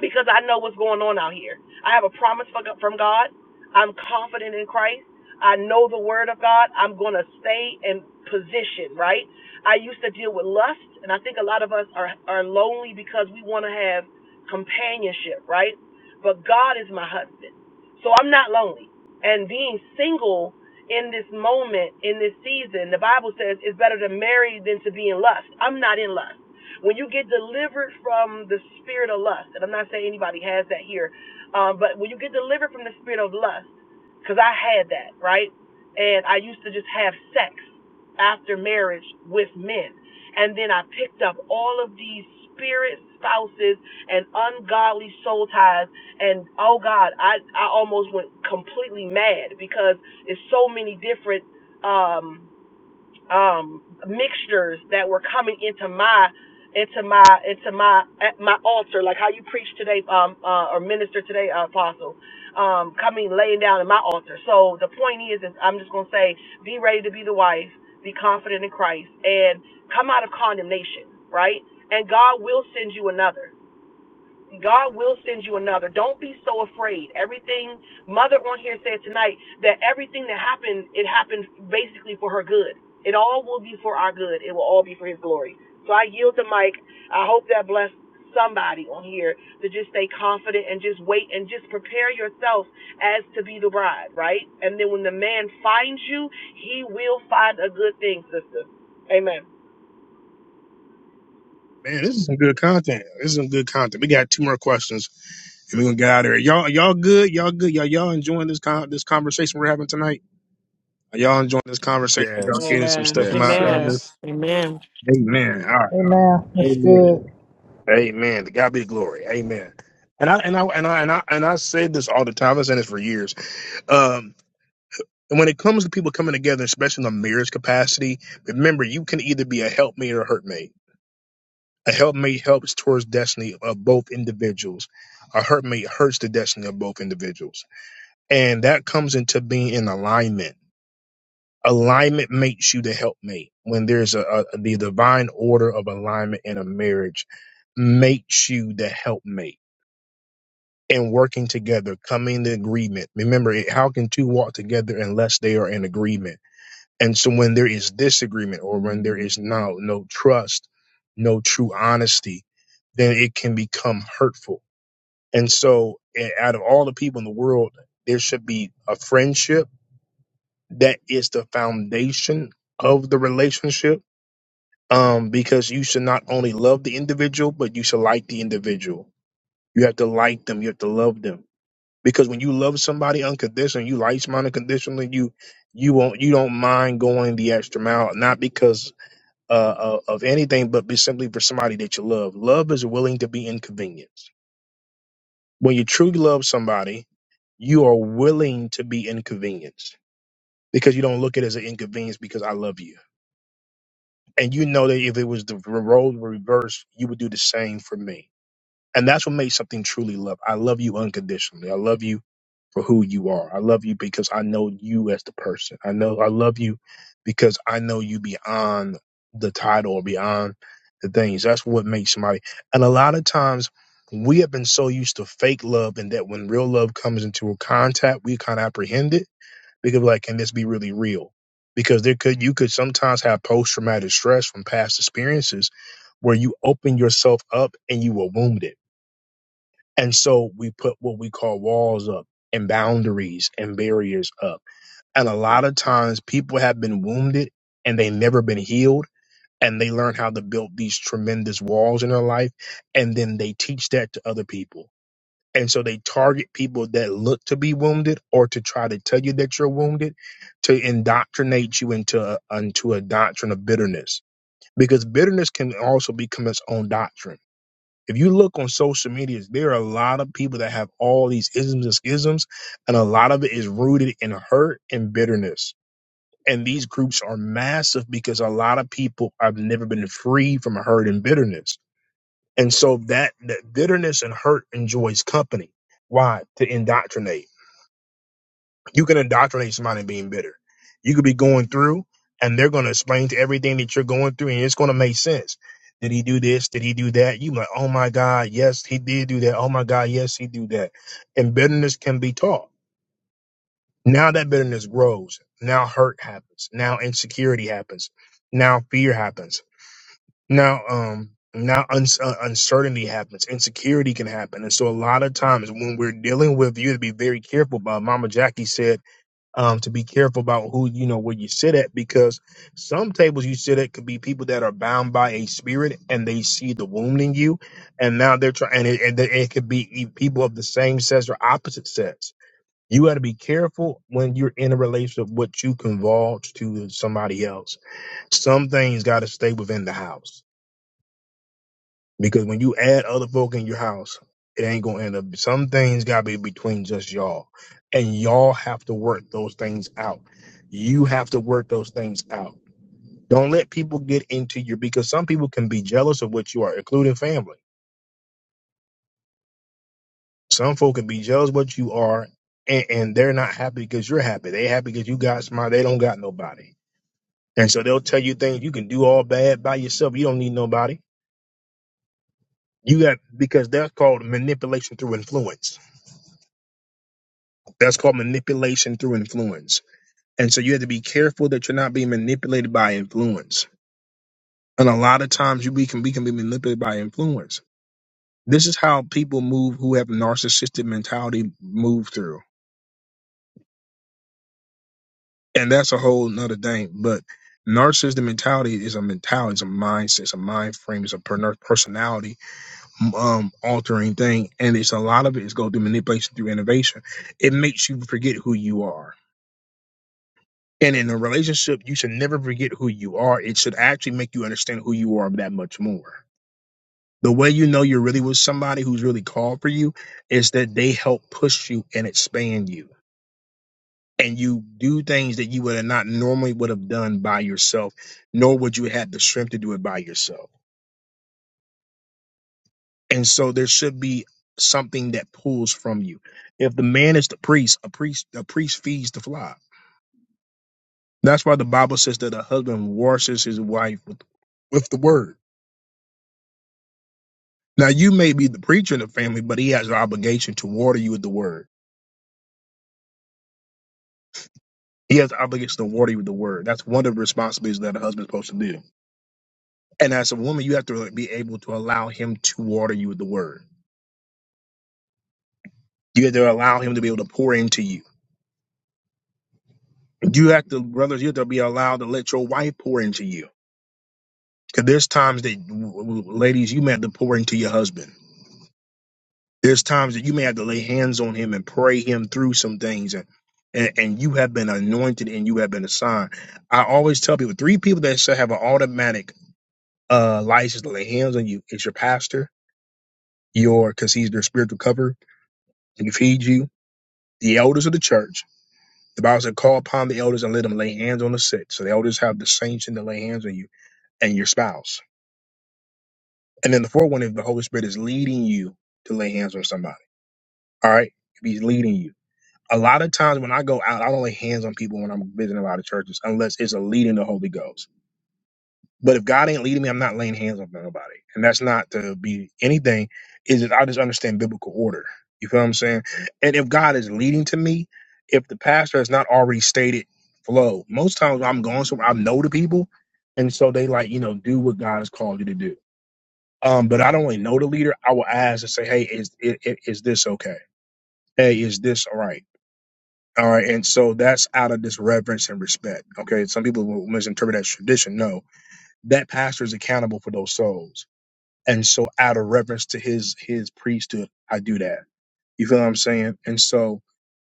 [SPEAKER 21] because I know what's going on out here. I have a promise from God. I'm confident in Christ. I know the word of God. I'm going to stay in position, right? I used to deal with lust, and I think a lot of us are, are lonely because we want to have companionship, right? But God is my husband. So I'm not lonely. And being single in this moment, in this season, the Bible says it's better to marry than to be in lust. I'm not in lust. When you get delivered from the spirit of lust, and I'm not saying anybody has that here, um, but when you get delivered from the spirit of lust, because I had that, right? And I used to just have sex after marriage with men. And then I picked up all of these spirit spouses and ungodly soul ties. And oh God, I, I almost went completely mad because it's so many different. Um, um, mixtures that were coming into my into my into my at my altar, like how you preached today, um, uh, or minister today, uh, apostle, um, coming laying down in my altar. So the point is, is I'm just gonna say, be ready to be the wife, be confident in Christ, and come out of condemnation, right? And God will send you another. God will send you another. Don't be so afraid. Everything Mother on here said tonight that everything that happened, it happened basically for her good. It all will be for our good. It will all be for His glory. So I yield the mic. I hope that blessed somebody on here to just stay confident and just wait and just prepare yourself as to be the bride, right? And then when the man finds you, he will find a good thing, sister. Amen.
[SPEAKER 1] Man, this is some good content. This is some good content. We got two more questions, and we're gonna get out of here. Y'all, y'all good? Y'all good? Y'all, y'all enjoying this con- this conversation we're having tonight? Are y'all enjoying this conversation? Y'all
[SPEAKER 10] Yes,
[SPEAKER 1] getting some
[SPEAKER 19] Amen.
[SPEAKER 1] stuff from my
[SPEAKER 10] yes,
[SPEAKER 1] other?
[SPEAKER 10] yes.
[SPEAKER 19] Yes,
[SPEAKER 12] Amen.
[SPEAKER 1] Amen. All right.
[SPEAKER 22] Hey man, That's
[SPEAKER 1] Amen.
[SPEAKER 22] good.
[SPEAKER 1] Amen. To God be the glory. Amen. And I and I and I and I and I say this all the time. I've said this for years. Um, and when it comes to people coming together, especially in a marriage capacity, remember you can either be a helpmate or a hurtmate. A helpmate helps towards destiny of both individuals. A hurtmate hurts the destiny of both individuals. And that comes into being in alignment. Alignment makes you the helpmate. When there's a, a the divine order of alignment in a marriage, makes you the helpmate and working together, coming to agreement. Remember, it- how can two walk together unless they are in agreement? And so when there is disagreement or when there is no no trust, no true honesty, then it can become hurtful. And so a- out of all the people in the world, there should be a friendship that is the foundation of the relationship. Um, because you should not only love the individual, but you should like the individual. You have to like them. You have to love them because when you love somebody unconditionally, you like someone unconditionally, you you won't you don't mind going the extra mile, not because uh, of of anything, but be simply for somebody that you love. Love is willing to be inconvenienced. When you truly love somebody, you are willing to be inconvenienced because you don't look at it as an inconvenience because I love you, and you know that if it was the role reversed, you would do the same for me. And that's what makes something truly love. I love you unconditionally. I love you for who you are. I love you because I know you as the person. I know I love you because I know you beyond the title or beyond the things. That's what makes somebody. And a lot of times we have been so used to fake love and that when real love comes into a contact, we kind of apprehend it because like, can this be really real? Because there could you could sometimes have post traumatic stress from past experiences where you open yourself up and you were wounded and so we put what we call walls up and boundaries and barriers up. And a lot of times people have been wounded and they never been healed. And they learn how to build these tremendous walls in their life. And then they teach that to other people. And so they target people that look to be wounded or to try to tell you that you're wounded to indoctrinate you into, into a doctrine of bitterness. Because bitterness can also become its own doctrine if you look on social medias, there are a lot of people that have all these isms and schisms, and a lot of it is rooted in hurt and bitterness. And these groups are massive because a lot of people have never been free from hurt and bitterness. And so that, that bitterness and hurt enjoys company. Why? To indoctrinate you can indoctrinate somebody being bitter. You could be going through and they're going to explain to everything that you're going through and it's going to make sense. Did he do this? Did he do that? You like, oh my God, yes, he did do that. Oh my God, yes, he do that. And bitterness can be taught. Now that bitterness grows. Now hurt happens. Now insecurity happens. Now fear happens. Now, um, now uns uh, uncertainty happens. Insecurity can happen. And so a lot of times when we're dealing with you, have to be very careful. But Mama Jackie said um, to be careful about who you know where you sit at because some tables you sit at could be people that are bound by a spirit and they see the wound in you, and now they're trying and it, and it it could be e- people of the same sex or opposite sex. You got to be careful when you're in a relationship what you convulge to somebody else. Some things got to stay within the house. Because when you add other folk in your house, it ain't gonna end up. Some things gotta be between just y'all, and y'all have to work those things out. You have to work those things out. Don't let people get into your because some people can be jealous of what you are, including family. Some folk can be jealous of what you are, and, and they're not happy because you're happy. They happy because you got smart. They don't got nobody, and so they'll tell you things you can do all bad by yourself. You don't need nobody. You got because that's called manipulation through influence That's called manipulation through influence. And so you have to be careful that you're not being manipulated by influence. And a lot of times you we can we can be manipulated by influence. This is how people move who have narcissistic mentality move through. And that's a whole nother thing. But narcissistic mentality is a mentality, it's a mindset, it's a mind frame, it's a per- personality um, altering thing. And it's a lot of it is go through manipulation through innovation. It makes you forget who you are And in a relationship, you should never forget who you are. It should actually make you understand who you are that much more. The way you know you're really with somebody who's really called for you is that they help push you and expand you. And you do things that you would have not normally would have done by yourself, nor would you have had the strength to do it by yourself. And so there should be something that pulls from you. If the man is the priest, a priest, a priest feeds the flock. That's why the Bible says that a husband washes his wife with, with the word Now you may be the preacher in the family, but he has an obligation to water you with the word. He has an obligation to water you with the word. That's one of the responsibilities that a husband's supposed to do. And as a woman, you have to be able to allow him to water you with the word. You have to allow him to be able to pour into you. You have to, brothers, you have to be allowed to let your wife pour into you. Because there's times that, ladies, you may have to pour into your husband. There's times that you may have to lay hands on him and pray him through some things and and, and you have been anointed and you have been assigned. I always tell people three people that should have an automatic uh license to lay hands on you is your pastor, your because he's their spiritual cover, and he feeds you, the elders of the church. The Bible said, call upon the elders and let them lay hands on the sick. So the elders have the sanction to lay hands on you and your spouse. And then the fourth one is the Holy Spirit is leading you to lay hands on somebody. All right. If he's leading you. a lot of times when I go out, I don't lay hands on people when I'm visiting a lot of churches unless it's a leading the Holy Ghost. But if God ain't leading me, I'm not laying hands on nobody. And that's not to be anything, is that I just understand biblical order. You feel what I'm saying? And if God is leading to me, if the pastor has not already stated flow, most times when I'm going somewhere, I know the people. And so they like, you know, do what God has called you to do. Um, but I don't really know the leader. I will ask and say, hey, is, is, is this okay? Hey, is this all right? All right, and so that's out of this reverence and respect. Okay, some people will misinterpret that as tradition. No, that pastor is accountable for those souls, and so out of reverence to his his priesthood, I do that. You feel what I'm saying? And so,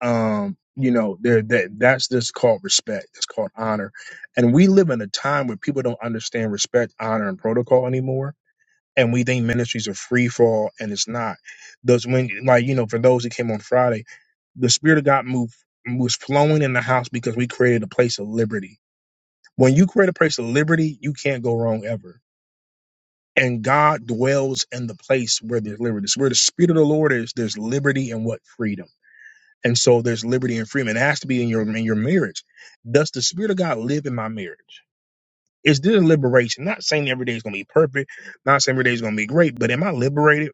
[SPEAKER 1] um, you know, there that that's just called respect. That's called honor, and we live in a time where people don't understand respect, honor, and protocol anymore and we think ministries are free for all and it's not those when like you know for those who came on friday the spirit of god moved was flowing in the house because we created a place of liberty when you create a place of liberty you can't go wrong ever and god dwells in the place where there's liberty It's where the spirit of the lord is there's liberty and what freedom and so there's liberty and freedom it has to be in your in your marriage does the spirit of god live in my marriage is there liberation not saying every day is going to be perfect not saying every day is going to be great but am i liberated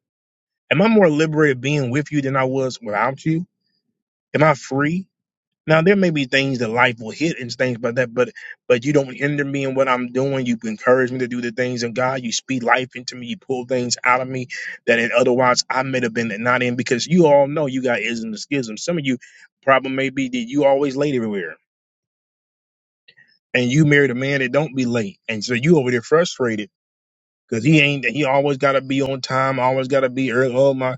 [SPEAKER 1] Am I more liberated being with you than I was without you? Am I free? Now there may be things that life will hit and things like that, but but you don't hinder me in what I'm doing. You encourage me to do the things of God. You speak life into me. You pull things out of me that it, otherwise I may have been not in because you all know you got isms and schisms. Some of you problem may be that you always late everywhere. And you married a man that don't be late. And so you over there frustrated because he ain't he always got to be on time always got to be early oh my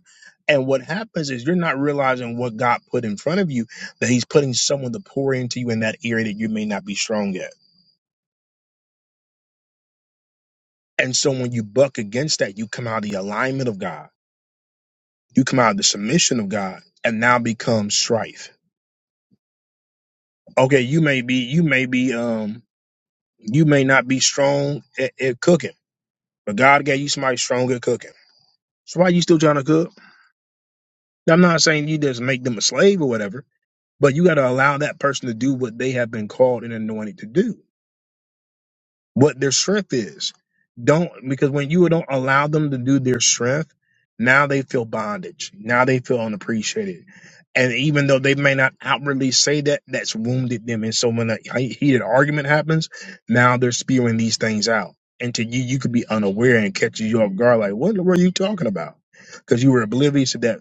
[SPEAKER 1] and what happens is you're not realizing what god put in front of you that he's putting someone to pour into you in that area that you may not be strong at and so when you buck against that you come out of the alignment of god you come out of the submission of god and now become strife okay you may be you may be um you may not be strong at, at cooking but god gave you somebody strong at cooking so why you still trying to cook Now, i'm not saying you just make them a slave or whatever But you got to allow that person to do what they have been called and anointed to do, what their strength is. Don't because when you don't allow them to do their strength, now they feel bondage. Now they feel unappreciated. And even though they may not outwardly say that, that's wounded them. And so when a he- heated argument happens, now they're spewing these things out. And to you, you could be unaware and catch you off guard, like, what were you talking about? Because you were oblivious to that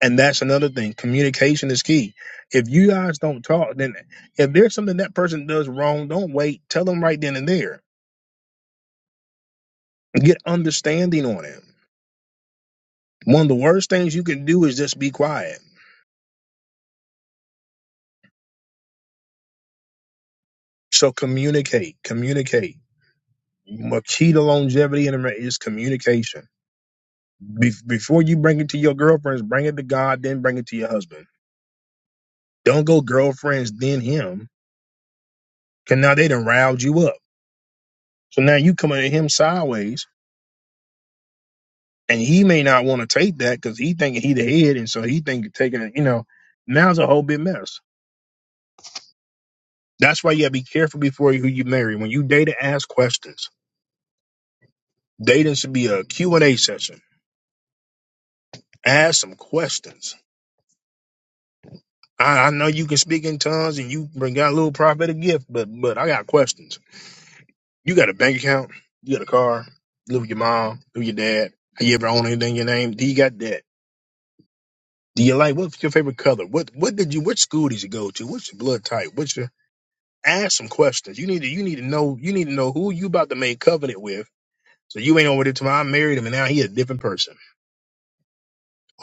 [SPEAKER 1] and that's another thing. Communication is key. If you guys don't talk, then if there's something that person does wrong, don't wait. Tell them right then and there. Get understanding on it. One of the worst things you can do is just be quiet. So communicate, communicate. The key to longevity in a marriage is communication. Be- before you bring it to your girlfriends, bring it to God, then bring it to your husband. Don't go girlfriends, then him. Cause now they done riled you up. So now you coming at him sideways and he may not want to take that because he thinking he the head, and so he think taking it. You know, now it's a whole big mess. That's why you gotta be careful before you, who you marry. When you date, ask questions. Dating should be a Q and A session. Ask some questions. I, I know you can speak in tongues and you bring got a little prophetic gift, but but I got questions. You got a bank account? You got a car? You live with your mom? Live with your dad? Have you ever owned anything in your name? Do you got debt? Do you like what's your favorite color? What what did you? Which school did you go to? What's your blood type? What's your ask some questions. You need to you need to know you need to know who you about to make covenant with. So you ain't over there tomorrow. I married him and now he a different person.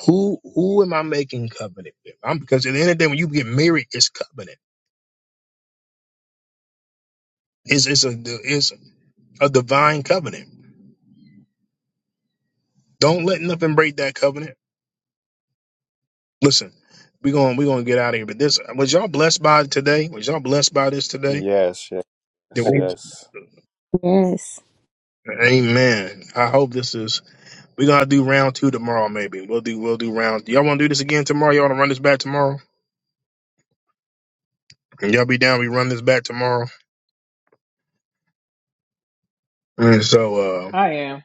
[SPEAKER 1] Who who am I making covenant with? I'm because at the end of the day when you get married, it's covenant. It's it's a it's a divine covenant. Don't let nothing break that covenant. Listen, we're going we're gonna get out of here. But this was y'all blessed by it today? Was y'all blessed by this today?
[SPEAKER 10] Yes,
[SPEAKER 1] Did
[SPEAKER 10] yes,
[SPEAKER 1] we-
[SPEAKER 10] yes.
[SPEAKER 7] Yes.
[SPEAKER 1] Amen. I hope this is we're gonna do round two tomorrow, maybe. We'll do we'll do round y'all wanna do this again tomorrow? Y'all wanna run this back tomorrow? And y'all be down. We run this back tomorrow. And so, uh,
[SPEAKER 19] I am.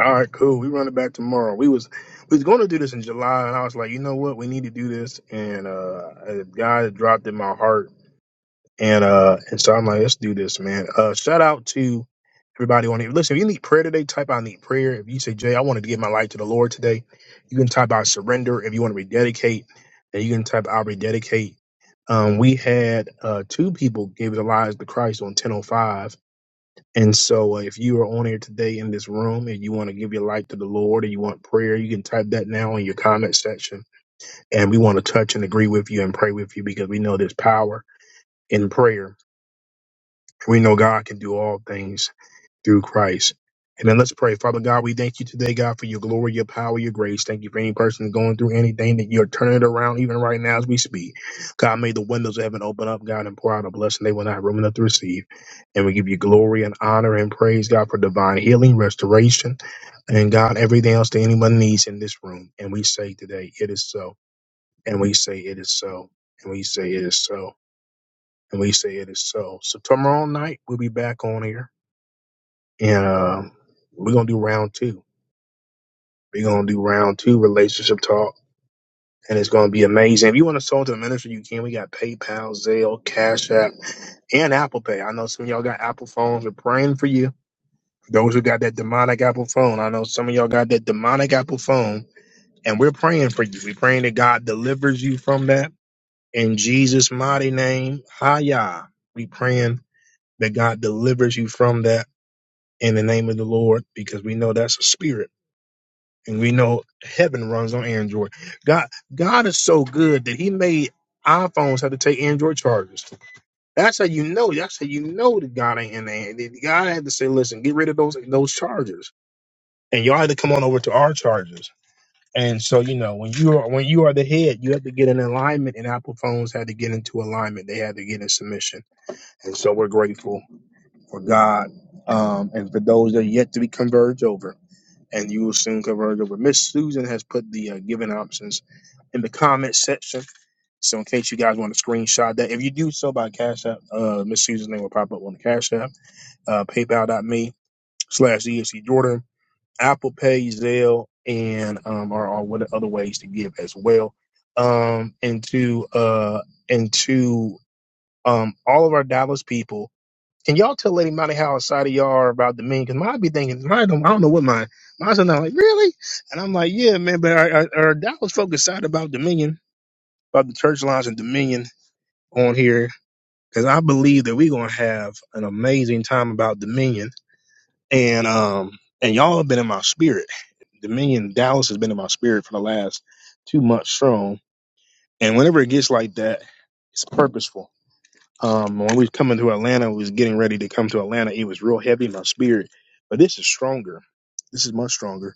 [SPEAKER 1] all right, cool. We run it back tomorrow. We was we was going to do this in July, and I was like, you know what? We need to do this. And uh, a guy dropped in my heart, and uh, and so I'm like, let's do this, man. Uh, shout out to everybody on here. Listen, if you need prayer today, type out need prayer. If you say, Jay, I wanted to give my life to the Lord today, you can type out surrender. If you want to rededicate, then you can type out rededicate. Um, we had uh, two people gave their lives to Christ on 10:05 And so, uh, if you are on here today in this room and you want to give your life to the Lord and you want prayer, you can type that now in your comment section. And we want to touch and agree with you and pray with you because we know there's power in prayer. We know God can do all things through Christ. And then let's pray. Father God, we thank you today, God, for your glory, your power, your grace. Thank you for any person going through anything that you're turning it around even right now as we speak. God, may the windows of heaven open up, God, and pour out a blessing they will not have room enough to receive. And we give you glory and honor and praise, God, for divine healing, restoration, and God, everything else that anyone needs in this room. And we say today, it is so. And we say, it is so. And we say, it is so. And we say, it is so. So tomorrow night, we'll be back on here. And uh, we're going to do round two. We're going to do round two relationship talk. And it's going to be amazing. If you want to sell to the ministry, you can. We got PayPal, Zelle, Cash App, and Apple Pay. I know some of y'all got Apple phones. We're praying for you. Those who got that demonic Apple phone, I know some of y'all got that demonic Apple phone, and we're praying for you. We're praying that God delivers you from that in Jesus' mighty name. Hiya. We praying that God delivers you from that in the name of the Lord because we know that's a spirit. and we know heaven runs on Android. God, God is so good that He made iPhones have to take Android chargers. That's how you know. That's how you know that God ain't in there. That God had to say, "Listen, get rid of those those chargers," and y'all had to come on over to our chargers. And so you know when you are when you are the head, you have to get in alignment. And Apple phones had to get into alignment. They had to get in submission. And so we're grateful for God um, and for those that are yet to be converged over and you will soon convert over. Miss Susan has put the uh, given options in the comment section. So in case you guys want to screenshot that, if you do so by Cash App, uh, Miss Susan's name will pop up on the Cash App, uh, PayPal.me slash ESC Jordan, Apple Pay, Zelle, and um, or, or what other ways to give as well. Um, and to uh, and to um, all of our Dallas people can y'all tell Lady Monty how excited y'all are about the meme? Because mine be thinking, mine don't, I don't know what mine. Mine's not like, really? And I'm like, yeah, man, but are, are, are Dallas folks excited about Dominion, about the church lines and Dominion on here? Because I believe that we're going to have an amazing time about Dominion. And, um, and y'all have been in my spirit. Dominion, Dallas has been in my spirit for the last two months strong. And whenever it gets like that, it's purposeful um, when we was coming to Atlanta, we was getting ready to come to Atlanta. It was real heavy in my spirit, but this is stronger. This is much stronger.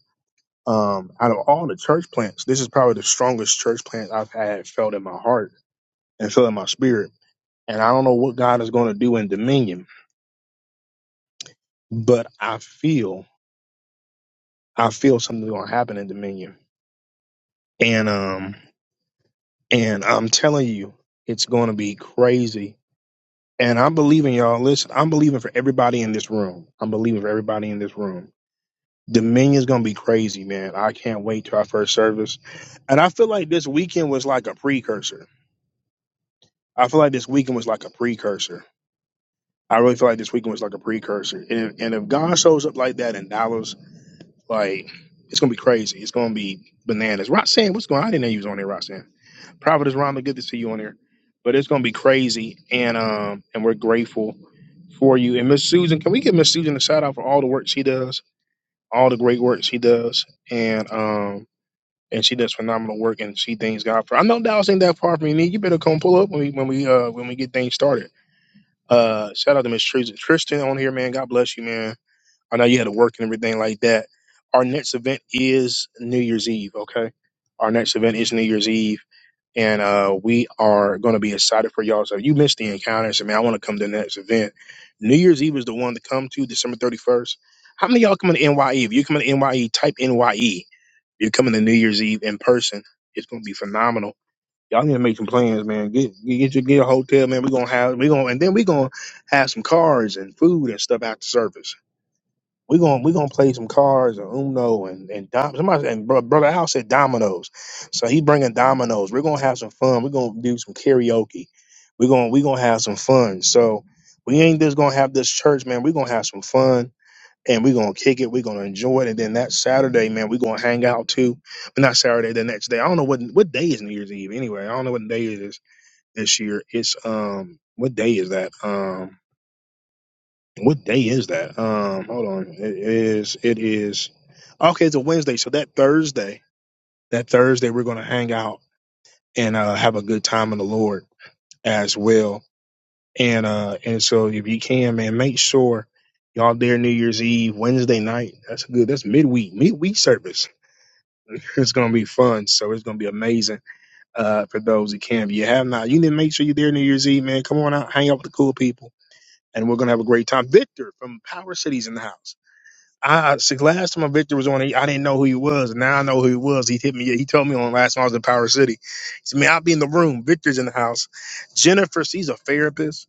[SPEAKER 1] Um, out of all the church plants, this is probably the strongest church plant I've had felt in my heart and felt in my spirit. And I don't know what God is going to do in Dominion, but I feel, I feel something's going to happen in Dominion. And, um, and I'm telling you, it's going to be crazy. And I'm believing y'all, listen, I'm believing for everybody in this room. I'm believing for everybody in this room Dominion's gonna be crazy, man. I can't wait to our first service. And I feel like this weekend was like a precursor. I feel like this weekend was like a precursor. I really feel like this weekend was like a precursor. And, if, and if God shows up like that in Dallas, like it's gonna be crazy. It's gonna be bananas. Roxanne, what's going on? I didn't know you was on there, Roxanne. Providence Rhonda, good to see you on there. But it's gonna be crazy and um and we're grateful for you. And Miss Susan, can we give Miss Susan a shout out for all the work she does, all the great work she does? And um and she does phenomenal work, and she thanks God for. I know Dallas ain't that far from me. You better come pull up when we when we uh when we get things started. Uh, shout out to Miss Tris- Tristan on here, man. God bless you, man. I know you had to work and everything like that. Our next event is New Year's Eve. Okay, our next event is New Year's Eve, and uh, we are going to be excited for y'all. So if you missed the encounters, I mean, I want to come to the next event. New Year's Eve is the one to come to, December thirty first. How many of y'all coming to NYE? If you coming to NYE, type NYE you're coming to New Year's Eve in person. It's gonna be phenomenal. Y'all need to make some plans, man. Get get your get a hotel, man. We're gonna have we gonna and then we're gonna have some cards and food and stuff after service. We're gonna we're gonna play some cards and Uno and and dom- somebody and bro, brother Al said dominoes, so he bringing dominoes. We're gonna have some fun. We're gonna do some karaoke. We're gonna we're gonna have some fun. So we ain't just gonna have this church, man. We're gonna have some fun and we're gonna kick it. We're gonna enjoy it, and then that Saturday, man, we're gonna hang out too. But not Saturday, the next day. I don't know what what day is New Year's Eve anyway. I don't know what day it is this year. It's um, what day is that? Um, what day is that? Um, hold on. It is. It is. Okay, it's a Wednesday. So that Thursday, that Thursday, we're gonna hang out and uh, have a good time in the Lord as well And uh and so if you can, man, make sure y'all there New Year's Eve, Wednesday night. That's good. That's midweek, midweek service. It's gonna be fun. So it's gonna be amazing uh for those who can. If you have not, you need to make sure you're there New Year's Eve, man. Come on out, hang out with the cool people, and we're gonna have a great time. Victor from Power Cities in the house. I I- see, last time Victor was on, he, I didn't know who he was. Now I know who he was. He hit me. He told me on last time I was in Power City. He said, "Man, I'll be in the room. Victor's in the house. Jennifer, she's a therapist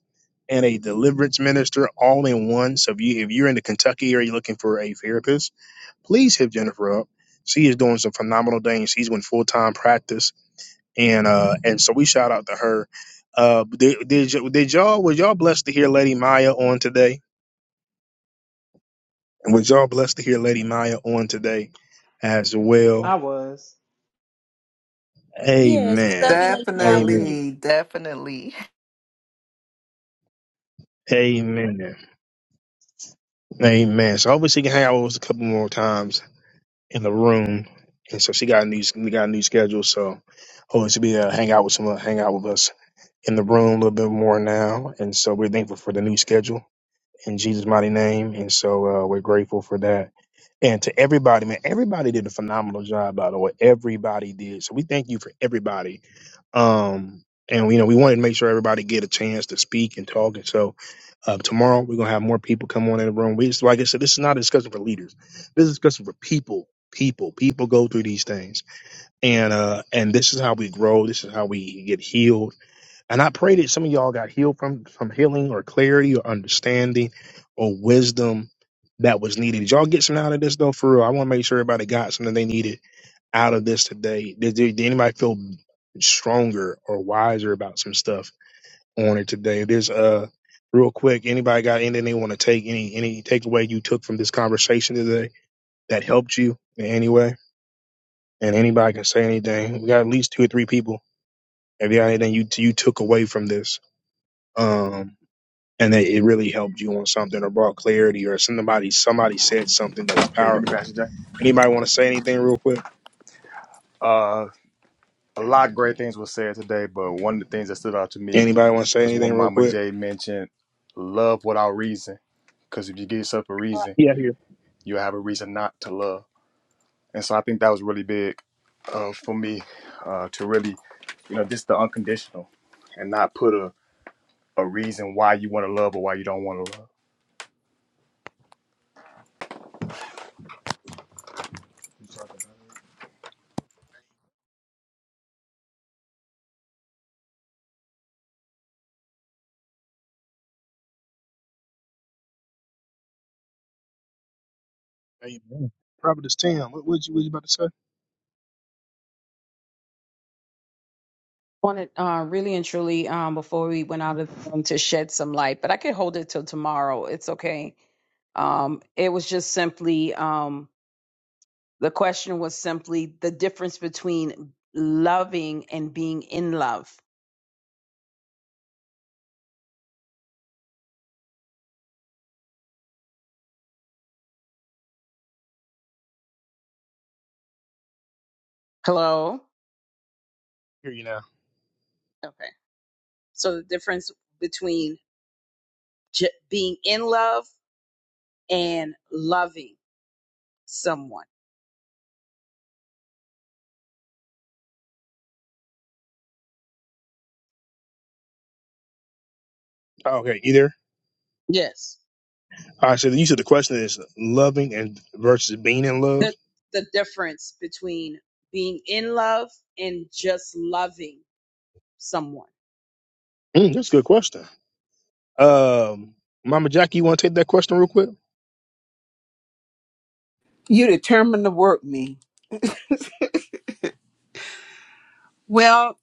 [SPEAKER 1] and a deliverance minister all in one. So if you if you're in the Kentucky area looking for a therapist, please hit Jennifer up. She is doing some phenomenal things. She's in full time practice, and uh, and so we shout out to her. Uh, did, did, y- did y'all was y'all blessed to hear Lady Maya on today? And was y'all blessed to hear Lady Maya on today as
[SPEAKER 19] I
[SPEAKER 1] well?
[SPEAKER 19] was.
[SPEAKER 6] Yes, we
[SPEAKER 1] Amen.
[SPEAKER 6] love you, Lady Maya.
[SPEAKER 1] Amen.
[SPEAKER 5] Definitely, definitely.
[SPEAKER 1] Amen. Amen. So hopefully she can hang out with us a couple more times in the room. And so she got a new we got a new schedule. So hopefully she'll be able to hang out with some hang out with us in the room a little bit more now. And so we're thankful for the new schedule in Jesus' mighty name. And so uh, we're grateful for that. And to everybody, man, everybody did a phenomenal job, by the way. Everybody did. So we thank you for everybody Um, and you know, we wanted to make sure everybody get a chance to speak and talk. And so uh, tomorrow we're gonna have more people come on in the room. We just, like I said, this is not a discussion for leaders. This is a discussion for people. People, people go through these things, and uh, and this is how we grow. This is how we get healed. And I pray that some of y'all got healed from from healing or clarity or understanding or wisdom that was needed. Did y'all get some out of this though? For real, I want to make sure everybody got something they needed out of this today? Did, did, anybody feel stronger or wiser about some stuff on it today? There's uh real quick, anybody got anything they want to take any any takeaway you took from this conversation today that helped you in any way? And anybody can say anything. We got at least two or three people. If you got anything you you took away from this, um, and that it really helped you on something or brought clarity or somebody somebody said something that was
[SPEAKER 10] Okay, you hear me,
[SPEAKER 1] powerful.
[SPEAKER 10] Pastor Jay?
[SPEAKER 1] Anybody want to say anything real quick?
[SPEAKER 10] Uh, a lot of great things were said today, but one of the things that stood out to me
[SPEAKER 1] Anybody want to say
[SPEAKER 10] is when
[SPEAKER 1] anything real
[SPEAKER 10] Mama
[SPEAKER 1] quick?
[SPEAKER 10] J mentioned love without reason. Because if you give yourself a reason,
[SPEAKER 1] Yeah. Here.
[SPEAKER 10] you'll have a reason not to love. And so I think that was really big uh, for me uh, to really, you know, just the unconditional and not put a, a reason why you want to love or why you don't want to love.
[SPEAKER 1] Amen. Prophetess Tam, what was you, what you about to say?
[SPEAKER 3] wanted uh, really and truly um, before we went out of the room to shed some light, but I could hold it till tomorrow. It's okay. Um, it was just simply um, the question was simply the difference between loving and being in love. Hello.
[SPEAKER 1] Hear you now.
[SPEAKER 3] Okay. So the difference between j- being in love and loving someone.
[SPEAKER 1] Oh, okay, either.
[SPEAKER 3] Yes.
[SPEAKER 1] All right, so then you said the question is loving and versus being in love.
[SPEAKER 3] The the difference between being in love and just loving someone.
[SPEAKER 1] Mm, that's a good question. Um, Mama Jackie, you want to take that question real quick?
[SPEAKER 8] You determined to work me. Well,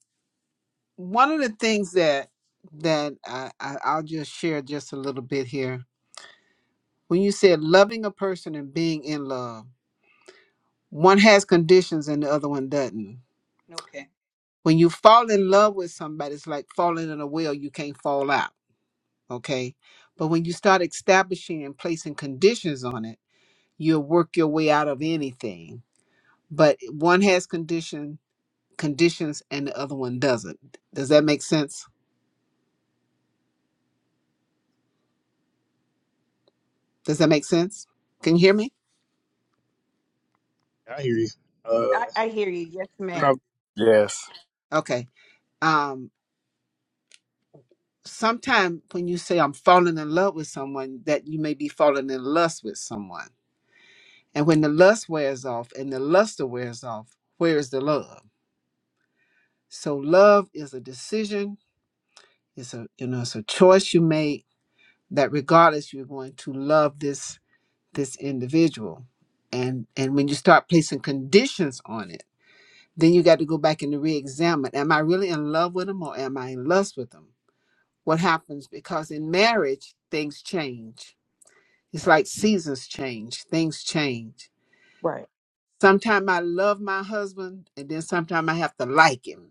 [SPEAKER 8] one of the things that that I, I I'll just share just a little bit here. When you said loving a person and being in love, one has conditions and the other one doesn't
[SPEAKER 3] Okay.
[SPEAKER 8] when you fall in love with somebody, it's like falling in a well, you can't fall out. Okay. But when you start establishing and placing conditions on it, you'll work your way out of anything. But one has condition conditions and the other one doesn't. Does that make sense? Does that make sense? Can you hear me?
[SPEAKER 1] I hear you. Uh,
[SPEAKER 3] I, I hear you. Yes, ma'am.
[SPEAKER 1] probably,
[SPEAKER 10] Yes.
[SPEAKER 8] Okay. Um sometime when you say I'm falling in love with someone, that you may be falling in lust with someone. And when the lust wears off and the luster wears off, where is the love? So love is a decision. It's a you know it's a choice you make that regardless you're going to love this this individual. And and when you start placing conditions on it, then you got to go back and to re-examine. Am I really in love with them or am I in lust with them? What happens? Because in marriage, things change. It's like seasons change, things change.
[SPEAKER 3] Right.
[SPEAKER 8] Sometimes I love my husband and then sometimes I have to like him.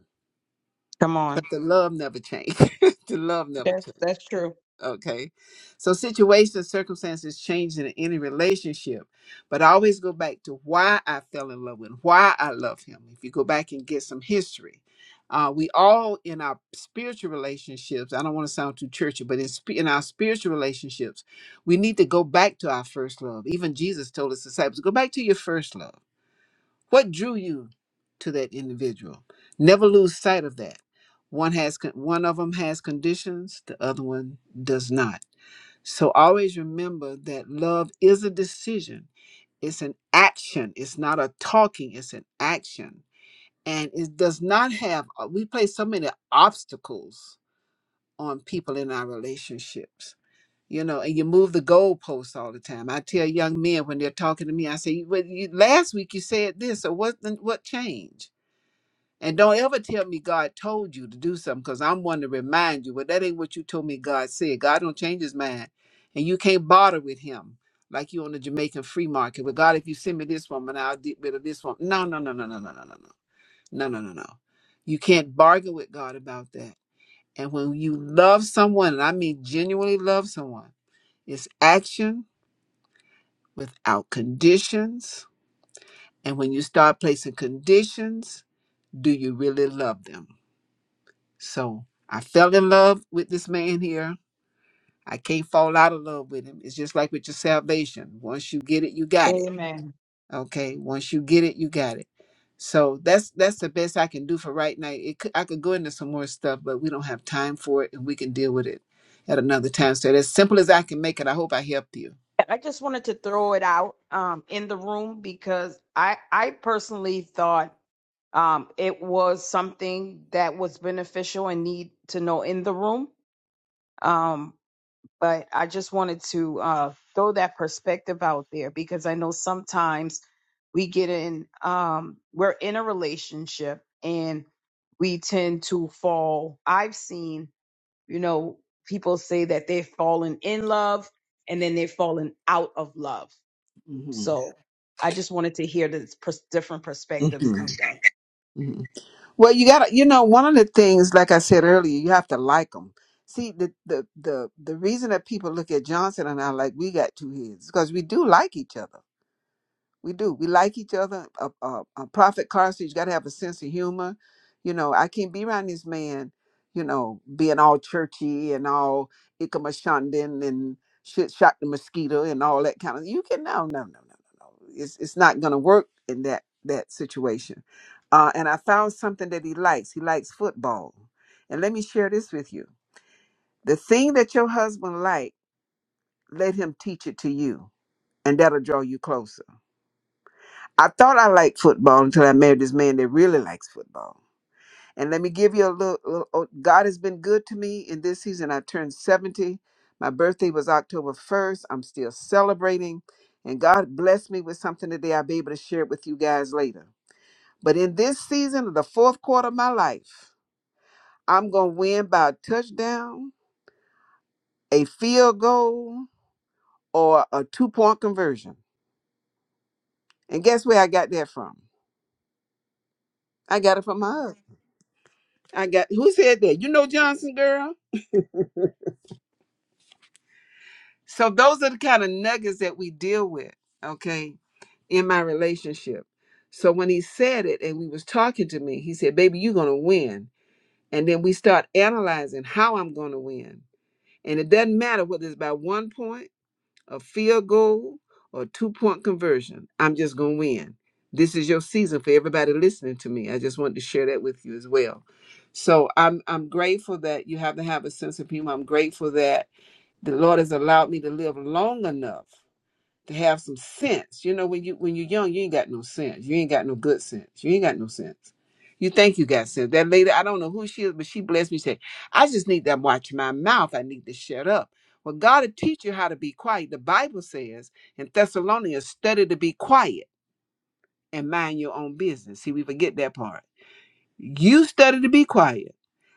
[SPEAKER 3] Come
[SPEAKER 8] But
[SPEAKER 3] on.
[SPEAKER 8] the love never changes. the love never
[SPEAKER 3] That's
[SPEAKER 8] changes.
[SPEAKER 3] that's true.
[SPEAKER 8] Okay. So situations, circumstances change in any relationship. But I always go back to why I fell in love with him, why I love him. If you go back and get some history, uh, we all in our spiritual relationships, I don't want to sound too churchy, but in, sp- in our spiritual relationships, we need to go back to our first love. Even Jesus told his disciples, go back to your first love. What drew you to that individual? Never lose sight of that. One has con- one of them has conditions, the other one does not. So always remember that love is a decision. It's an action. It's not a talking, it's an action. And it does not have uh, we place so many obstacles on people in our relationships you know, and you move the goalposts all the time. I tell young men when they're talking to me, I say, "You- well, you, last week you said this, so what, the- what changed? And don't ever tell me God told you to do something because I'm one to remind you, well, that ain't what you told me God said. God don't change his mind. And you can't barter with him like you on the Jamaican free market. Well, God, if you send me this woman, I'll get rid of this one. No, no, no, no, no, no, no, no, no, no, no, no, no. You can't bargain with God about that. And when you love someone, and I mean genuinely love someone, it's action without conditions. And when you start placing conditions, do you really love them? So I fell in love with this man here. I can't fall out of love with him. It's just like with your salvation. Once you get it, you got it.
[SPEAKER 3] Amen.
[SPEAKER 8] Okay. Once you get it, you got it. So that's that's the best I can do for right now. It could, I could go into some more stuff, but we don't have time for it, and we can deal with it at another time. So that's simple as I can make it. I hope I helped you.
[SPEAKER 3] I just wanted to throw it out um in the room because I I personally thought um it was something that was beneficial and need to know in the room. um. but I just wanted to uh, throw that perspective out there because I know sometimes we get in, um, we're in a relationship and we tend to fall. I've seen, you know, people say that they've fallen in love and then they've fallen out of love.
[SPEAKER 8] hmm
[SPEAKER 3] So I just wanted to hear the pers- different perspectives
[SPEAKER 8] hmm
[SPEAKER 3] of that.
[SPEAKER 8] hmm Well, you gotta, you know, one of the things, like I said earlier, you have to like them. See, the the the the reason that people look at Johnson and I like we got two heads because we do like each other. We do. We like each other. Uh, uh, uh, Prophet Carson, you got to have a sense of humor. You know, I can't be around this man, you know, being all churchy and all ikamashandin and shit shot the mosquito and all that kind of. You can no, no, no, no, no, no. It's it's not gonna work in that that situation. Uh, and I found something that he likes. He likes football. And let me share this with you. The thing that your husband like, let him teach it to you, and that'll draw you closer I thought I liked football until I married this man that really likes football. And let me give you a little, little oh, God has been good to me in this season. I turned 70. My birthday was October 1st. I'm still celebrating. And God blessed me with something today I'll be able to share it with you guys later. But in this season of the fourth quarter of my life, I'm going to win by a touchdown, a field goal, or a two point conversion. And guess where I got that from? I got it from my husband. I got, who said that? You know Johnson, girl? So those are the kind of nuggets that we deal with, okay, in my relationship. So when he said it and we was talking to me, he said, "Baby, you're going to win." And then we start analyzing how I'm going to win. And it doesn't matter whether it's by one point, a field goal, or two-point conversion. I'm just going to win. This is your season for everybody listening to me. I just wanted to share that with you as well. So I'm I'm grateful that you have to have a sense of humor. I'm grateful that the Lord has allowed me to live long enough to have some sense. You know, when you when you're young, you ain't got no sense. You ain't got no good sense. You ain't got no sense. You think you got sense. That lady, I don't know who she is, but she blessed me. Said, I just need to watch my mouth. I need to shut up. Well, God will teach you how to be quiet. The Bible says in Thessalonians, study to be quiet and mind your own business. See, we forget that part. You study to be quiet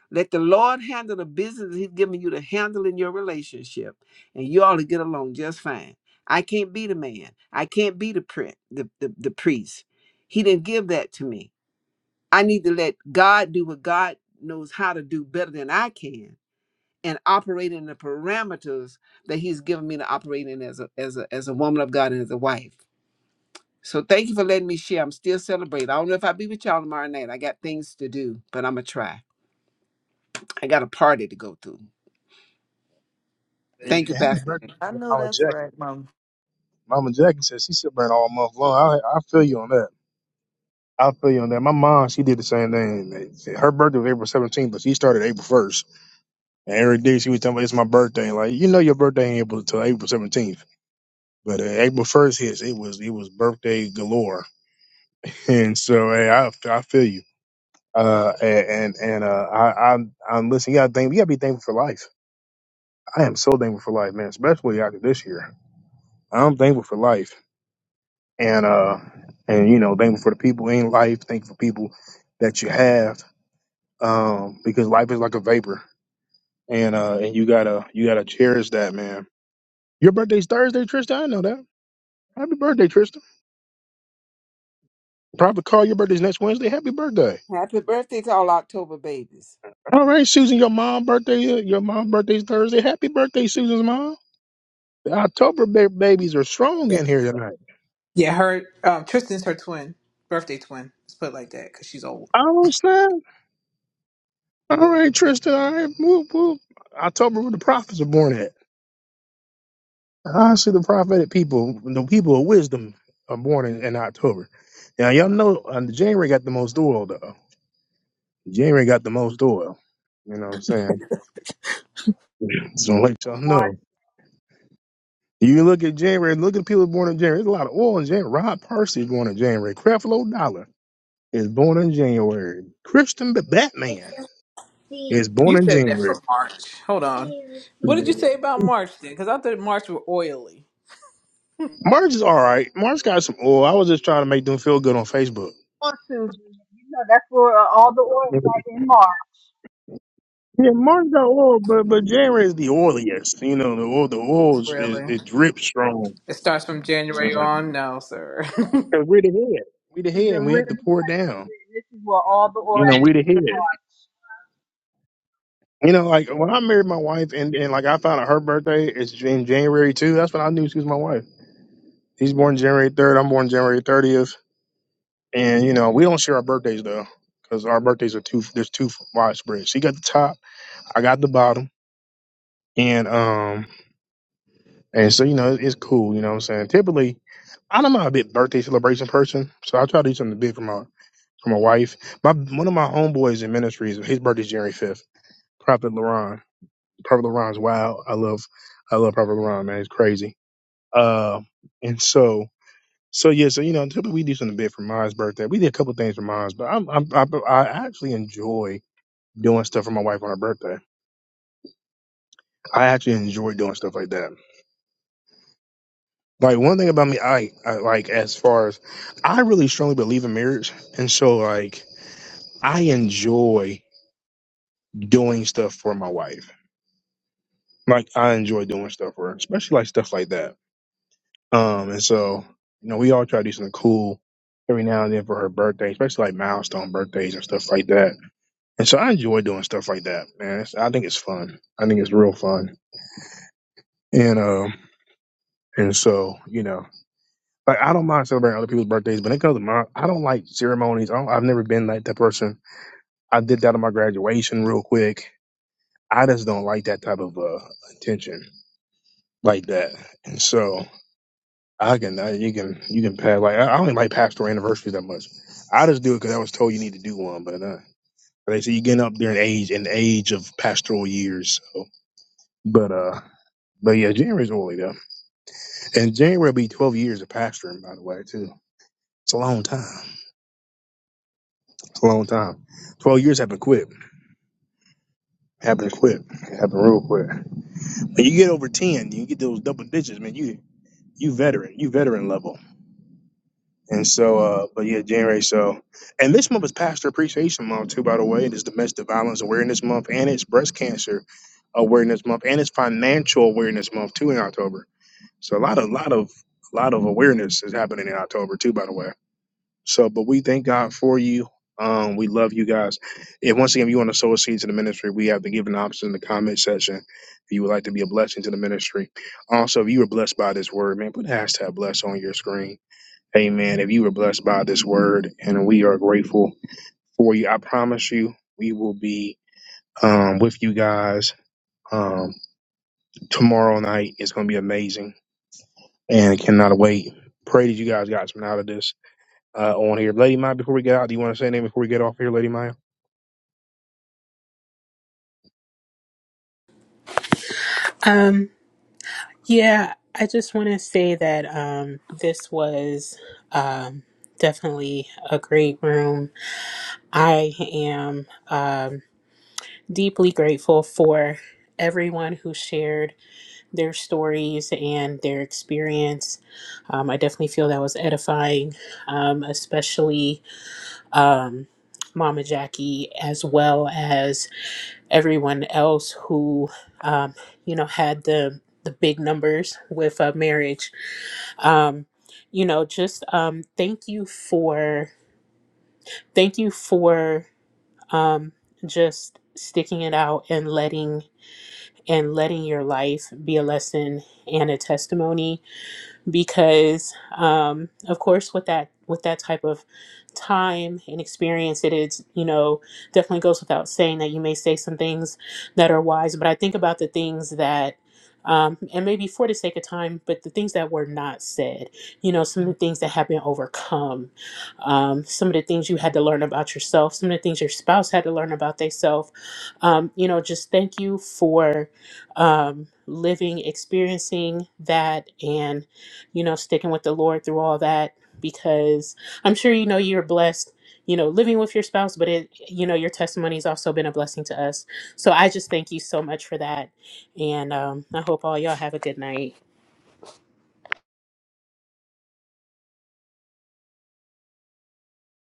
[SPEAKER 8] let the Lord handle the business He's giving you to handle in your relationship, and you all to get along just fine. I can't be the man. I can't be the pri- the, the, the priest. He didn't give that to me. I need to let God do what God knows how to do better than I can, and operate in the parameters that He's given me to operate in as a as a as a woman of God and as a wife. So thank you for letting me share. I'm still celebrating. I don't know if I'll be with y'all tomorrow night. I got things to do, but I'm gonna try. I got a party to go to.
[SPEAKER 1] hey,
[SPEAKER 8] Thank you,
[SPEAKER 1] man, happy
[SPEAKER 8] Pastor. Jay.
[SPEAKER 1] birthday,
[SPEAKER 5] I
[SPEAKER 1] to
[SPEAKER 5] know
[SPEAKER 1] Mama
[SPEAKER 5] that's
[SPEAKER 1] Jackie.
[SPEAKER 5] right, Mom.
[SPEAKER 1] Mama Jackie said she should burn all month long. I, I feel you on that. I feel you on that. My mom, she did the same thing. Her birthday was April 17th, but she started April 1st. And every day she was telling me it's my birthday. Like, you know your birthday ain't April till April 17th. But uh, April 1st hits, it was it was birthday galore. And so hey, I I feel you. Uh and and uh I i I'm listening, you gotta think you gotta be thankful for life. I am so thankful for life, man, especially after this year. I'm thankful for life and uh and you know thankful for the people in life thankful for people that you have um because life is like a vapor and uh and you gotta you gotta cherish that man your birthday's thursday tristan i know that happy birthday tristan probably call your birthday's next wednesday happy birthday
[SPEAKER 8] Happy birthday to all October babies.
[SPEAKER 1] all right susan your mom birthday uh, your mom birthday's thursday happy birthday susan's mom the october ba- babies are strong
[SPEAKER 19] Yeah.
[SPEAKER 1] in here tonight
[SPEAKER 19] Yeah, her um Tristan's her twin, birthday twin. Oh,
[SPEAKER 1] oh snap all right tristan all right whoop whoop october where the prophets are born at I see the prophetic people, the people of wisdom, are born in, in October. Now y'all know uh, January got the most oil though. January got the most oil. You know what I'm saying? So let
[SPEAKER 9] So
[SPEAKER 1] y'all
[SPEAKER 9] March
[SPEAKER 1] know. You look at January, look at people born in January. There's a lot of oil in January. Rod Percy is born in January. Creflo Dollar is born in January. Christian B- Batman is born in January.
[SPEAKER 19] hold on. What did you
[SPEAKER 1] March is all right. March got some oil. I was just trying to make them feel good on Facebook.
[SPEAKER 9] on Susan, you know that's where uh, all the oil right in March.
[SPEAKER 1] Yeah, March got oil, but but January is the oiliest. You know, the oil, the oil is, is
[SPEAKER 19] say?
[SPEAKER 1] it drips strong. you know.
[SPEAKER 19] No, sir.
[SPEAKER 1] 'Cause we're the head, we the head, and
[SPEAKER 9] Susan,
[SPEAKER 1] we
[SPEAKER 9] we,
[SPEAKER 1] have to pour down.
[SPEAKER 9] this is where all the oil
[SPEAKER 1] You know,
[SPEAKER 9] is
[SPEAKER 1] we the
[SPEAKER 9] in
[SPEAKER 1] head.
[SPEAKER 9] March.
[SPEAKER 1] You know, like when I married my wife, and, and like I found out her birthday is in January too. That's when I knew she was my wife. She's born January third. I'm born January thirtieth. And you know, we don't share our birthdays though, because our birthdays are too there's too widespread. She got the top, I got the bottom, and um. And so, you know, it's cool. You know what I'm saying? Typically, I don't know a big birthday celebration person, so I try to do something big for my for my wife. My one of my homeboys in ministries, his birthday's January fifth. Prophet Laron, Prophet Laron's wild. I love, I love Prophet Laron, man. It's crazy. Uh, and so, so yeah, so you know, typically we do something big for Ma's birthday. We did a couple things for Ma's, but I'm, I'm, I, I actually enjoy doing stuff for my wife on her birthday. I actually enjoy doing stuff like that. Like one thing about me, I, I like as far as I really strongly believe in marriage, and so like I enjoy doing stuff for my wife. Like I enjoy doing stuff for her, especially like stuff like that. Um, and so you know we all try to do something cool every now and then for her birthday, especially like milestone birthdays and stuff like that. And so I enjoy doing stuff like that, man. It's, I think it's fun. I think it's real fun. And um, and so you know. Like I don't mind celebrating other people's birthdays, but when it comes to my, I don't like ceremonies. I don't, I've never been like that person. I did that on my graduation real quick. I just don't like that type of uh, attention like that. And so I can, I, you can, you can pass. Like I, I don't even like pastoral anniversaries that much. I just do it because I was told you need to do one. But uh, they say you're getting up there in age, in the age of pastoral years. So, but uh, but yeah, January's early though, and January will be 12 years of pastoring, by the way, too. It's a long time. a long time. Twelve years haven't quit. Haven't quit. Haven't real quick. When you get over ten, you get those double digits, man. You you veteran. You veteran level. And so, uh, but yeah, January. So, and this month is Pastor Appreciation Month too. By the way, it is Domestic Violence Awareness Month, and it's Breast Cancer Awareness Month, and it's Financial Awareness Month too in October. So a lot of lot of lot of awareness is happening in October too. By the way. So, but we thank God for you. Um, we love you guys. If once again if you want to sow a seed to the ministry, we have the giving option in the comment section. If you would like to be a blessing to the ministry. Also, if you were blessed by this word, man, put hashtag bless on your screen. Amen. If you were blessed by this word, and we are grateful for you. I promise you, we will be um with you guys um tomorrow night. It's gonna be amazing and cannot wait. Pray that you guys got something out of this uh, on here. Lady Maya, before we get out, do you want to say anything before we get off here, Lady Maya?
[SPEAKER 4] um yeah i just want to say that um this was um definitely a great room i am um deeply grateful for everyone who shared their stories and their experience. Um, I definitely feel that was edifying, um, especially um, Mama Jackie, as well as everyone else who, um, you know, had the the big numbers with uh, marriage. Um, you know, just um, thank you for thank you for um, just sticking it out and letting and letting your life be a lesson and a testimony because um, of course with that with that type of time and experience it is you know definitely goes without saying that you may say some things that are wise but i think about the things that um, and maybe for the sake of time but the things that were not said you know some of the things that have been overcome um, some of the things you had to learn about yourself some of the things your spouse had to learn about themselves um, you know just thank you for um, living experiencing that and you know, sticking with the Lord through all that because I'm sure you know you're blessed, you know, living with your spouse, but it, you know, your testimony has also been a blessing to us. So I just thank you so much for that. And um, I hope all y'all have a good night.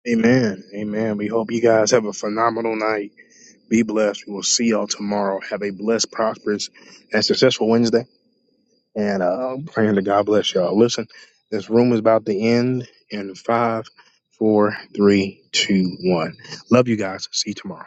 [SPEAKER 1] Amen. Amen. We hope you guys have a phenomenal night. Be blessed. We will see y'all tomorrow. Have a blessed, prosperous, and successful Wednesday. and uh, praying that God bless y'all. Listen, this room is about to end in five, four, three, two, one. Love you guys. See you tomorrow.